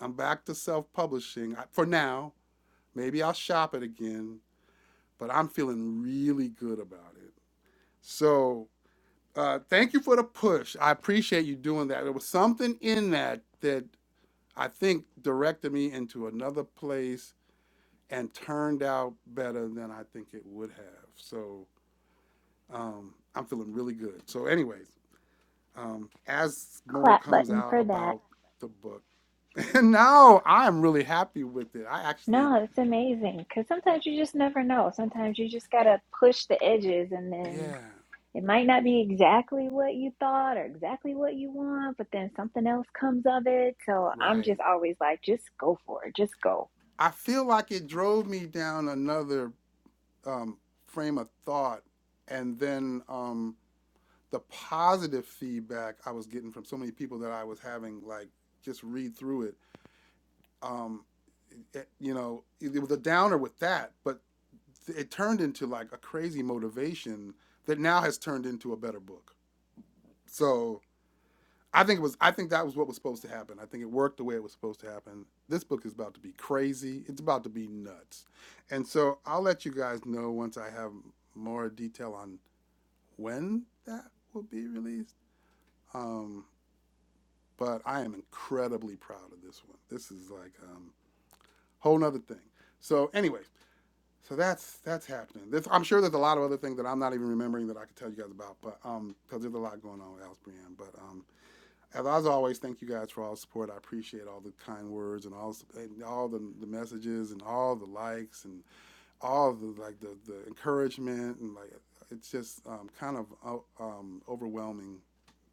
A: i'm back to self-publishing I- for now maybe i'll shop it again but i'm feeling really good about it so Uh, thank you for the push. I appreciate you doing that. There was something in that that I think directed me into another place and turned out better than I think it would have. So um, I'm feeling really good. So, anyways, um, as more
B: Clap
A: comes
B: button
A: out
B: for that.
A: about the book, and now I am really happy with it. I actually,
B: No, it's amazing because sometimes you just never know. Sometimes you just got to push the edges, and then
A: yeah,
B: it might not be exactly what you thought or exactly what you want, but then something else comes of it. So I'm
A: right.
B: just always like, just go for it, just go.
A: I feel like it drove me down another um, frame of thought, and then. Um, the positive feedback I was getting from so many people that I was having like just read through it. Um, it you know, it, it was a downer with that, but it turned into like a crazy motivation that now has turned into a better book. So I think it was I think that was what was supposed to happen. I think it worked the way it was supposed to happen. This book is about to be crazy. It's about to be nuts. And so I'll let you guys know once I have more detail on when that will be released. Um, but I am incredibly proud of this one. This is like a um whole nother thing. So anyway, so that's that's happening. This I'm sure there's a lot of other things that I'm not even remembering that I could tell you guys about, but um because there's a lot going on with Alice Brienne. But um as, always, thank you guys for all the support. I appreciate all the kind words and all and all the, the messages and all the likes and all the like the, the encouragement and like it's just um, kind of uh, um, overwhelming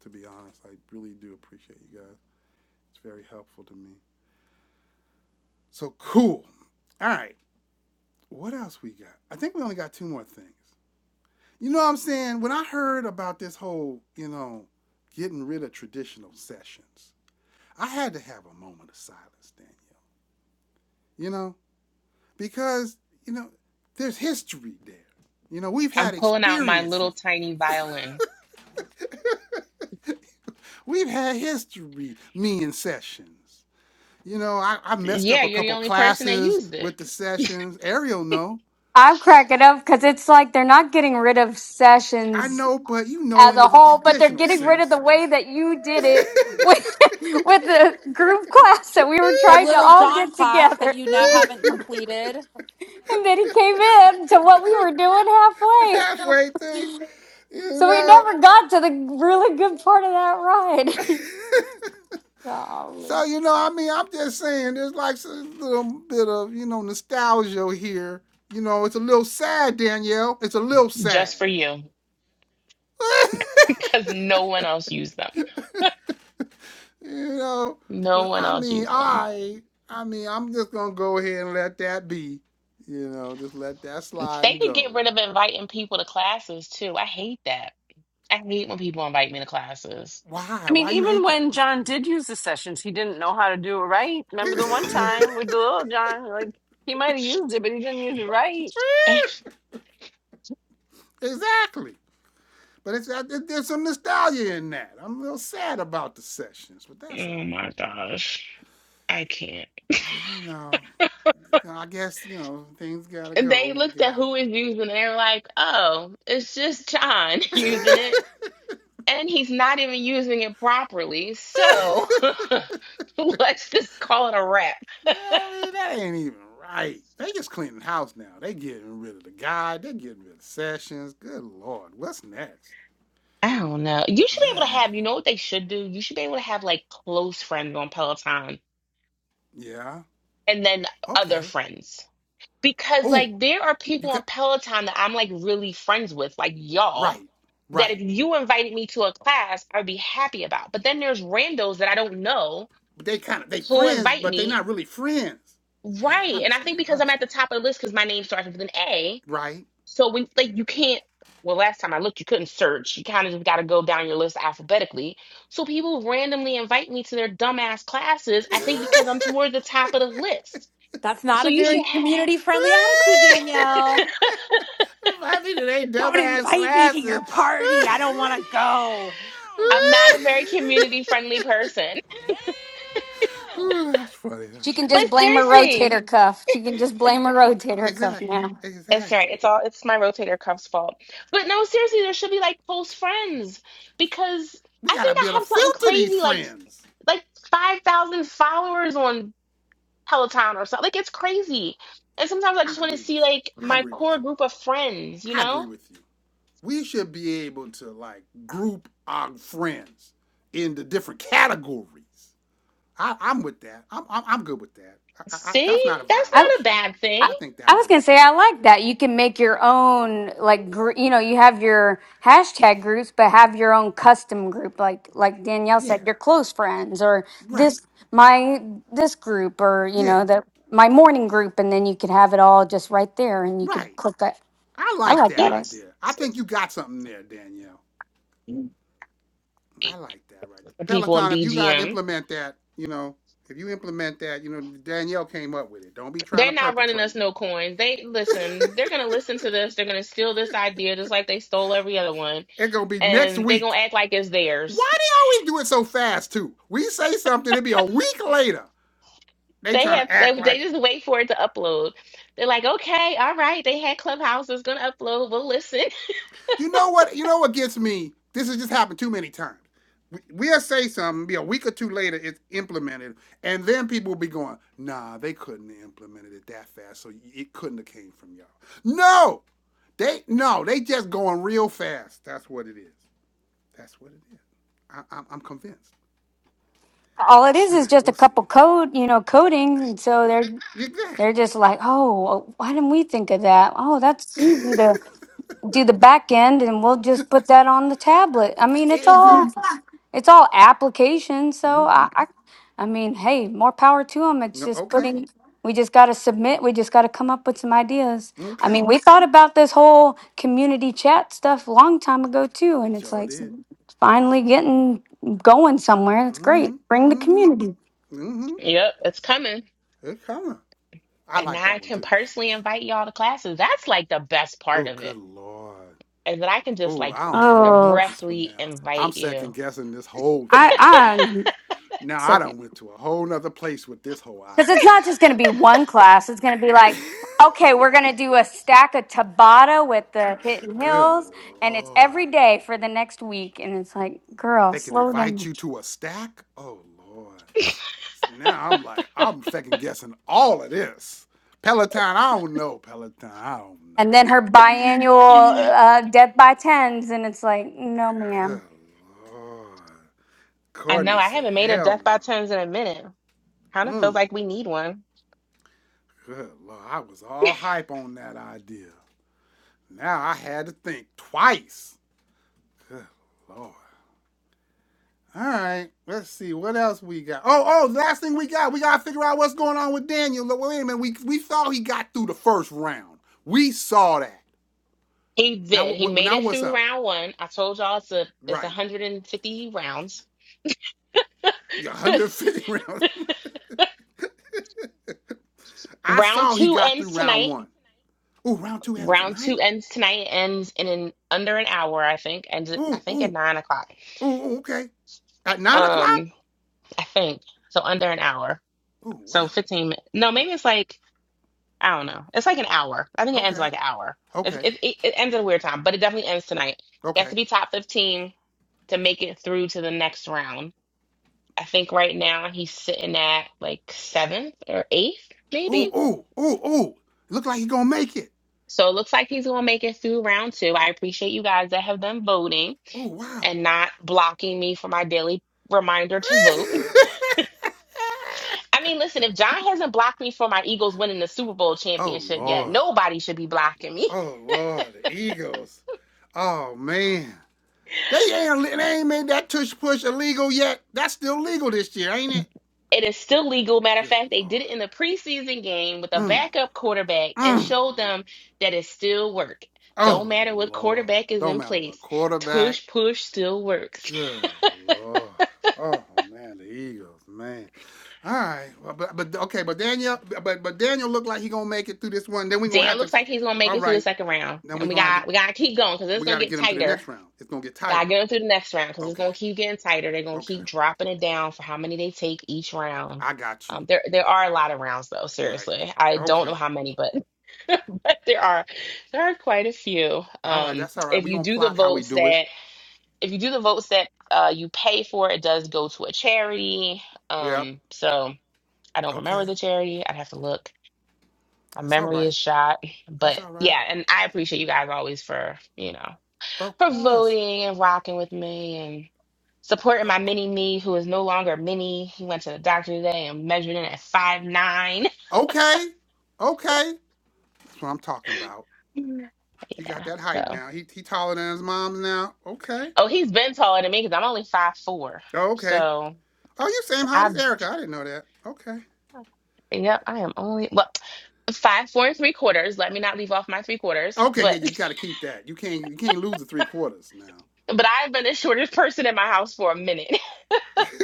A: to be honest. I really do appreciate you guys. It's very helpful to me. So cool. All right. What else we got? I think we only got two more things. You know what I'm saying? When I heard about this whole, you know, getting rid of traditional sessions, I had to have a moment of silence, Daniel. You know, because, you know, there's history there. You know, we've
C: I'm
A: had
C: pulling out my little
A: experiences.
C: tiny violin.
A: We've had history, me and sessions. You know, I, I messed up
C: Yeah,
A: a
C: you're the
A: couple
C: only person that
A: classes
C: used it
A: with the sessions. Ariel no,
F: I'm cracking up because it's like they're not getting rid of
A: I
F: sessions
A: know, but you know
F: as
A: in
F: a
A: the
F: whole, but they're
A: traditional
F: getting rid of
A: sense.
F: the way that you did it with with the group class that we were
D: The
F: trying to
D: Little
F: all get
D: John class that
F: together.
D: you now haven't completed.
F: And then he came in to what we were doing halfway.
A: Halfway through, you
F: So we
A: know.
F: never got to the really good part of that ride.
A: so
F: Golly.
A: you know, I mean, I'm just saying, there's like a little bit of you know nostalgia here. You know, it's a little sad, Danielle. It's a little sad.
C: just for you because no one else used them.
A: you know,
C: No
A: but
C: one
A: I
C: else
A: mean,
C: used them.
A: I, I mean, I'm just gonna go ahead and let that be. You know, just let that slide
C: They
A: and
C: could get
A: go.
C: rid of inviting people to classes too. I hate that. I hate when people invite me to classes.
A: Why?
G: I mean,
A: Why you
G: even
A: hate that?
G: when John did use the sessions, he didn't know how to do it right. Remember the one
C: oh
G: time with the little John, like he might have used it, but he didn't use it right.
A: exactly. But it's, I, there's some nostalgia in that. I'm a little sad about the sessions, but that's all right.
C: my gosh. I can't.
A: But you know, you know, I guess you know things gotta
C: They
A: go. I
C: looked at who is using it and they were like, oh, it's just John
A: guess.
C: using it. and he's not even using it properly. So
A: you
C: let's just call it a wrap.
A: know what I mean? That ain't even right. They just cleaning the house now. They getting rid of the guy. They getting rid of sessions. Good lord, what's next?
C: I don't know. You should
A: All
C: be able to
A: right.
C: have, you know what they should do? You should be able to have like close friends on Peloton
A: Yeah.
C: and then other
A: Okay.
C: friends. Because
A: Oh,
C: like there are
A: you
C: people
A: got
C: on Peloton that I'm like really friends with, like y'all,
A: right,
C: that if
A: right.
C: you invited me to a class, I'd be happy about. But then there's randos that I don't know
A: But they kind of they
C: who
A: friends,
C: invite
A: but they
C: me.
A: not really friends. Yeah, I
C: Right. And I think
A: understand. I
C: because I'm at the
A: understand.
C: top of the list because my name starts with an A,
A: Right.
C: So when like you can't well last time I looked you couldn't search. You kind of just got to go down your list alphabetically. So people randomly invite me to their dumbass classes, I
A: if
C: think because I'm toward the top of the list.
D: That's not
C: So
D: a
C: you should
D: very
C: have
D: community friendly attitude, Danielle.
A: I be to they
D: Don't
A: dumbass
D: invite me to
A: classes.
D: your party. I
A: God
D: don't want to go.
A: damn.
C: I'm not a very community friendly person.
A: Damn. Ooh, that's funny.
F: She
A: That's a
F: can
A: good
C: But
F: just
A: one.
F: blame her
C: seriously,
F: rotator cuff. She can just blame her
A: Okay,
F: rotator cuff
A: exactly,
F: now.
C: it's right.
A: exactly.
C: It's all it's my rotator cuff's fault. But no, seriously, there should be like close friends because
A: We
C: I
A: gotta
C: think
A: be
C: I
A: able to
C: have something
A: filter these
C: crazy like
A: friends.
C: like 5,000 followers on Peloton or something. Like it's crazy. And sometimes I
A: I
C: just want to
A: agree
C: see
A: with you.
C: like
A: I
C: my
A: agree with
C: core
A: you.
C: group of friends, you
A: I agree
C: know?
A: with you. We should be able to like group our friends into different categories. I, I'm with that. I'm, I'm, I'm good with that. I, I, I, that's
C: See,
A: not a
C: that's
F: I,
C: not a
A: violation.
C: bad thing.
F: I
A: I think that
F: I was gonna
A: works.
F: say I like that. You can make your own like gr- you know you have your hashtag groups, but have your own custom group. Like like Danielle
A: Yeah,
F: said, your close friends or
A: right.
F: this my this group or you
A: Yeah,
F: know that my morning group, and then you could have it all just right there, and you could
A: right.
F: click that.
A: I
F: I
A: like
F: like
A: that
C: Yeah.
F: that. I-
A: idea. I think you got something there, Danielle. I
C: The
A: like that right there.
C: people in
A: Peloton, if you guys
C: BGM.
A: implement that, you know, if you implement that, you know, Danielle came up with it. Don't be trying to
C: They're not running
A: perpetrate.
C: us no coins. They listen, they're gonna listen to this, they're gonna steal this idea just like they stole every other one,
A: It's going to be next
C: and they're gonna
A: week.
C: act like it's theirs.
A: Why do they always do it so fast, too? We say something, it would be a week later. They
C: They
A: trying to
C: have
A: act
C: they, they
A: like
C: just wait for it to upload. They're like, okay, all right, they had Clubhouse, it's gonna upload, we'll listen.
A: You know what? You know what gets me? This has just happened too many times. We- will say something, be a week or two later, it's implemented, and then people will be going, "Nah, they couldn't have implemented it that fast, so it couldn't have came from y'all." No, they no, they just going real fast. That's what it is. That's what it is. I, I'm, I'm convinced.
F: All it is
A: All
F: is
A: right,
F: just a
A: we'll see.
F: couple code you know coding, and so they're
A: Exactly.
F: they're just like, oh, why didn't we think of that? Oh, that's easy to. do the back end and we'll just put that on the tablet. I mean, it's all
A: exactly.
F: it's all application. So
A: Mm-hmm.
F: I, I, I mean, hey, more power to them. It's
A: No,
F: just
A: okay.
F: putting. We just got to submit. We just got to come up with some ideas. I
A: Okay.
F: mean, we thought about this whole community chat stuff a long time ago too, and it's
A: Sure
F: like it's
A: did.
F: finally getting going somewhere. It's
A: Mm-hmm.
F: great. Bring the
A: Mm-hmm.
F: community.
A: Mm-hmm.
C: yep, it's coming.
A: It coming. I
C: and
A: like
C: now
A: that
C: I
A: one
C: can
A: too.
C: personally invite y'all to classes. That's like the best part
A: Oh,
C: of it.
A: good lord.
C: Is that I can just
A: Oh,
C: like
A: I don't know
F: Oh,
A: about this one
C: directly
A: now. I'm
C: invite
A: second
C: you.
A: guessing this whole
F: I
A: thing right now.
F: I
A: Now I done went to a whole nother place with this whole
F: Because it's
A: idea
F: not just going
A: now.
F: to be one class. It's going to be like, okay, we're going to do a stack of Tabata with the Hidden
A: good
F: Hills, and it's
A: lord.
F: every day for the next week. And it's like, girl,
A: They can
F: slow
A: invite
F: down.
A: you to a stack? Oh lord. See, now I'm like, I'm second guessing all of this. Peloton, I don't know. Peloton, I don't know.
F: And then her biannual uh, Death by Tens, and it's like, no, ma'am.
A: Good lord.
C: I know
A: Courtney
C: I
A: said,
C: haven't made a
A: hell
C: death
A: no.
C: by turns in a minute. Kind of feels
A: Mm.
C: like we need one.
A: Good Lord, I was all hype on that idea. Now I had to think twice. Good Lord. All right, let's see what else we got. Oh, oh, last thing we got, we gotta figure out what's going on with Daniel. Look, Wait a minute, we we saw he got through the first round. We saw that.
C: He
A: Now,
C: did. He
A: what,
C: made
A: now
C: it
A: what's
C: through
A: up?
C: round one. I told y'all it's a it's
A: Right,
C: 150 rounds.
A: Yeah, 150 rounds. I
C: round
A: saw he
C: two
A: got through
C: ends
A: round
C: tonight.
A: one. Ooh, round two happens
C: Round
A: tonight.
C: two ends tonight. Ends in an, under an hour, I think. And I
A: Ooh,
C: think at
A: ooh,
C: nine o'clock.
A: ooh, ooh, okay. At nine o'clock.
C: Um, I think so. Under an hour.
A: Ooh,
C: So
A: wow.
C: 15. min- No, maybe it's like I don't know. It's like an hour. I think it ends in
A: Okay,
C: like an hour. It's,
A: okay,
C: it, it, it ends at a weird time, but it definitely ends tonight. He has
A: okay.
C: to be top 15 to make it through to the next round. I think right now he's sitting at like seventh or eighth,
A: Oh
C: maybe.
A: oh oh oh! Look like he gonna make it.
C: So it looks like he's going to make it through round two. I appreciate you guys that have been voting
A: Oh wow.
C: and not blocking me for my daily reminder to vote. I mean, listen, if John hasn't blocked me for my Eagles winning the Super Bowl
A: oh
C: championship yet,
A: Lord.
C: nobody should be blocking me.
A: Oh Lord. The Eagles. Oh man. They ain't they ain't made that tush push illegal yet. That's still legal this year, ain't it?
C: It is still legal. Matter of
A: Good
C: fact, they
A: Lord.
C: did it in the preseason game with a
A: Mm,
C: backup quarterback and
A: mm.
C: showed them that it still worked. Don't
A: Oh
C: matter what
A: Lord.
C: quarterback is
A: Don't
C: in
A: matter what
C: place,
A: quarterback.
C: tush push still works.
A: Good lord. Oh man, the Eagles, man. All right, well, but but okay, but Daniel, but but Daniel looked like he gonna make it through this one. Then we gonna have
C: Dan
A: to.
C: looks like he's gonna make
A: All
C: it through the
A: right,
C: second round,
A: then we
C: and we
A: gonna have to.
C: got we gotta keep going because it's
A: We
C: gonna
A: gotta
C: get
A: get him through the
C: tighter.
A: next round. It's gonna get
C: Gotta
A: tighter.
C: get him through the next round because it's
A: Okay,
C: gonna keep getting tighter. They're gonna
A: okay,
C: keep dropping it down for how many they take each round.
A: I got you.
C: Um, there there are a lot of rounds though.
A: Right.
C: Seriously, I don't
A: Okay.
C: know how many, but there are there are quite a few.
A: All right,
C: Um,
A: that's all right.
C: if
A: We
C: you
A: gonna
C: do the
A: plot how we
C: votes
A: do it.
C: that if you do the votes that uh, you pay for, it does go to a charity.
A: Yep.
C: Um, so I don't remember
A: Okay.
C: the charity. I'd have to look. My
A: That's all
C: memory
A: right.
C: is shot.
A: That's
C: But
A: all right.
C: yeah, and I appreciate you guys always for you know
A: Of
C: for
A: course.
C: voting and rocking with me and supporting my
A: Of course.
C: mini me who is no longer mini. He went to the doctor today and measured in at five nine.
A: Okay. Okay. That's what I'm talking about.
C: Yeah,
A: He got that
C: so.
A: height now. He he taller than his mom's now. Okay.
C: Oh, he's been taller than me because I'm only five four.
A: Oh, okay.
C: So
A: Oh, you same height as
C: I've
A: Erica. I didn't know that. Okay.
C: yep, I am only well five four and three quarters. Let me not leave off my three quarters,
A: Okay, yeah,
C: but
A: yeah, you gotta keep that. You can't you can't lose the three quarters now.
C: but I've been the shortest person in my house for a minute.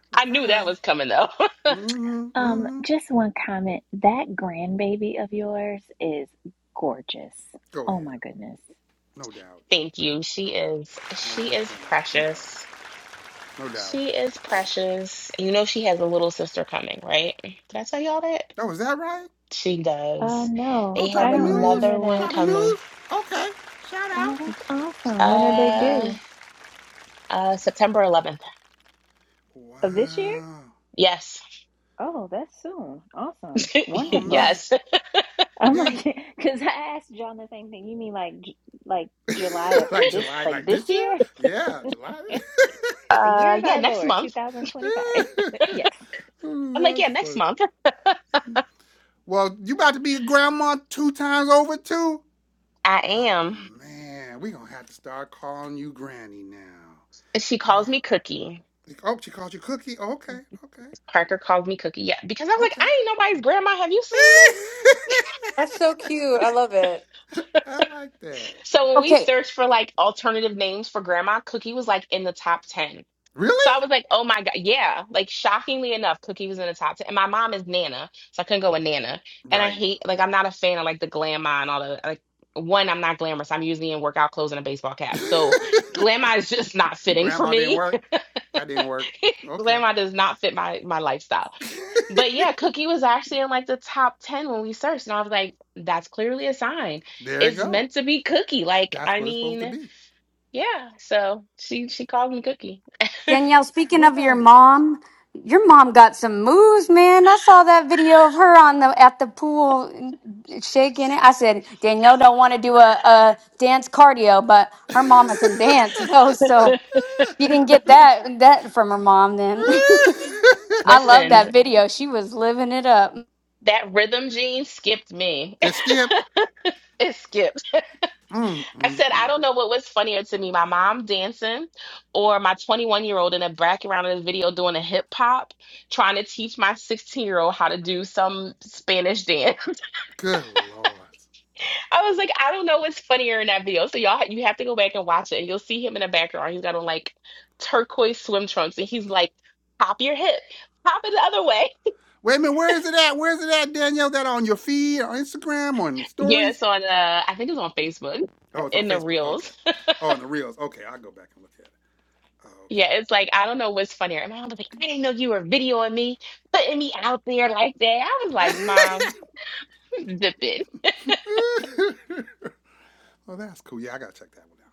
A: but
C: I
A: all
C: knew that
A: right.
C: was coming though.
A: Mm-hmm.
B: Um,
A: Mm-hmm.
B: just one comment. That grandbaby of yours is gorgeous.
A: Go
B: Oh
A: ahead.
B: my goodness.
A: No doubt.
C: Thank you. She
A: No doubt.
C: is
A: No
C: she
A: doubt.
C: is
A: No doubt.
C: precious.
A: No doubt. No doubt.
C: She is precious. You know she has a little sister coming, right? Did I tell y'all that?
A: Oh, is that right?
C: She
B: Uh,
C: does.
A: Oh,
B: no,
C: They have
B: I
A: dropping
B: don't
A: news?
B: remember
C: another one
B: that.
A: Dropping news?
C: coming.
A: Okay. Shout out.
B: Oh, that's awesome. When are they
C: Uh
B: due?
C: uh September 11th.
B: Of this year?
A: Wow.
C: Yes,
B: Oh, that's soon. Awesome.
A: Oh
B: Wonderful.
A: man.
C: yes.
B: I'm
A: Dan
B: like, because I asked John the same thing. You mean like, J- like July of
A: like
B: this,
A: July,
B: like
A: like
B: this
A: this year?
B: year?
A: Yeah, July.
B: The year
C: Uh,
B: of
C: yeah,
B: our
C: next
B: Lord,
C: month.
B: 2025. Yes.
A: Ooh,
C: I'm like,
A: that's
C: yeah, next
A: funny.
C: month.
A: Well, you about to be a grandma two times over too?
C: I
A: Oh
C: am.
A: man, we gonna have to start calling you granny now.
C: And She calls
A: Oh,
C: me Cookie.
A: oh she called you cookie. Oh, Okay, okay,
C: Parker calls me Cookie. Yeah, because I was like,
A: okay.
C: I ain't nobody's grandma. Have you seen me?
D: That's so cute. I love it.
A: I like that.
C: So when we
F: Okay,
C: searched for like alternative names for grandma, Cookie was like in the top 10. So I
A: Really?
C: was like, oh my God. Yeah. Like shockingly enough, Cookie was in the top 10. And my mom is Nana. So I couldn't go with Nana. And I
A: Right.
C: hate, like, I'm not a fan of like the glamour and all the, like, one, I'm not glamorous. I'm usually in workout clothes and a baseball cap. So glam is just not fitting for
A: Grandma didn't
C: me.
A: work. That didn't work. Okay.
C: Grandma does not fit my my lifestyle. But yeah, Cookie was actually in like the top 10 when we searched. And I was like, that's clearly a sign.
A: There you
C: It's
A: go.
C: meant to be Cookie. Like,
A: That's
C: I
A: what it's supposed to
C: mean,
A: be.
C: yeah. So she she called me Cookie.
F: Danielle, speaking
A: Well,
F: of your
A: that is awesome.
F: mom, your mom got some moves, man. I saw that video of her on the at the pool shaking it. I said Danielle don't want to do a, a dance cardio, but her mama can dance though, so she didn't get that that from her mom. Then I love
C: Listen,
F: that video. She was living it up.
C: that rhythm gene skipped me.
A: it skipped.
C: it skipped.
A: Mm,
C: I
A: mm,
C: said, I
A: mm.
C: don't know what was funnier to me, my mom dancing or my 21 year old in the background of the video doing a hip hop, trying to teach my 16 year old how to do some Spanish dance.
A: Good lord.
C: I was like, I don't know what's funnier in that video. So y'all, ha- you have to go back and watch it, and you'll see him in the background. He's got on like turquoise swim trunks, and he's like, "Pop your hip, pop it the other way."
A: Wait a minute. Where is it at? Where is it at, Danielle? That on your feed, on Instagram, on your
C: yeah,
A: stories?
C: it's on. Uh, I think it's on Facebook
A: Oh, it's on
C: in the
A: Facebook. Okay.
C: reels.
A: Oh, and the reels. Okay, I'll go back and look at it. Oh,
C: yeah, it's like I don't know what's funnier. And my mom was like, "I didn't know you were videoing me, putting me out there like that." I was like, "Mom,
A: okay.
C: zip it."
A: Well, that's cool. Yeah, I gotta check that one out.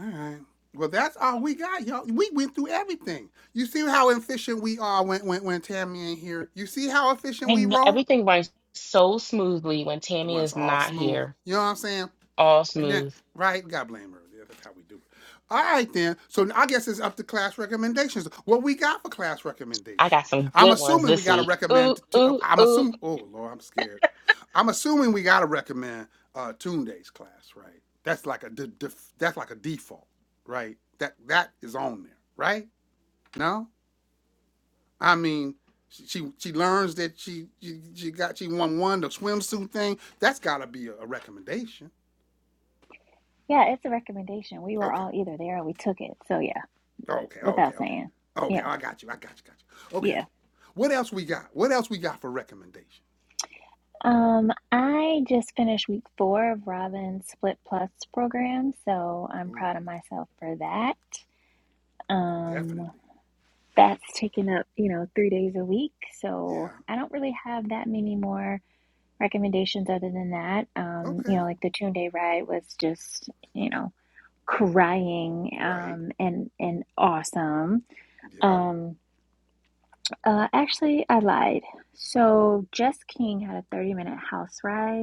A: All right. Well, that's all we got, y'all. We went through everything. You see how efficient we are when when, when Tammy ain't here. You see how efficient
C: I
A: we
C: know
A: roll.
C: everything runs so smoothly when Tammy
A: When it's
C: is
A: all
C: not
A: smooth.
C: here.
A: You know what I'm saying?
C: All
A: And then,
C: smooth.
A: right? God blame her. Yeah, that's how we do it. All right, then. So I guess it's up to class recommendations. What we got for class
C: I
A: recommendations?
C: got some
A: I'm
C: good ones
A: assuming we
C: this
A: got to
C: week. Ooh,
A: recommend. To, uh,
C: ooh,
A: I'm
C: ooh,
A: assuming. Oh Lord, I'm scared. I'm assuming we got to recommend uh, Tune Days class, right? That's like a that's like a default, right? That that is on there, right? No, I mean. She, she she learns that she, she she got she won one the swimsuit thing. That's gotta be a, a recommendation.
B: Yeah, it's a recommendation. We were
A: Okay.
B: all either there or we took it. So yeah,
A: Okay, okay,
B: without
A: okay.
B: saying.
A: Okay,
B: Yeah,
A: I got you. I got you. Got you.
B: yeah.
A: Okay. What else we got? What else we got for recommendation?
B: Um, I just finished week four of Robin's Split Plus program, so I'm
A: Ooh,
B: proud of myself for that. Um,
A: definitely.
B: that's taken up, you know, three days a week, so
A: Yeah.
B: I don't really have that many more recommendations other than that. Um, you
A: Okay.
B: know, like the 2 Day ride was just, you know, crying
A: Right.
B: um and and awesome.
A: Yep.
B: Um, uh, actually, I lied. So Jess King had a 30 minute house ride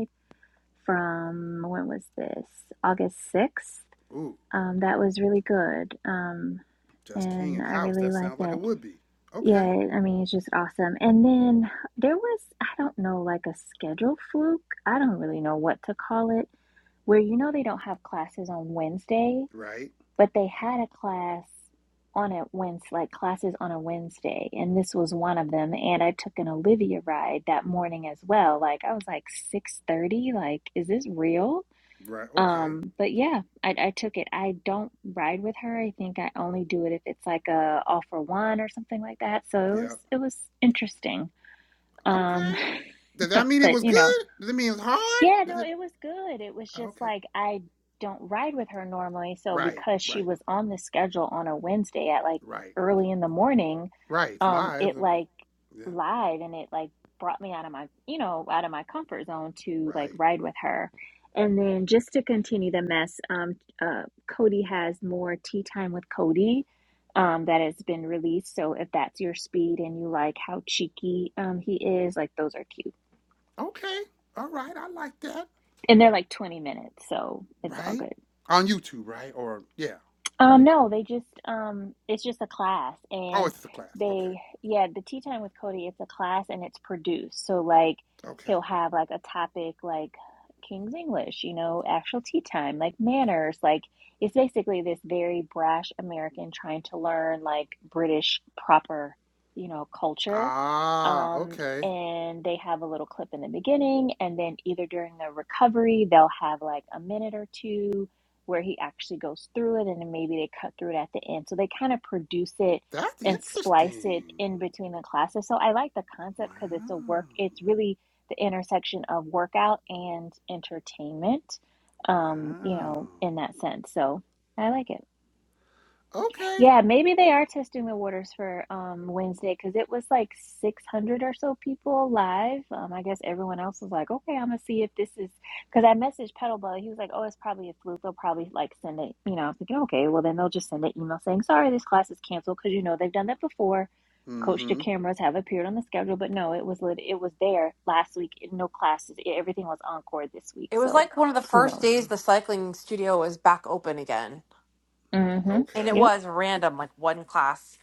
B: from when was this? August 6th.
A: Ooh,
B: Um, that was really good. Um,
A: just King
B: and
A: and
B: I
A: House.
B: really
A: That
B: like
A: sounds like it
B: that.
A: would be.
B: Yeah,
A: Okay.
B: I mean, it's just awesome. And then there was, I don't know, like a schedule fluke. I don't really know what to call it, where you know they don't have classes on Wednesday,
A: Right.
B: but they had a class on a Wednesday, like classes on a Wednesday. And this was one of them. And I took an Olivia ride that morning as well. Like I was like 6:30, like, is this real?
A: Right. Okay.
B: Um, but yeah, I, I took it. I don't ride with her. I think I only do it if it's like a all for one or something like that. So it was
A: Yep.
B: it was interesting. Um,
A: Okay. Does that mean it
B: but
A: was
B: you know,
A: good? Does it mean it's hard?
B: yeah,
A: Does
B: no,
A: it?
B: it was good. It was just
A: Okay.
B: like I don't ride with her normally, so
A: Right.
B: because she
A: Right.
B: was on the schedule on a Wednesday at like
A: Right.
B: early in the morning,
A: Right. It's
B: um,
A: live.
B: it
A: so-
B: like
A: Yeah.
B: live and it like brought me out of my you know out of my comfort zone to like
A: Right.
B: ride with her and then just to continue the mess um uh cody has more tea time with cody um that has been released so if that's your speed and you like how cheeky um he is like those are cute
A: Okay. All right. I like that.
B: and they're like 20 minutes so it's all
A: right?
B: good
A: On YouTube, right? Or yeah,
B: Um,
A: right?
B: no, they just um it's just a class
A: Oh,
B: and
A: it's the class. Okay.
B: they yeah, the tea time with Cody, it's a class and it's produced. So like
A: Okay.
B: he'll have like a topic like King's English, you know, actual tea time, like manners, like it's basically this very brash American trying to learn like British proper, you know, culture.
A: Ah,
B: Um,
A: okay.
B: and they have a little clip in the beginning and then either during the recovery, they'll have like a minute or two where he actually goes through it and then maybe they cut through it at the end. So they kind of produce it
A: That's
B: and splice it
A: interesting.
B: in between the classes. So I like the
A: Wow.
B: concept because it's a work, it's really the intersection of workout and entertainment, um, you
A: Wow.
B: know, in that sense. So I like it.
A: Okay.
B: Yeah, maybe they are testing the waters for um Wednesday because it was like 600 or so people live. Um, I guess everyone else was like, okay, I'm gonna see if this is because I messaged Petalbug. He was like, oh, it's probably a fluke. They'll probably like send it. You know, I was thinking, okay, well then they'll just send an email saying, sorry, this class is canceled because you know they've done that before. Coach to
A: Mm-hmm.
B: cameras have appeared on the schedule, but no, it was lit. It was there last week. No classes. e, Everything was encore this week.
D: It was
B: So
D: like one of the
B: who
D: first
B: knows?
D: days
A: Ah,
D: the cycling studio was back open again. And
A: Okay.
D: it
B: Mm-hmm.
D: was random, like one class.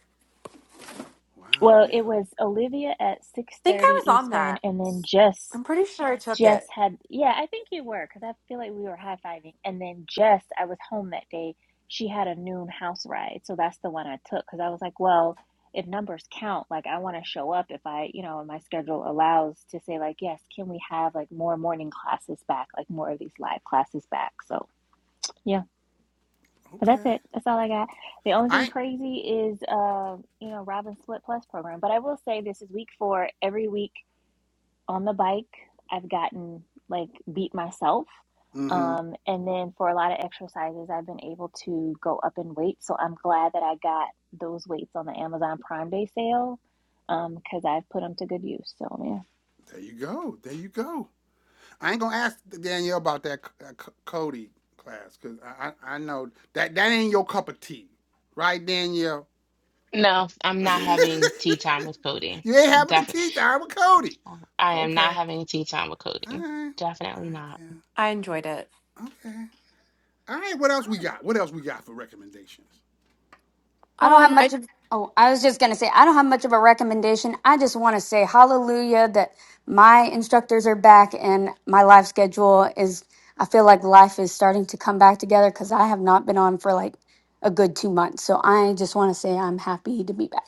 A: Wow.
B: Well,
A: Yeah.
B: it was Olivia at
D: I think
B: 6:30
D: I was on
B: Eastern
D: that.
B: and then Jess
D: I'm pretty sure I took
B: Jess
D: it.
B: had yeah, I think you were cuz I feel like we were high-fiving and then Jess, I was home that day. She had a noon house ride. So that's the one I took cuz I was like, well, if numbers count, like I want to show up if I, you know, my schedule allows to say like, yes, can we have like more morning classes back, like more of these live classes back. So, yeah. But that's
A: Okay.
B: it. That's all I got. The only thing
A: I.
B: crazy is, uh, you know, Robin's Split Plus program. But I will say this is week four. Every week on the bike, I've gotten like beat myself.
A: Mm-hmm.
B: Um, and then for a lot of exercises, I've been able to go up in weight. So I'm glad that I got those weights on the Amazon Prime Day sale because um, I've put them to good use. So, man,
A: There you go. There you go. I ain't gonna ask Danielle about that C- uh, C- Cody class because I, I I know that that ain't your cup of tea, right, Danielle?
C: No, I'm not having tea time with Cody.
A: you ain't having a
C: Definitely,
A: tea time with Cody.
C: I am not
A: Okay.
C: having tea time with
A: All
C: Cody.
A: right.
C: Definitely not.
D: I enjoyed it.
A: Okay. All right. What else we got? What else we got for recommendations?
F: I don't have
D: Um,
F: much of, oh, I was just going to say, I don't have much of a recommendation. I just want to say hallelujah that my instructors are back and my life schedule is, I feel like life is starting to come back together because I have not been on for like a good two months. So I just want to say I'm happy to be back.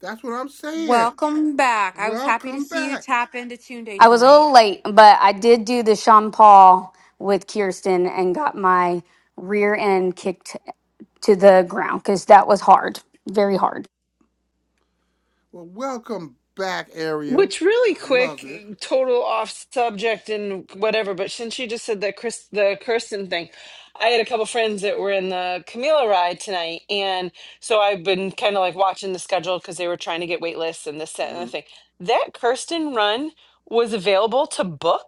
A: That's what I'm saying.
D: Welcome back. I was happy to
A: Welcome
D: see you
A: back.
D: tap into Tune Day
F: I was a
D: tonight.
F: little late, but I did do the Sean Paul with Kirsten and got my rear end kicked to the ground because that was hard, very hard.
A: Well, welcome back, Ariel.
G: Which really
A: I love
G: quick,
A: it.
G: total off subject and whatever, but since you just said that Chris the Kirsten thing, I had a couple friends that were in the Camila ride tonight, and so I've been kind of like watching the schedule because they were trying to get wait lists and this, that, and the
A: hmm
G: thing. That Kirsten run was available to book.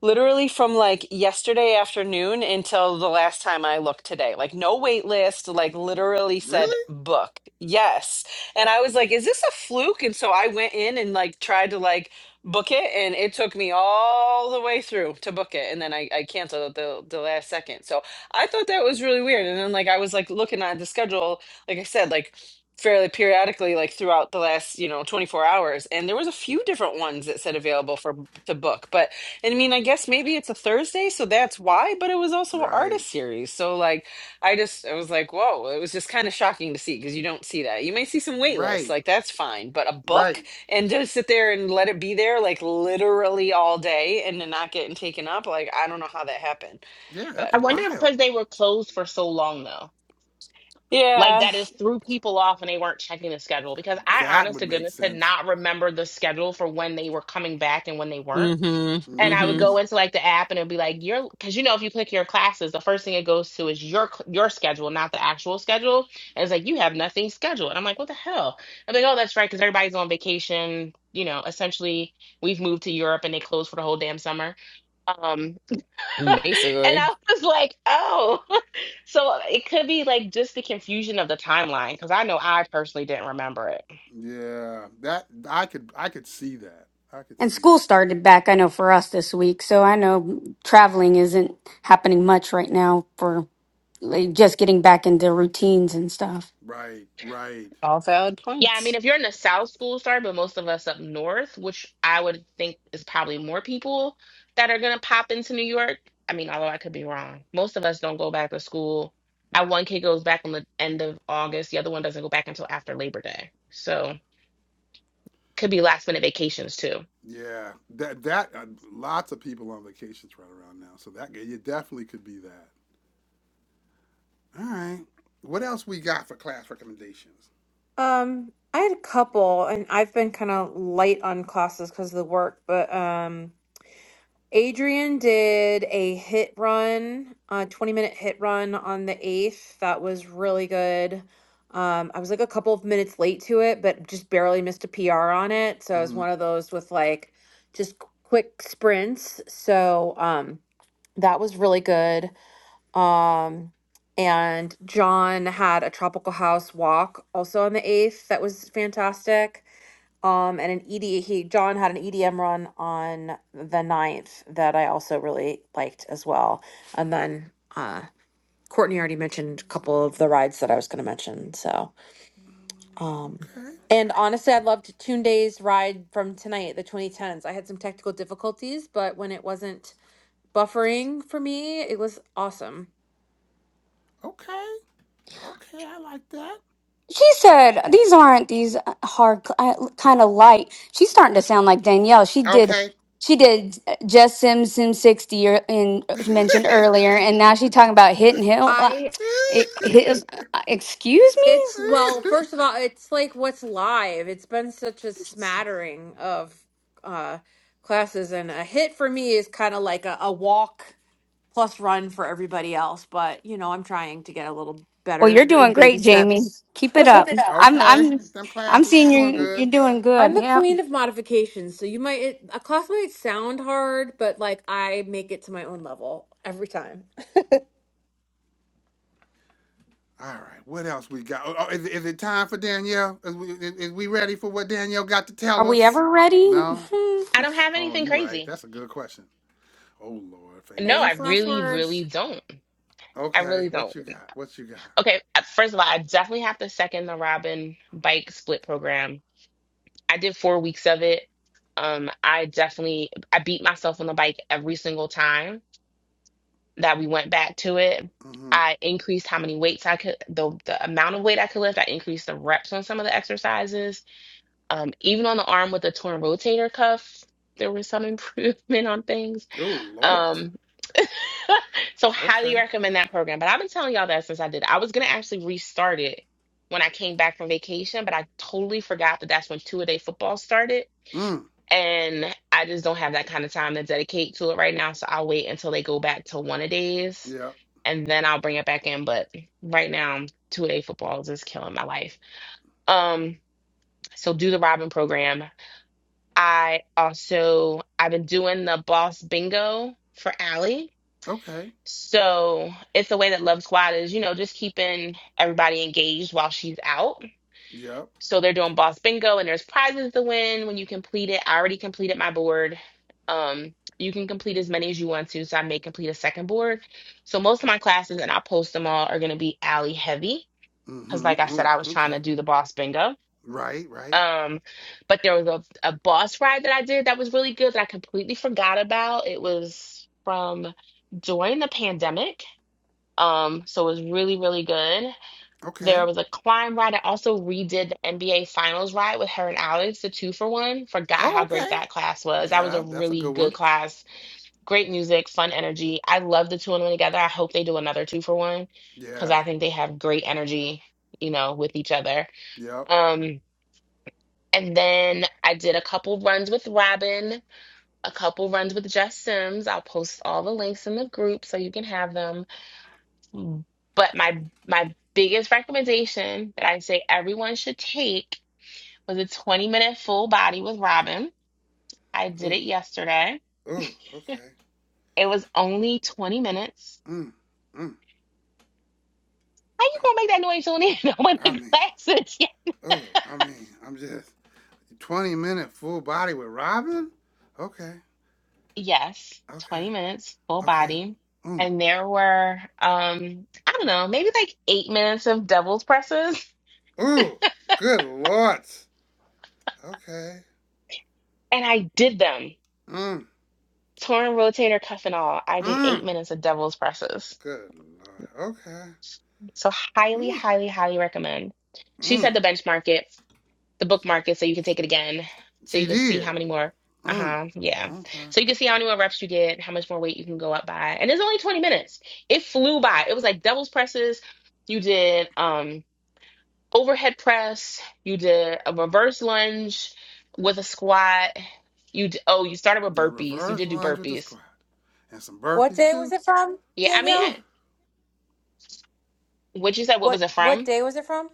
G: Literally from like yesterday afternoon until the last time I looked today. Like no wait list, like literally said
A: Really?
G: book. Yes. And I was like, is this a fluke? And so I went in and like tried to like book it and it took me all the way through to book it. And then I, I canceled at the the last second. So I thought that was really weird. And then like I was like looking at the schedule, like I said, like fairly periodically like throughout the last you know 24 hours and there was a few different ones that said available for to book but I mean, I guess maybe it's a Thursday, so that's why, but it was also an
A: Right.
G: artist series. So like I just I was like, whoa, it was just kind of shocking to see because you don't see that. You may see some wait lists,
A: Right.
G: like that's fine, but a book
A: Right.
G: and just sit there and let it be there like literally all day and then not getting taken up, like I don't know how that happened.
A: Yeah,
G: But
A: that's
C: I wonder if
A: wild.
C: because they were closed for so long though, like
G: yeah.
C: that is threw people off and they weren't checking the schedule. Because I,
A: That
C: honest
A: would
C: to
A: make
C: goodness, could
A: sense.
C: not remember the schedule for when they were coming back and when they weren't.
G: Mm-hmm.
C: and I would
A: hmm
G: Mm-hmm.
C: go into like the app and it'd be like your because you know if you click your classes, the first thing it goes to is your cl- your schedule, not the actual schedule. And it's like you have nothing scheduled. And I'm like, what the hell? I'm like, oh, that's right, because everybody's on vacation. You know, essentially we've moved to Europe and they closed for the whole damn summer. Um, and
G: Basically.
C: I was like, oh, so it could be like just the confusion of the timeline because I know I personally didn't remember it.
A: Yeah. That I could I could see that. I could
F: And
A: see
F: school
A: that.
F: started back, I know, for us this week. So I know traveling isn't happening much right now for like, just getting back into routines and stuff.
A: Right. Right.
G: All valid
C: Yeah, I
G: points.
C: mean, if you're in the South, schools start, but most of us up north, which I would think is probably more people that are gonna pop into New York. I mean, although I could be wrong. Most of us don't go back to school. My one kid goes back on the end of August. The other one doesn't go back until after Labor Day. So could be last minute vacations too.
A: Yeah, that that uh, lots of people on vacations right around now, so that yeah, you definitely could be that. All right, what else we got for class recommendations?
D: Um, I had a couple, and I've been kind of light on classes because of the work, but um, Adrian did a hit run, a 20 minute hit run on the 8th. That was really good. Um, I was like a couple of minutes late to it, but just barely missed a PR on it. So I was
A: hmm
D: one of those with like just quick sprints. So um, that was really good. Um, and John had a tropical house walk also on the 8th that was fantastic. Um, and an ED he John had an EDM run on the ninth that I also really liked as well. And then uh Courtney already mentioned a couple of the rides that I was going to mention. So, um
A: Okay,
D: and honestly, I loved Toon Day's ride from tonight, the 2010s. I had some technical difficulties, but when it wasn't buffering for me, it was awesome.
A: okay, okay, I like that.
F: She said, These aren't these uh, hard, kind of light. She's starting to sound like Danielle. She did.
A: Okay.
F: She did just Sim Sim 60 or, and she mentioned earlier, and now she's talking about Hit and Hill. Uh,
D: I.
F: it- hit, uh, excuse me?
D: It's well, first of all, it's like what's live. It's been such a smattering of uh classes and a hit for me is kind of like a, a walk plus run for everybody else, but you know, I'm trying to get a little
F: Well,
D: better
F: you're
D: in
F: doing
D: baby
F: great, Jamie.
D: steps.
F: Keep it
D: Keep
F: up.
D: it up.
F: I'm
A: okay,
F: I'm
A: them
F: I'm
A: classes, you
F: seeing
A: doing
F: you
A: good.
F: you're doing
D: I'm
F: good.
D: the
F: Yep.
D: queen of modifications, so you might it, a class might sound hard, but like I make it to my own level every time.
A: All right, what else we got? Oh, oh, is, is it time for Danielle? Is we, is, is we ready for what Danielle got to
F: Are
A: tell
F: we
A: us?
F: ever ready?
A: No?
F: Hmm.
C: I don't have
A: Oh,
C: anything
A: you right.
C: crazy.
A: That's a good question. Oh Lord,
C: No,
A: famous
C: I
D: Famous
A: last
D: last
C: really,
A: words.
D: words.
C: really don't. I
A: Okay,
C: really
A: what
C: don't.
A: you got? What you got?
C: Okay, uh, first of all, I definitely have to second the Robin bike split program I did four weeks of it. Um, I definitely I beat myself on the bike every single time that we went back to it.
A: Mm-hmm.
C: I increased how many weights I could, the, the amount of weight I could lift. I increased the reps on some of the exercises. Um, even on the arm with the torn rotator cuff, there was some improvement on things.
A: Oh Lord.
C: Um, so highly
A: Okay.
C: recommend that program. But I've been telling y'all that since I did. it. I was gonna actually restart it when I came back from vacation, but I totally forgot that that's when two a day football started
A: Mm.
C: and I just don't have that kind of time to dedicate to it right now. So I'll wait until they go back to one a days,
A: Yep.
C: and then I'll bring it back in. But right now, two a day football is just killing my life. Um, so do the Robin program. I also I've been doing the Boss Bingo for Allie.
A: Okay.
C: So it's a way that Love Squad is, you know, just keeping everybody engaged while she's out.
A: Yep.
C: So they're doing boss bingo and there's prizes to win when you complete it. I already completed my board. Um, you can complete as many as you want to, so I may complete a second board. So most of my classes, and I'll post them all, are gonna be alley heavy. Cause
A: Mm-hmm.
C: like I said,
A: Mm,
C: I was trying
A: okay.
C: to do the boss bingo.
A: Right. Right.
C: Um, but there was a, a boss ride that I did that was really good that I completely forgot about. It was from during the pandemic. Um, so it was really, really good.
A: Okay.
C: There was a climb ride. I also redid the NBA Finals ride with her and Alex, the two for one. Forgot
A: Oh,
C: how
A: okay.
C: great that class was. That was
A: Yeah,
C: a
A: that's a
C: really
A: good
C: good
A: one.
C: class. Great music, fun energy. I love the two and one together. I hope they do another two for one because
A: Yeah.
C: I think they have great energy, you know, with each other.
A: Yep.
C: Um, and then I did a couple runs with Robin, a couple runs with Jess Sims. I'll post all the links in the group so you can have them Mm. But my my biggest recommendation that I say everyone should take was a 20 minute full body with Robin. I did
A: Ooh.
C: it yesterday.
A: Ooh. Okay.
C: It was only 20 minutes.
A: Mm. Mm.
C: How you gonna make that noise on in with
A: I
C: the
A: mean.
C: glasses? Yeah.
A: Oh. I mean. I'm just twenty minute full body with Robin. Okay.
C: Yes,
A: Okay.
C: 20 minutes full
A: Okay.
C: body.
A: Mm.
C: And there were um, I don't know, maybe like eight minutes of devil's presses.
A: Ooh. Good Lord. Okay.
C: And I did them.
A: Mm.
C: Torn rotator cuff and all. I did eight
A: Mm.
C: minutes of devil's presses
A: Good lord. Okay.
C: So highly,
A: Ooh.
C: highly, highly recommend. She said
A: Mm.
C: the bench market, the book market, so you can take it again, so
A: She
C: you can see how
A: did.
C: many more. Uh
A: Mm.
C: huh. Yeah.
A: Okay.
C: So you can see how many more reps you get, how much more weight you can go up by, and it's only twenty minutes. It flew by. It was like doubles presses. You did um overhead press. You did a reverse lunge with a squat. You d- oh you started with
A: Did a
C: burpees. You
A: reverse
C: did do
A: lunge with the
C: burpees.
A: squat and some
D: What
A: burpees
D: day was
A: too.
D: it from,
C: Yeah. I mean,
D: Danielle?
A: Woo.
C: eh, what you said. What
D: What
C: was it
D: what
C: from?
D: day was it from?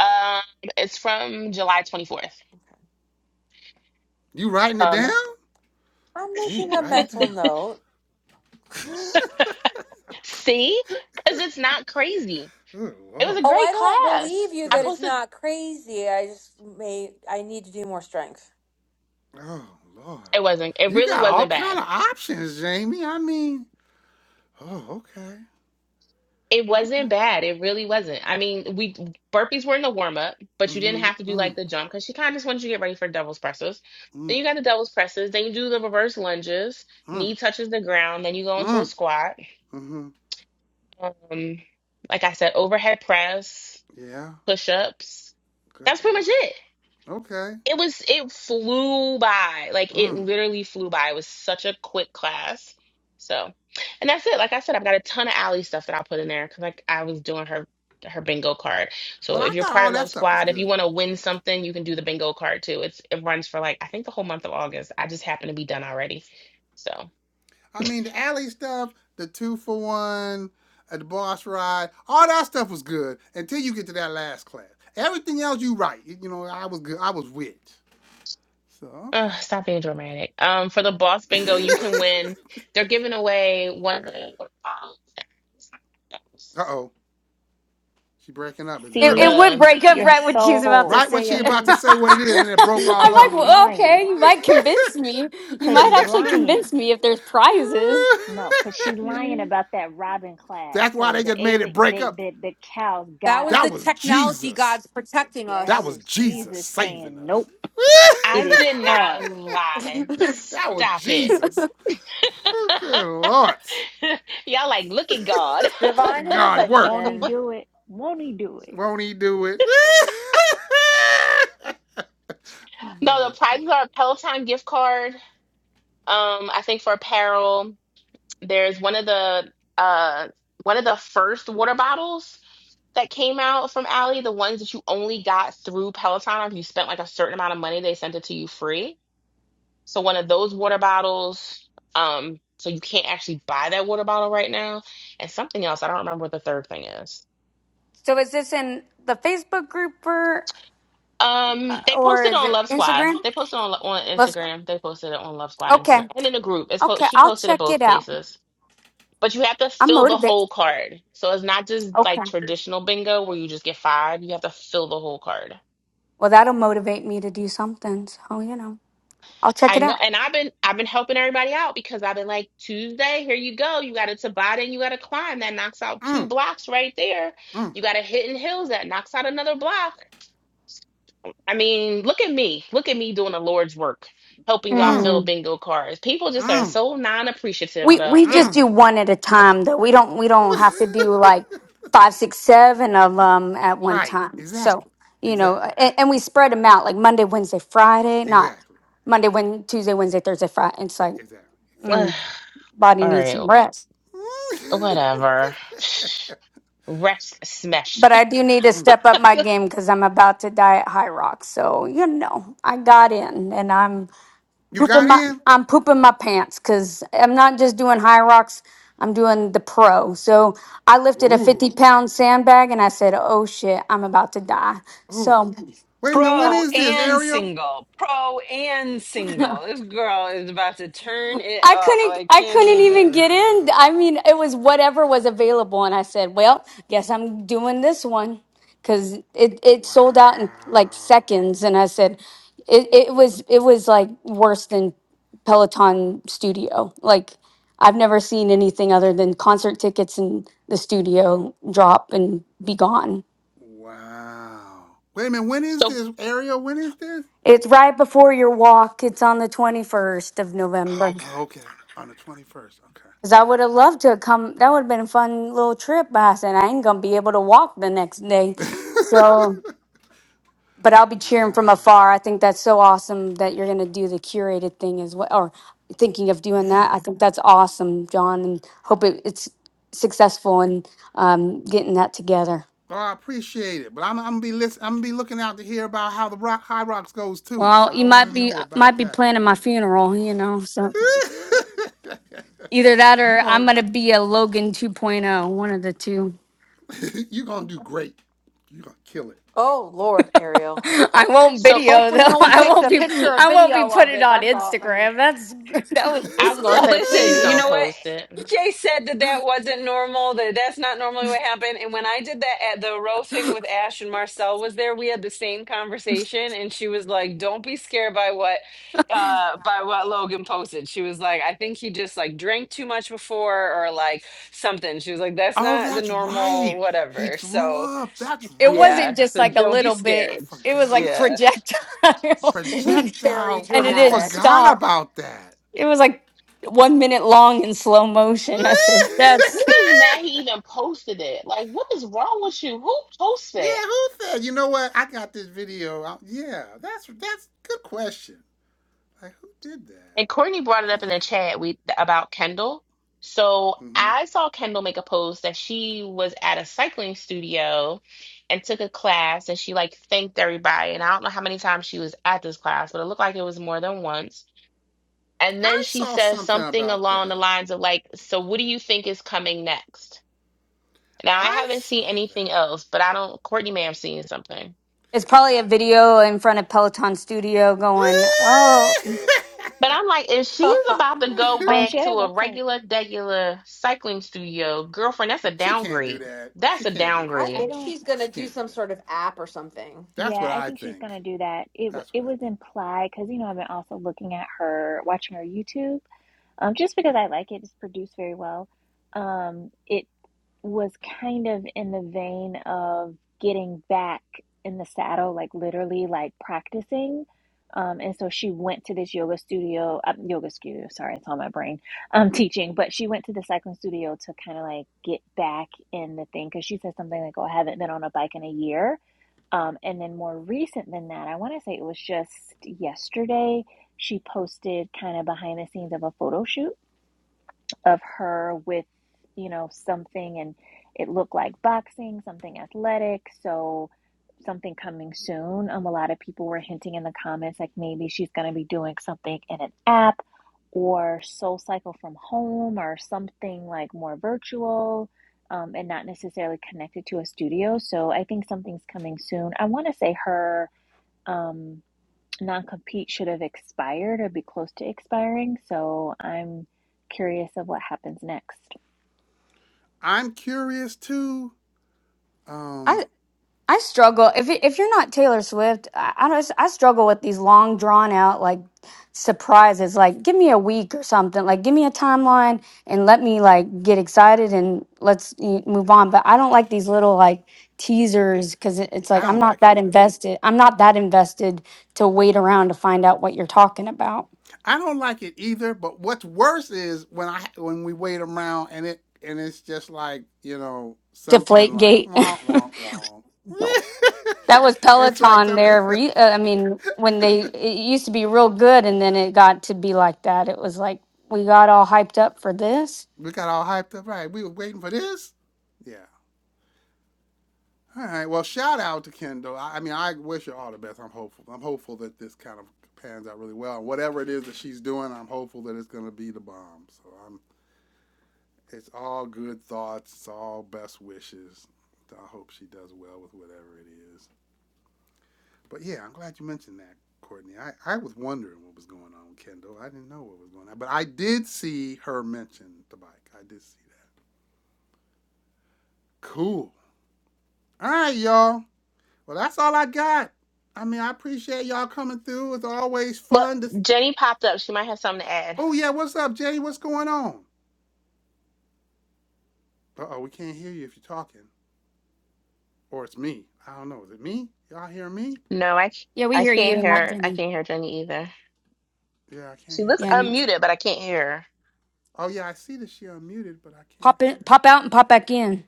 C: Um, it's from July twenty fourth.
A: You writing it down?
D: I'm
A: Jamie,
D: making a
A: writing it
D: mental
A: down.
D: note.
C: See? Because it's not crazy.
A: Good
C: It was a
A: lord.
D: Oh,
C: great
D: I don't believe
C: class.
D: you
C: I
D: that
A: Good.
D: it's
C: posted,
D: not crazy. I just may I need to do more strength.
A: Oh lord.
C: it wasn't, it
A: You
C: really
A: got all
C: wasn't
A: kind
C: bad.
A: of options, Jamie. I mean. Oh, okay.
C: It
A: All
C: wasn't
A: right.
C: bad. It really wasn't. I mean, we burpees were in the warm up, but you didn't
A: Mm-hmm.
C: have to do
A: Mm.
C: like the jump because she kind of just wanted you to get ready for devil's presses. Then
A: Mhm.
C: you got the devil's presses. Then you do the reverse lunges.
A: Mm.
C: Knee touches the ground. Then you go into a
A: Mm.
C: squat.
A: Mm-hmm.
C: Um, like I said, overhead press,
A: Yeah.
C: push ups.
A: Good
C: That's pretty
A: lord.
C: much it.
A: Okay.
C: it was it flew by like it
A: Mm.
C: literally flew by it was such a quick class so and that's it like i said i've got a ton of Ally stuff that i'll put in there because like i was doing her her bingo card so
A: Well, I
C: if you're
A: thought
C: part
A: all
C: of
A: that
C: love
A: stuff was
C: squad if you
A: good.
C: want to win something you can do the bingo card too it's it runs for like i think the whole month of august i just happen to be done already so
A: I mean, the alley stuff, the two for one, uh, the boss ride, all that stuff was good until you get to that last class. Everything else, you right. You know, I was good. I was with. So
C: uh, stop being dramatic um for the boss
A: okay.
C: bingo you can win they're giving away one of
A: uh oh, she breaking up. Is it
F: It,
C: the
F: it
B: see
A: me?
F: would
C: um,
F: break up
B: your
F: right when she's about to
B: soul.
A: Right when
F: say
A: she
F: it.
A: about
B: See,
A: to say what it is, and it broke
B: see,
F: I'm
A: all
B: because you
A: up.
F: like, well,
B: lying.
F: okay, you might convince me. You
B: Because
F: might
B: you
F: actually
B: lying.
F: convince me if there's prizes.
B: No, cause she
C: the
B: lying about that Robin class.
A: That's why
B: So
A: they
B: the
A: just made it
B: alien,
A: break
B: they,
A: up.
B: the the cows
D: That
B: got her.
D: was
A: That
D: the
A: was
D: technology
A: Jesus.
D: gods protecting
B: Yeah, that
A: That was
D: us.
B: was
A: Jesus
B: Jesus
A: saving
B: saying,
A: us.
B: "Nope, it
C: I
B: is
C: did not
B: hard.
C: lie.
A: that was
C: Stop it.
A: Jesus. Oh, good Lord.
C: Y'all like, look at God.
A: Look at
D: Divine
A: God work.
B: Won't he
D: intervention.
B: do it? Won't he do it?"
A: Won't he do it?
C: No, the
A: That's funny.
C: prizes are a Peloton gift card. Um, I think for apparel, there's one of the uh one of the first water bottles that came out from Allie, the ones that you only got through Peloton. If you spent like a certain amount of money, they sent it to you free. So one of those water bottles. Um, so you can't actually buy that water bottle right now. And something else, I don't remember what the third thing is.
F: so is this in the Facebook group or,
C: Um, they
F: or
C: posted
F: is
C: on
F: it
C: Love Squad.
F: Instagram?
C: They posted on on
F: Let's,
C: Instagram. They posted it on Love Squad
F: okay,
C: Instagram and in the group. It's po-
F: okay,
C: she
F: I'll
C: posted it
F: check
C: both
F: it out.
C: places. But you have to
F: I'm
C: fill the
F: motivated.
C: whole card. So it's not just
F: Okay.
C: like traditional bingo where you just get five. You have to fill the whole card.
F: Well, that'll motivate me to do something. So, you know, I'll check
C: I
F: it
C: know,
F: out.
C: and I've been I've been helping everybody out because I've been like Tuesday, here you go. You got a Tabata and you got to climb that knocks out two
A: Mm,
C: blocks right there.
A: mm,
C: You got a Hidden Hills that knocks out another block. I mean, look at me, look at me doing the Lord's work, helping y'all
A: mm,
C: fill bingo cards. People just are
A: mm,
C: so non-appreciative,
F: We
C: though.
F: we
C: Mm.
F: just
A: mm.
F: do one at a time though. We don't we don't have to do like five, six, seven of them at one
A: right.
F: time. So
A: Exactly.
F: you know,
A: Exactly.
F: and, and we spread them out like Monday, Wednesday, Friday, not
A: Exactly.
F: Monday, when Tuesday, Wednesday, Thursday, Friday. It's like
A: Exactly.
C: Ugh.
F: mm, body
C: All
F: needs
C: right,
F: some rest.
A: Exactly.
C: whatever. Rest smash.
F: But I do need to step up my game because I'm about to die at High Rock. So you know, I got in, and I'm
A: you
F: pooping
A: got
F: my
A: in?
F: I'm pooping my pants because I'm not just doing high rocks. I'm doing the pro. So I lifted a 50
A: Ooh.
F: pound sandbag and I said, "Oh shit, I'm about to die."
A: Ooh.
F: So
A: Wait a minute. When
G: Pro
A: is this,
G: and
A: Ariel?
G: single. Pro and single. This girl is about to turn it
F: I
G: up.
F: couldn't
G: I
F: I
A: Wow.
G: can't
F: couldn't even
G: even.
F: get in. I mean, it was whatever was available and I said, "Well, guess I'm doing this one cuz it it sold out in like
A: Wow.
F: seconds." And I said it it was it was like worse than Peloton Studio. Like I've never seen anything other than concert tickets and the studio drop and be gone.
A: Wow. Wait a minute. When is
C: So,
A: this, Ariel? When is this?
F: It's right before your walk. It's on the 21st of November.
A: Oh, okay. On the 21st. Okay.
F: Cause I would have loved to come. That would have been a fun little trip, but I said I ain't gonna be able to walk the next day. So, but I'll be
A: wow.
F: cheering from afar. I think that's so awesome that you're gonna do the curated thing as well, or thinking of doing
A: Yeah.
F: that. I think that's awesome, John, and hope it, it's successful in um, getting that together.
A: Oh, I appreciate it, but I'm, I'm gonna be listen, I'm gonna be looking out to hear about how the rock, High Rocks goes too. So
F: Well,
A: I
F: you
A: want
F: might
A: to
F: be
A: know about
F: might be
A: that.
F: planning my funeral, you know. So either that
A: you
F: or
A: gonna
F: I'm gonna be a Logan 2.0, one of the two.
A: you gonna do great. You gonna kill
D: Oh Lord, Ariel.
F: I won't
C: so
F: video
D: Hopefully,
F: though.
D: no one
F: I
D: takes
F: won't
D: a
F: be.
D: picture or
F: I won't be
D: video of
F: putting it
D: it.
F: on
D: That's all. I mean,
F: Instagram. That's that
A: it.
F: was
C: I was gonna say,
G: Listen,
C: please
F: disgusting.
G: you
C: don't
G: know what?
C: post it.
G: Jay said that that wasn't normal, that that's not normally what happened. And when I did that at the row thing with Ash and Marcel was there, we had the same conversation. And she was like, don't be scared by what, uh, by what Logan posted. She was like, I think he just like drank too much before or like something. She was like, that's
A: Oh,
G: not the
A: that's
G: normal,
A: right. He
G: whatever. So,
A: threw up. That's
F: It
A: right.
G: Yeah,
F: wasn't just
G: so
F: like a
G: don't be
F: little
A: I
F: bit.
G: scared.
F: It was like
A: forgot.
G: Yeah.
F: projectile, and
D: It was
F: it
D: very
A: Projectile. I
F: didn't
D: dramatic.
A: forgot
F: stop.
A: about that.
F: It was like one minute long in slow motion. I said,
C: I'm
F: "That's."
C: just mad he even posted it. Like, what is wrong with you? Who posts that?
A: yeah, who said? You know what? I got this video. out. yeah, that's that's good question. Like, who did that?
C: And Courtney brought it up in the
A: Yeah.
C: chat we about Kendall. So
A: hmm
C: I saw Kendall make a post that she was at a cycling studio and took a class and she like thanked everybody. And I don't know how many times she was at this class, but it looked like it was more than once. And then
A: I
C: she
A: saw
C: says
A: something
C: something
A: about
C: along the
A: that.
C: lines of like, so what do you think is coming next? Now I
A: I
C: haven't
A: saw
C: seen
A: that.
C: anything else, but I don't Courtney may have seen something.
F: It's probably a video in front of Peloton Studio going. Oh,
C: But I'm like, if
D: I
C: she's about to go
B: Um,
C: back
B: she had
C: to
B: a
C: a
B: website.
C: regular, regular cycling studio, girlfriend, that's a
A: she can't do
C: downgrade.
A: that. She
C: That's a
A: can't do that.
C: downgrade.
B: I
D: think
B: don't.
D: she's gonna
A: She
D: do
A: can't do
D: some
A: that.
D: sort of app or something.
A: That's what
B: Yeah, I
A: I
B: think she's gonna
A: think.
B: do that. It wa-
A: That's what
B: it
A: I think.
B: was implied because you know I've been also looking at her, watching her YouTube. Um, just because I like it, it's produced very well. Um, it. was kind of in the vein of getting back in the saddle, like literally like practicing. Um, and so she went to this yoga studio, uh, yoga studio, sorry, it's on my brain, um, teaching, but she went to the cycling studio to kind of like get back in the thing because she said something like, Oh, I haven't been on a bike in a year. Um, and then more recent than that, I want to say it was just yesterday, she posted kind of behind the scenes of a photo shoot of her with you know something and it looked like boxing something athletic so something coming soon um a lot of people were hinting in the comments like maybe she's going to be doing something in an app or soul cycle from home or something like more virtual um, and not necessarily connected to a studio so i think something's coming soon i want to say her um non-compete should have expired or be close to expiring. So I'm curious of what happens next.
A: I'm curious too. Um,
F: I struggle if it, if you're not Taylor Swift, I, I don't. I struggle with these long drawn out like surprises. Like, give me a week or something. Like, give me a timeline and let me like get excited and let's y- move on. But I don't like these little like teasers because it, it's
A: I
F: like I'm
A: don't
F: not
A: like it
F: that
A: either.
F: invested. I'm not that invested to wait around to find out what you're talking about.
A: I don't like it either. But what's worse is when I when we wait around and it and it's just like you know something
F: Deflate
A: like
F: gate.
A: wah wah wah.
F: That was
A: it's like
F: Peloton.
A: something.
F: There, re- uh, I mean, when they it used to be real good, and then it got to be like that. It was like we got all hyped up for this.
A: We got all hyped up, right? We were waiting for this. Yeah. All right. Well, shout out to Kendall. I, I mean, I wish her all the best. I'm hopeful. I'm hopeful that this kind of pans out really well. And whatever it is that she's doing, I'm hopeful that it's going to be the bomb. So I'm. It's all good thoughts. It's all best wishes. I hope she does well with whatever it is. But yeah, I'm glad you mentioned that, Courtney. I, I was wondering what was going on with Kendall. I didn't know what was going on, but I did see her mention the bike. I did see that. Cool. All right, y'all. Well, that's all I got. I mean, I appreciate y'all coming through. It's always
C: But
A: fun to.
C: Jenny popped up. She might have something to add.
A: Oh yeah, what's up, Jay? What's going on? Uh oh, we can't hear you if you're talking, or it's me. I don't know. Is it me? Y'all hear me?
C: No, I, c-
F: Yeah, we
C: I
F: hear
C: can't
F: you, not
C: hear. I
F: Jenny.
C: can't hear Jenny either.
A: Yeah, I can't
C: She
A: hear
C: looks
F: Yeah,
A: Jenny
F: no.
A: though.
C: unmuted, but I can't hear her.
A: Oh yeah, I see that she unmuted, but I can't
F: Pop in,
A: hear it.
F: pop out, and pop back in.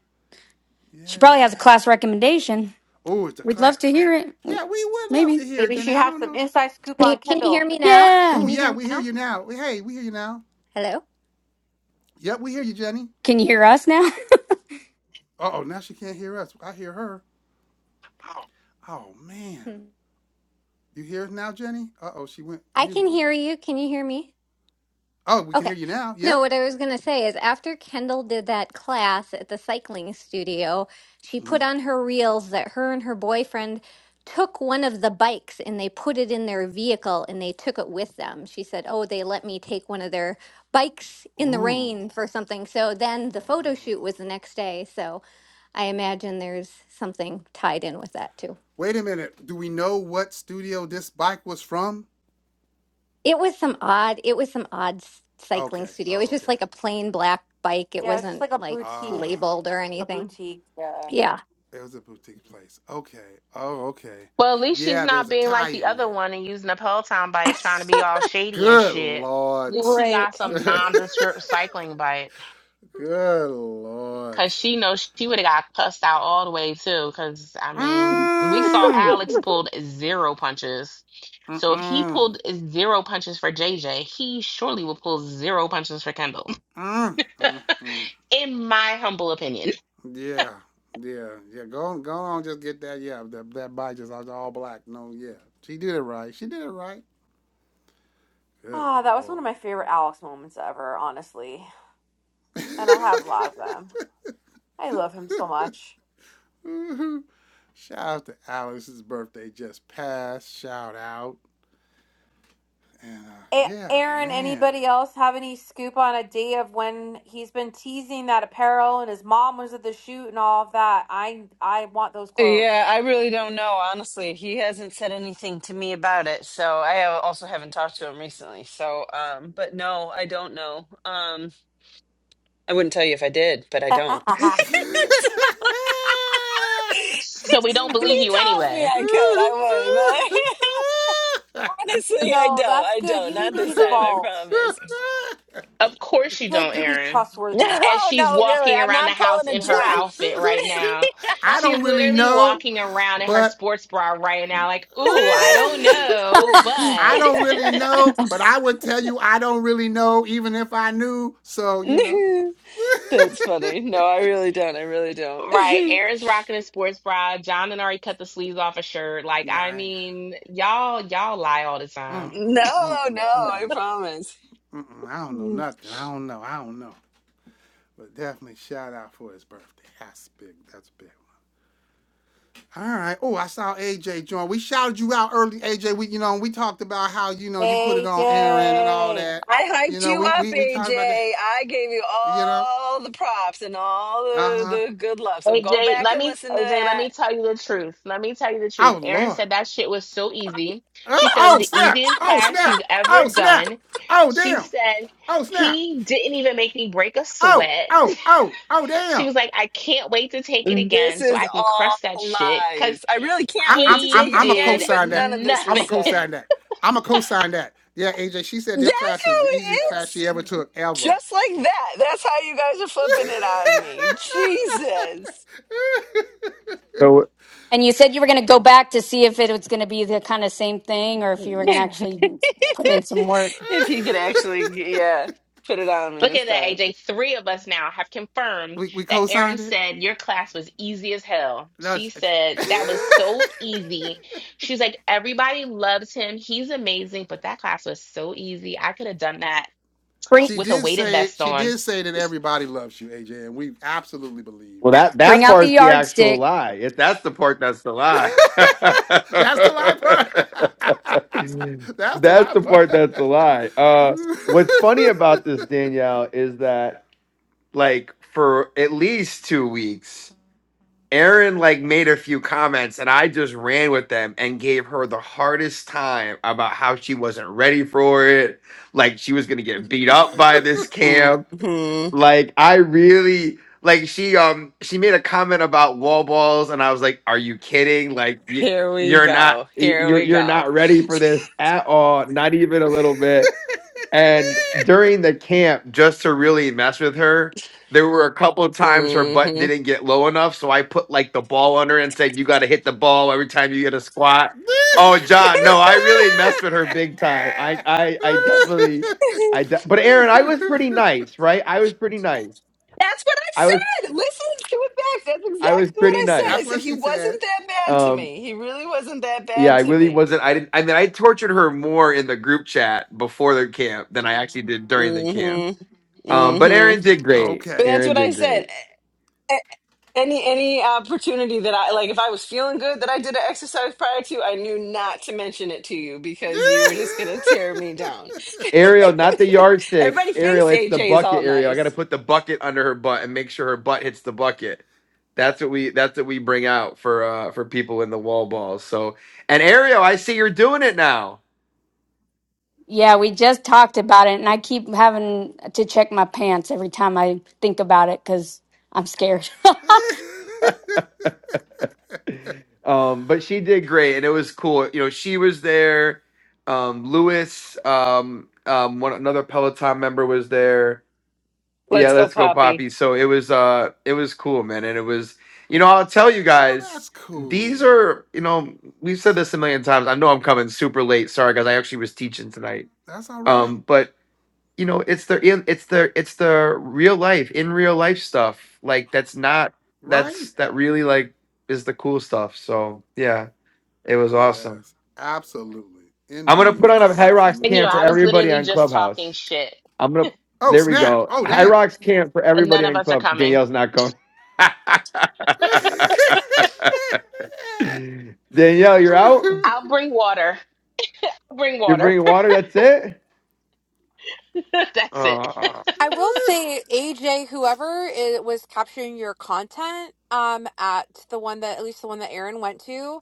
F: She
A: Yeah.
F: probably has a class recommendation.
A: Oh, it's a
F: We'd love
A: clap.
F: to hear it.
A: Yeah,
F: W-
A: we would love
F: Maybe.
A: to hear it,
D: maybe
A: Jenny.
D: she
A: I
D: has
A: don't
D: some
A: know.
D: inside scoop
H: Can you,
D: on
H: can you hear
D: Kendall.
H: me now?
A: Oh
F: Yeah.
H: Can you
A: yeah,
H: hear me
A: we hear
H: now?
A: you now. Hey, we hear you now.
H: Hello?
A: Yep, we hear you, Jenny.
F: Can you hear us now?
A: Uh oh, now she can't hear us. I hear her. Oh man,
H: Hmm.
A: you hear us now, Jenny? Uh oh, she went
H: I
A: mute
H: can
A: again.
H: hear you. Can you hear me?
A: Oh, we can
H: Okay.
A: hear you now.
H: No,
A: Yep.
H: what I was going to say is after Kendall did that class at the cycling studio, she
A: hmm
H: put on her reels that her and her boyfriend took one of the bikes and they put it in their vehicle and they took it with them. She said, "Oh, they let me take one of their bikes in the
A: Ooh.
H: rain for something." So then the photo shoot was
A: Ooh.
H: the next day. So I imagine there's something tied in with that too.
A: Wait a minute. Do we know what studio this bike was from?
H: It was some odd, it was some odd s- cycling
A: Okay.
H: studio. It
A: Oh,
H: was
A: okay.
H: just like a plain black bike. It
D: Yeah, it's just
H: wasn't
D: like a
H: like
D: boutique,
A: Ah,
H: labeled or
D: a
H: anything.
D: boutique. Yeah.
H: Yeah.
A: it was a boutique place. Okay. Oh, okay.
C: Well, at least she's
A: Yeah, there's
C: not
A: a
C: being
A: tie
C: like the
A: in there.
C: other one and using a Peloton bike, trying to be all shady and
A: Good
C: shit. At
A: lord.
C: least she got
H: Right.
C: some
A: Good.
C: nondescript cycling bike.
A: Good lord.
C: Cause she knows she would have got cussed out all the way too. Cause I mean, we saw
A: Mm.
C: Alex pulled zero punches. So if he
A: Mm-mm. Mm.
C: pulled zero punches for JJ, he surely will pull zero punches for Kendall.
A: Mm. Mm.
C: In my humble opinion.
A: Yeah, yeah, yeah. Go on, go on. Just get that. Yeah, that that bike just all all black. No, yeah. She did it right. She did it right. Good
D: Ah, that was one
A: lord.
D: of my favorite Alex moments ever, honestly. And I have a lot of them. I love him so much.
A: Shout out to Alice's birthday just passed. Shout out and uh,
D: A-
A: yeah,
D: Aaron,
A: man.
D: anybody else have any scoop on a day of when he's been teasing that apparel and his mom was at the shoot and all of that? I I want those
G: Yeah,
D: clothes.
G: I really don't know, honestly. He hasn't said anything to me about it, so I al- also haven't talked to him recently. So, um, but no, I don't know. Um, I wouldn't tell you if I did, but I don't.
D: no,
G: So-
C: So we don't
G: if
C: believe you
G: he told me
C: anyway.
G: I could, I would, but honestly, I don't.
D: that's
G: I
D: good.
G: don't.
D: You need
G: Not
D: to
G: this time, I
D: vault.
G: promise.
C: Of course you
D: Good
C: don't,
D: to be
C: Erin.
G: No,
D: trustworthy.
C: As she's
G: no, really.
C: walking
G: I'm
C: around the
G: not
C: house
G: pulling a
C: in her
G: John.
C: outfit right now.
A: I
C: She's
A: don't really
C: literally
A: know,
C: walking around in her
A: but
C: sports bra right now, like, ooh, I don't know,
A: I
C: but
A: don't really know, but I would tell you I don't really know even if I knew. So, you know.
G: That's funny. No, I really don't. I really don't.
C: Right. Aaron's rocking a sports bra. John and already cut the sleeves off a shirt. Like,
A: no,
C: I
A: I ain't got.
C: mean, y'all, y'all lie all the time.
A: Mm-mm,
G: no, no,
A: mm-mm,
G: I
A: mm-mm,
G: promise.
A: mm-mm. I don't know
G: Mm.
A: nothing. I don't know. I don't know. But definitely shout out for his birthday. That's big. That's big. All right. Oh, I saw AJ join. We shouted you out early, AJ. We, you know, we talked about how you know you put it
D: Hey,
A: on Aaron and all
D: hey.
A: that.
G: I
A: You
G: hyped
A: know,
G: you
A: we
G: up,
A: we we
G: AJ.
A: talked about that.
G: I gave you
A: You know.
G: all the props and all
A: Uh
G: the,
A: huh.
G: the good love. So go
C: AJ,
G: back
C: let
G: and
C: me
G: listen to
C: AJ, let
G: that.
C: me tell you the truth. Let me tell you the truth.
A: Oh
C: Aaron
A: Lord.
C: said that shit was so easy. She
A: Oh
C: said it was
A: oh
C: the
A: snap.
C: easiest
A: Oh
C: class
A: snap.
C: she's ever
A: Oh snap.
C: done.
A: Oh
C: She
A: damn.
C: said
A: Oh snap.
C: he didn't even make me break a
A: Oh
C: sweat.
A: oh oh oh
C: She
A: damn.
C: was like, I can't wait to take it
G: This
C: again so
G: is
C: I can
G: all
C: crush that shit. Cause
G: lies. I really can't
A: I,
G: wait
A: I'm
G: to
A: I'm
G: take
C: he
G: it
A: I'm a
C: did
G: again, but
A: co-sign that.
G: none of this
A: I'm
G: was
A: a
C: nothing.
G: said.
A: co-sign that. I'm a co-sign that. Yeah, AJ. She said
G: That's
A: their class is
G: how
A: the
G: it
A: easiest class she ever
G: is.
A: took ever.
G: Just like that. That's how you guys are flipping it on me. Jesus.
I: So
F: And you said you were going to go back to see if it was going to be the kind of same thing, or if you were going to
G: Yeah.
F: actually put in some work.
G: If you could actually, yeah, put it on me
C: Look
G: this
C: at that,
G: time.
C: AJ. Three of us now have confirmed
A: we we
C: that
A: co-signed
C: Erin
A: it.
C: said your class was easy as hell.
A: No,
C: She said that was so easy. She was like, everybody loves him. He's amazing, but that class was so easy. I could have done that
F: Bring
A: she
C: with a
A: did
C: weighted
A: say
C: vest
A: she
C: on.
A: did say that everybody loves you, AJ, and we absolutely believe
I: well
A: that.
I: that that
F: bring out the
I: part's the
A: Absolutely.
F: yardstick.
I: actual lie. If that's the part that's the lie.
A: That's the lie part. That's the
I: that's
A: lie
I: the part
A: part.
I: that's the lie. Uh what's funny about this, Danielle, is that like for at least two weeks, Aaron like made a few comments and I just ran with them and gave her the hardest time about how she wasn't ready for it. Like she was gonna get beat up by this camp
G: hmm
I: Like I really like she um she made a comment about wall balls and I was like, "Are you kidding? Like you,
G: Here we
I: you're not
G: go.
I: y-
G: Here
I: you're
G: we
I: you're
G: go.
I: not ready for this at all, not even a little bit." And during the camp, just to really mess with her, there were a couple of times her butt
G: hmm
I: didn't get low enough. So I put like the ball on her and said, You got to hit the ball every time you get a squat. Oh, John, no, I really messed with her big time. I, I, I definitely, I, de- but Aaron, I was pretty nice, right? I was pretty nice.
G: That's what I
I: I was,
G: said. Listen to it back. That's
I: I was
G: exactly what
I: pretty
G: I
I: nice.
G: said. I
A: That's
G: said
A: what
G: he
A: she
G: wasn't
A: said.
G: that bad to
I: Um,
G: me. He really wasn't that
I: yeah,
G: bad
I: I
G: to
I: really
G: me.
I: wasn't. I didn't, I mean, I tortured her more in the group chat before the camp than I actually did during the camp.
G: hmm
I: Um, but
G: hmm
I: Aaron did great.
G: But
A: Okay.
G: that's
I: Aaron
G: what I
I: did
G: said.
I: great.
G: Any any uh, opportunity that I like, if I was feeling good that I did an exercise prior to, I knew not to mention it to you because you were just gonna tear me down.
I: Ariel, not the yardstick.
G: Everybody
I: Ariel,
G: thinks
I: it's the
G: AJ is all
I: bucket. Ariel, I got to
G: nice.
I: put the bucket under her butt and make sure her butt hits the bucket. That's what we. That's what we bring out for uh for people in the wall balls. So, and Ariel, I see you're doing it now.
F: Yeah, we just talked about it, and I keep having to check my pants every time I think about it because I'm scared.
I: Um, but she did great, and it was cool. You know, she was there. Um, Lewis, um, um, one another Peloton member was there Yeah,
G: Let's go,
I: let's go,
G: Poppy.
I: Poppy. So it was uh it was cool, man. And it was you know, I'll tell you
A: oh,
I: guys,
A: that's
I: these
A: cool.
I: are you know, we've said this a million times. I know I'm coming super late, sorry guys, I actually was teaching tonight.
A: That's all
I: Um,
A: right.
I: but you know, it's the in it's the it's the real life, in real life stuff. Like that's not
A: Right.
I: that's that really like is the cool stuff. So yeah, it was awesome.
A: Yes. Absolutely.
I: I'm gonna put
A: Indeed.
I: on a High Rocks
C: And you know,
A: Absolutely
I: camp for
C: I
A: agree.
C: was
I: everybody
C: literally
I: on
C: just
I: Clubhouse.
C: talking shit,
I: I'm gonna.
A: Oh,
I: There we
A: snap.
I: go.
A: Oh,
I: High
A: damn.
I: Rocks camp for
C: and none
I: everybody
C: of
I: on
C: us are
I: club.
C: coming.
I: Danielle's not going. Danielle, you're out.
C: I'll bring water. I'll bring
I: You're
C: water.
I: bringing water. That's it.
C: That's it.
I: Ah,
D: I will say, AJ, whoever it was capturing your content um, at the one that, at least the one that Aaron went to,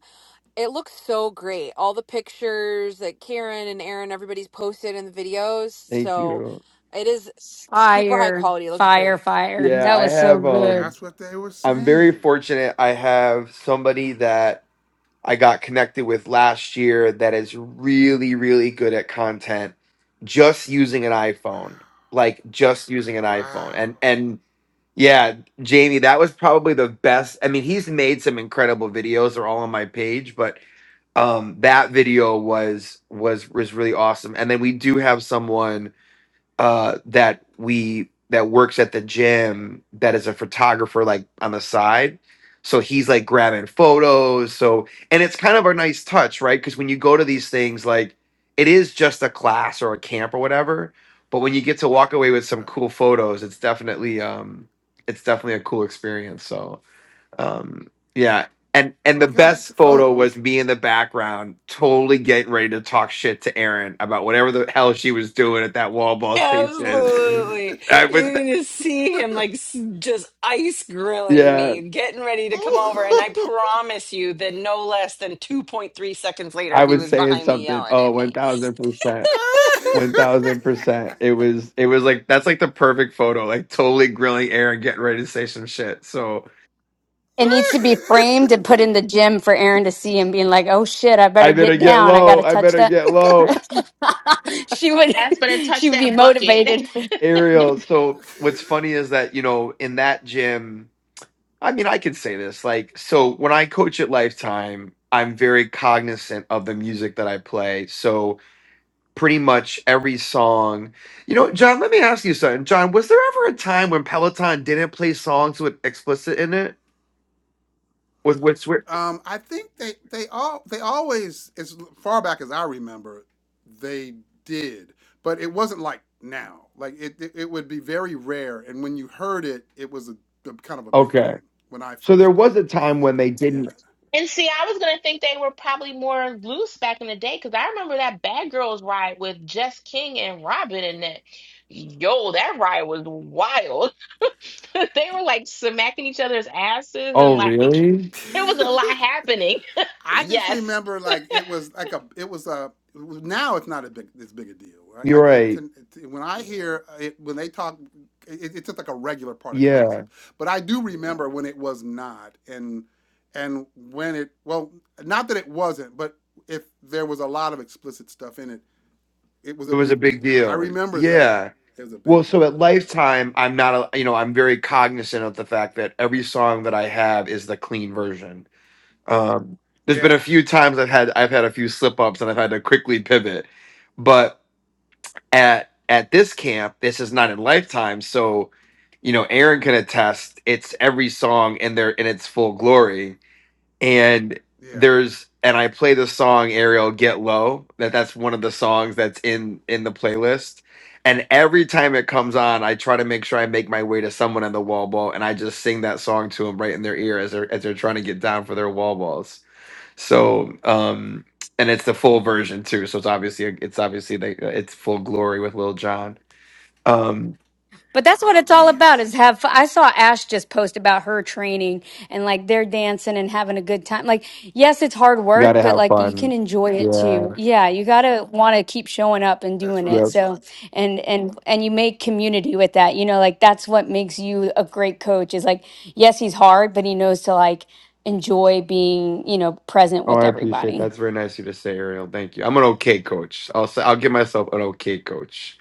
D: It looks so great. All the pictures that Karen and Aaron, everybody's posted in the videos.
I: thank
D: So
I: you.
D: it is s- super high
F: fire,
D: quality. It looks
F: fire,
D: great.
F: fire.
I: Yeah,
F: That
I: I
F: was so
I: have. Um,
F: good.
A: That's what they were
I: I'm very
A: saying.
I: fortunate. I have somebody that I got connected with last year that is really, really good at content, just using an iPhone. Like just using an iPhone,
A: Wow.
I: and and Yeah, Jamie, that was probably the best. I mean, he's made some incredible videos. They're all on my page, but um that video was was was really awesome. And then we do have someone uh, that we that works at the gym that is a photographer like on the side. So he's like grabbing photos. So and it's kind of a nice touch, right? Because when you go to these things, like it is just a class or a camp or whatever. But when you get to walk away with some
A: Right.
I: cool photos, it's definitely um, it's definitely a cool experience. So um, yeah, and
A: Oh,
I: and the
A: you gotta get the
I: best photo
A: photos.
I: was me in the background, totally getting ready to talk shit to Erin about whatever the hell she was doing at that wall ball station.
G: Absolutely.
I: I was,
G: You can just see him like s- just ice grilling
I: yeah,
G: me, getting ready to come over. And I
A: Ooh.
G: promise you that no less than 2.3 seconds later,
I: I
G: he
I: was
G: was
I: saying
G: behind me
I: something.
G: yelling
I: Oh,
G: at
I: one
G: me.
I: thousand percent. One thousand percent. It was, it was like that's like the perfect photo. Like totally grilling Erin, getting ready to say some shit. So
F: It needs to be framed and put in the gym for Aaron to see and being like, "Oh shit, I
I: I
F: better
I: better
F: get
I: get
F: down. I got
I: low.
F: to
I: I
F: touch
I: better
F: that."
I: get low,
F: she would,
C: Ask better
F: she
C: touch
F: would be
C: that bucket.
F: motivated.
I: Ariel. So what's funny is that you know in that gym, I mean, I could say this. Like, so when I coach at Lifetime, I'm very cognizant of the music that I play. So pretty much every song, you know, John, let me ask you something. John, was there ever a time when Peloton didn't play songs with explicit in it? With with swear?
A: um, I think they they all they always as far back as I remember they did, but it wasn't like now. Like it it, it would be very rare, and when you heard it, it was a, a kind of a big
I: Okay.
A: thing when I
I: So
A: first
I: there was
A: started.
I: a time when they
A: yeah.
I: didn't.
C: And see, I was gonna think they were probably more loose back in the day because I remember that Bad Girls ride with Jess King and Robin in it. Yo, that ride was wild. They were like smacking each other's asses
I: Oh,
C: and like it
I: really?
C: was a lot happening.
A: I just
C: Yes.
A: remember like it was like a it was a it was- now it's not a big this big a deal. Right? I,
I: You're
A: I
I: right.
A: tend, when I hear it when they talk, it, it's just like a regular part of
I: Yeah.
A: classes. But I do remember when it was not, and and when it well, not that it wasn't, but if there was a lot of explicit stuff in it, it was
I: It
A: a
I: was a
A: big
I: big
A: deal. I
I: deal.
A: remember that.
I: Yeah.
A: It was a
I: Well,
A: big deal.
I: so at
A: Yeah.
I: Lifetime, I'm not, a, you know, I'm very cognizant of the fact that every song that I have is the clean version. Um, there's been
A: Yeah.
I: a few times I've had I've had a few slip ups and I've had to quickly pivot. But at at this camp, this is not in lifetime, so you know Aaron can attest. It's every song in their in its full glory, and
A: Yeah.
I: there's and I play the song Ariel Get Low. That that's one of the songs that's in in the playlist. And every time it comes on, I try to make sure I make my way to someone on the wall ball, and I just sing that song to them right in their ear as they're as they're trying to get down for their wall balls so, um, and it's the full version too. So it's obviously uh, it's obviously like it's full glory with Lil Jon. Um,
F: But that's
A: Oh
F: what it's all
A: man,
F: about is have fun. I saw Ash just post about her training and like they're dancing and having a good time. Like, yes, it's hard work,
I: gotta
F: but
I: have
F: like you can
I: fun.
F: enjoy it
I: Yeah.
F: too. Yeah, you gotta wanna keep showing up and
A: that's
F: doing it.
I: Yep.
A: right.
F: So and and and you make community with that. You know, like that's what makes you a great coach is like, yes, he's hard, but he knows to like enjoy being, you know, present
I: Oh,
F: with
I: I appreciate that.
F: everybody.
I: That's very nice of you to say, Ariel. Thank you. I'm an okay coach. I'll say I'll give myself an okay coach.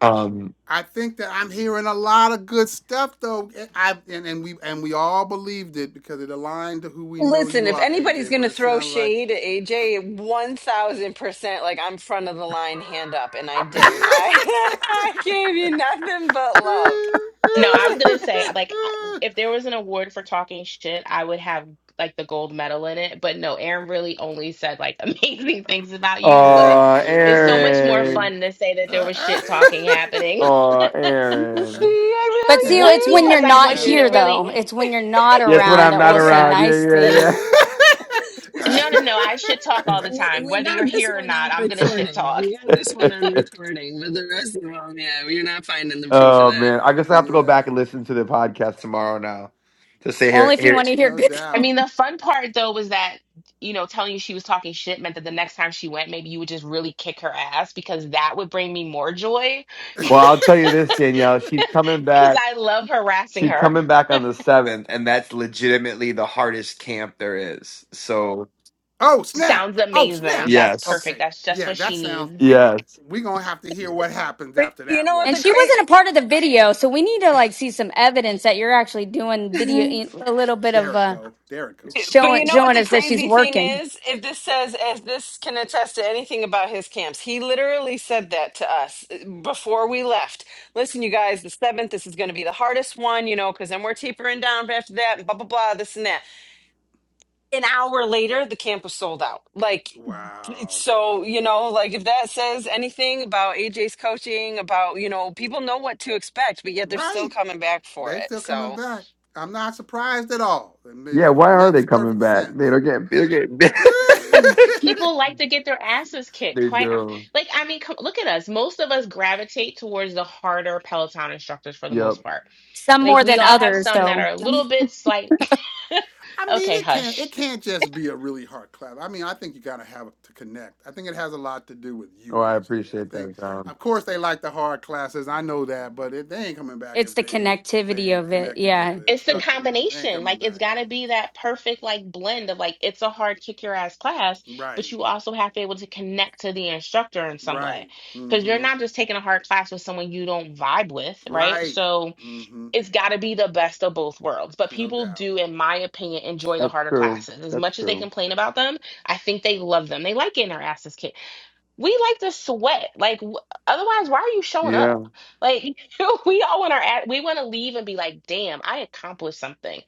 I: Um.
A: I think that I'm hearing a lot of good stuff though. I and, and we and we all believed it because it aligned to who we know
G: Listen,
A: you
G: if
A: are,
G: anybody's
A: AJ.
G: going
A: But
G: to
A: it
G: throw
A: sounds like
G: shade at AJ, 1000%, like I'm front of the line, hand up, and I didn't. I, I gave you nothing but love.
C: No, I was gonna say like I- if there was an award for talking shit, I would have like the gold medal in it. But no, Aaron really only said like amazing things about you. But
A: yeah,
I: Oh,
A: yeah,
C: it's
A: and
C: so
A: we
C: much more
A: we
I: Aaron.
C: fun to say that there was
A: uh,
C: shit talking happening.
I: Oh,
G: See,
I: Aaron.
F: But
G: I
F: see,
A: and,
C: One,
F: it's when you're
C: because
G: really do
C: I
G: like
F: not
C: want
A: and
C: you to
F: here
C: really,
F: though.
G: you.
F: It's when you're not
I: Yes, when
F: around
I: I'm
F: that
I: not
F: we'll say
G: yeah.
I: around.
F: nice
I: Yeah,
F: things.
C: no, no, no, I shit talk all the
G: We,
C: time.
G: we
C: Whether you're
G: got this
C: here or
G: one
C: not,
G: on
C: I'm going to shit
G: recording.
C: talk.
G: We got
I: yeah,
G: this one on
I: yeah.
G: recording, but the rest of them, yeah, you are not finding the proof of
I: oh
G: that.
I: man, I guess I have to go
A: yeah,
I: back and listen to the podcast tomorrow now to say
F: Only
I: here.
F: if you
I: here
F: want to hear
A: no
F: good
C: I
A: doubt.
C: mean, the fun part though was that, you know, telling you she was talking shit meant that the next time she went, maybe you would just really kick her ass because that would bring me more joy
I: Well, I'll tell you this, Danielle. She's coming
C: because
I: back.
C: I love harassing
I: She's
C: her.
I: coming back on the seventh, and that's legitimately the hardest camp there is. So
A: oh snap!
C: Sounds
A: Oh snap!
C: amazing. That's
I: yes,
C: perfect.
A: Okay,
C: That's just
A: yeah,
C: what
A: that
C: she
A: sounds
C: needs.
I: yes,
A: We're gonna have to hear what happens
G: But
A: after
G: you
A: that
G: know what
F: And
A: one.
G: the
F: she
G: crazy?
F: wasn't a part of the video, so we need to like see some evidence that you're actually doing video, eh, a little bit of
A: There it
F: uh,
A: go. There it go.
G: But
F: showing
G: you know what
F: showing
G: the
F: us that she's
G: crazy thing
F: working.
G: is? If this says, as this can attest to anything about his camps, he literally said that to us uh, before we left. Listen, you guys, the seventh, this is going to be the hardest one, you know, because then we're tapering down after that, and blah, blah, blah, this and that. An hour later, the camp was sold out. Like, it's
A: Wow.
G: so, you know, like if that says anything about AJ's coaching, about, you know, people know what to expect, but yet they're still
A: Right.
G: coming back for
A: They're
G: it.
A: still coming
G: So
A: back. I'm not surprised at all. It
I: yeah. Why are they
A: makes
I: coming
A: perfect
I: back? They
A: sense.
I: don't get. They don't
C: Because people like to get their asses kicked.
I: they
C: Quite hon-
I: do.
C: like, I mean, come, look at us. Most of us gravitate towards the harder Peloton instructors for the
I: Yep.
C: most part
F: Some
C: Like
F: more
C: we
F: than
C: all have
F: others,
C: some that are
F: though.
C: a little bit slight.
A: I mean,
C: Okay,
A: it can't. It
C: hush.
A: can't just be a really hard clap. I mean, I think you gotta have to connect. I think it has a lot to do with you,
I: Oh, I
A: AJ. I
I: appreciate
A: think,
I: that, John.
A: of course, they like the hard classes. I know that, but it, they ain't coming back
F: It's
A: if they
F: the
A: ain't they
F: connectivity
A: ain't
F: of it.
A: connected with
F: Yeah,
A: the
C: It's the
F: it,
A: instructor. They ain't
C: combination.
A: coming
C: Like it's
A: back.
C: got to be that perfect like blend of like it's a hard kick your ass class,
A: Right.
C: but you also have to be able to connect to the instructor in some
A: Right.
C: way because you're
A: Mm-hmm.
C: not just taking a hard class with someone you don't vibe with, right?
A: Right.
C: So
A: Mm-hmm.
C: it's got to be the best of both worlds. But
A: No
C: people
A: doubt.
C: do, in my opinion, enjoy the
I: That's
C: harder
I: true.
C: classes as
I: That's
C: much as they
I: true.
C: complain about them. I think they love them. They like getting their asses kicked we like to sweat. Like, w- otherwise, why are you showing
I: Yeah.
C: up? Like, we all want our, ad- we want to leave and be like, damn, I accomplished something.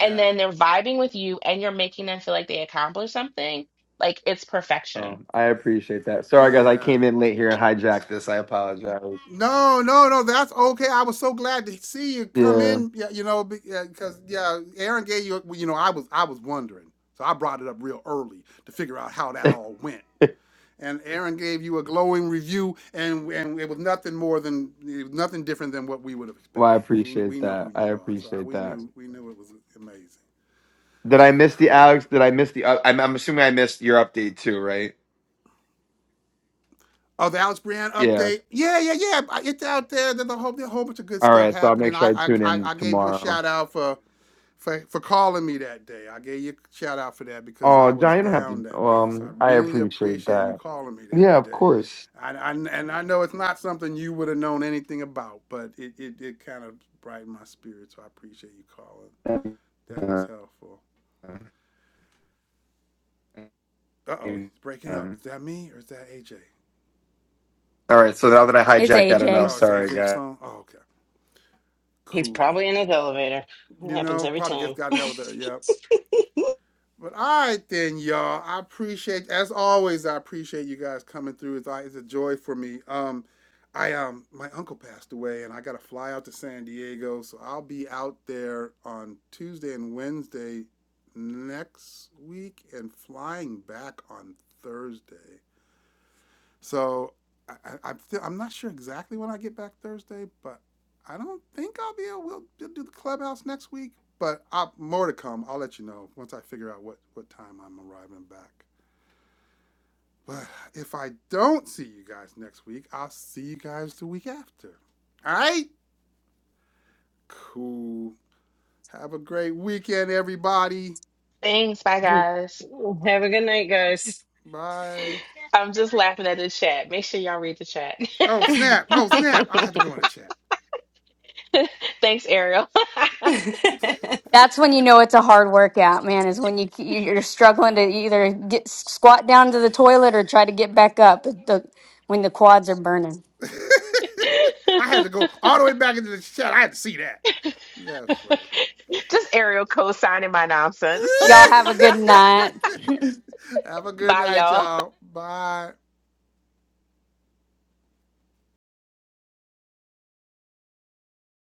C: And then they're vibing with you and you're making them feel like they accomplished something. Like, it's perfection.
I: Um, I appreciate that. Sorry, guys. I
A: Yeah.
I: came in late here and hijacked this. I apologize.
A: No, no, no. That's okay. I was so glad to see you come
I: Yeah.
A: in. Yeah, you know, because yeah, Aaron gave you. well, You know, I was I was wondering, so I brought it up real early to figure out how that all went. And Aaron gave you a glowing review, and and it was nothing more than it was nothing different than what we would have
I: Well, I
A: expected. We we
I: appreciate
A: know who
I: that. I
A: you are, so I,
I: appreciate
A: we
I: that.
A: knew we knew it was amazing.
I: Did I miss the
A: Cool.
I: Alex? Did I miss the? Uh, I'm, I'm assuming I missed your update too, right?
A: Oh, the Alex Brienne
I: Yeah.
A: update. Yeah, yeah, yeah. It's out there. There's a whole, there's a whole bunch of good
I: All
A: stuff
I: right. So I'll make
A: happening.
I: sure
A: I,
I: I
A: I,
I: tune
A: I
I: in
A: gave you a
I: tomorrow.
A: shout out for, for, for calling me that day. I gave you a shout out for that because
I: Oh,
A: I was
I: John, you don't have
A: down
I: to.
A: that day. So I
I: Um, I
A: really
I: appreciate
A: appreciate you
I: that.
A: calling me
I: Yeah,
A: that
I: of
A: day.
I: course.
A: I, I, and I know it's not something you would have known anything about, but it, it, it kind of brightened my spirit. So I appreciate you calling. That was
I: Uh,
A: helpful. Uh oh, it's breaking up.
I: um,
A: Is that me or is that AJ?
I: all right. So now that I
F: it's
I: hijacked that enough,
F: AJ.
A: Oh, it's
I: sorry,
A: AJ's
I: guys.
A: phone? Oh, okay.
G: he's
A: Cool.
G: probably in his elevator. It
A: You
G: happens
A: know,
G: every
A: probably
G: time.
A: just got an elevator. Yep. But all right then, y'all. I appreciate, as always, I appreciate you guys coming through. It's, it's a joy for me. Um, I um, my uncle passed away, and I got to fly out to San Diego, so I'll be out there on Tuesday and Wednesday next week, and flying back on Thursday. So I, I, I'm still, I'm not sure exactly when I get back Thursday, but I don't think I'll be able. We'll, we'll do the clubhouse next week, but I, more to come. I'll let you know once I figure out what what time I'm arriving back. But if I don't see you guys next week, I'll see you guys the week after. All right. Cool. Have a great weekend, everybody.
C: Thanks. Bye, guys.
G: Have a good night, guys.
A: Bye.
C: I'm just laughing at the chat. Make sure y'all read the chat.
A: Oh snap! Oh snap! I have to go in the chat.
C: Thanks, Ariel.
F: That's when you know it's a hard workout, man. Is when you you're struggling to either get squat down to the toilet or try to get back up. The when the quads are burning.
A: I had to go all the way back into the chat. I had to see that. That's funny.
C: just Ariel co signing my nonsense.
F: Y'all have a good night.
A: Have a good
C: Bye,
A: night,
C: y'all.
A: y'all. Bye.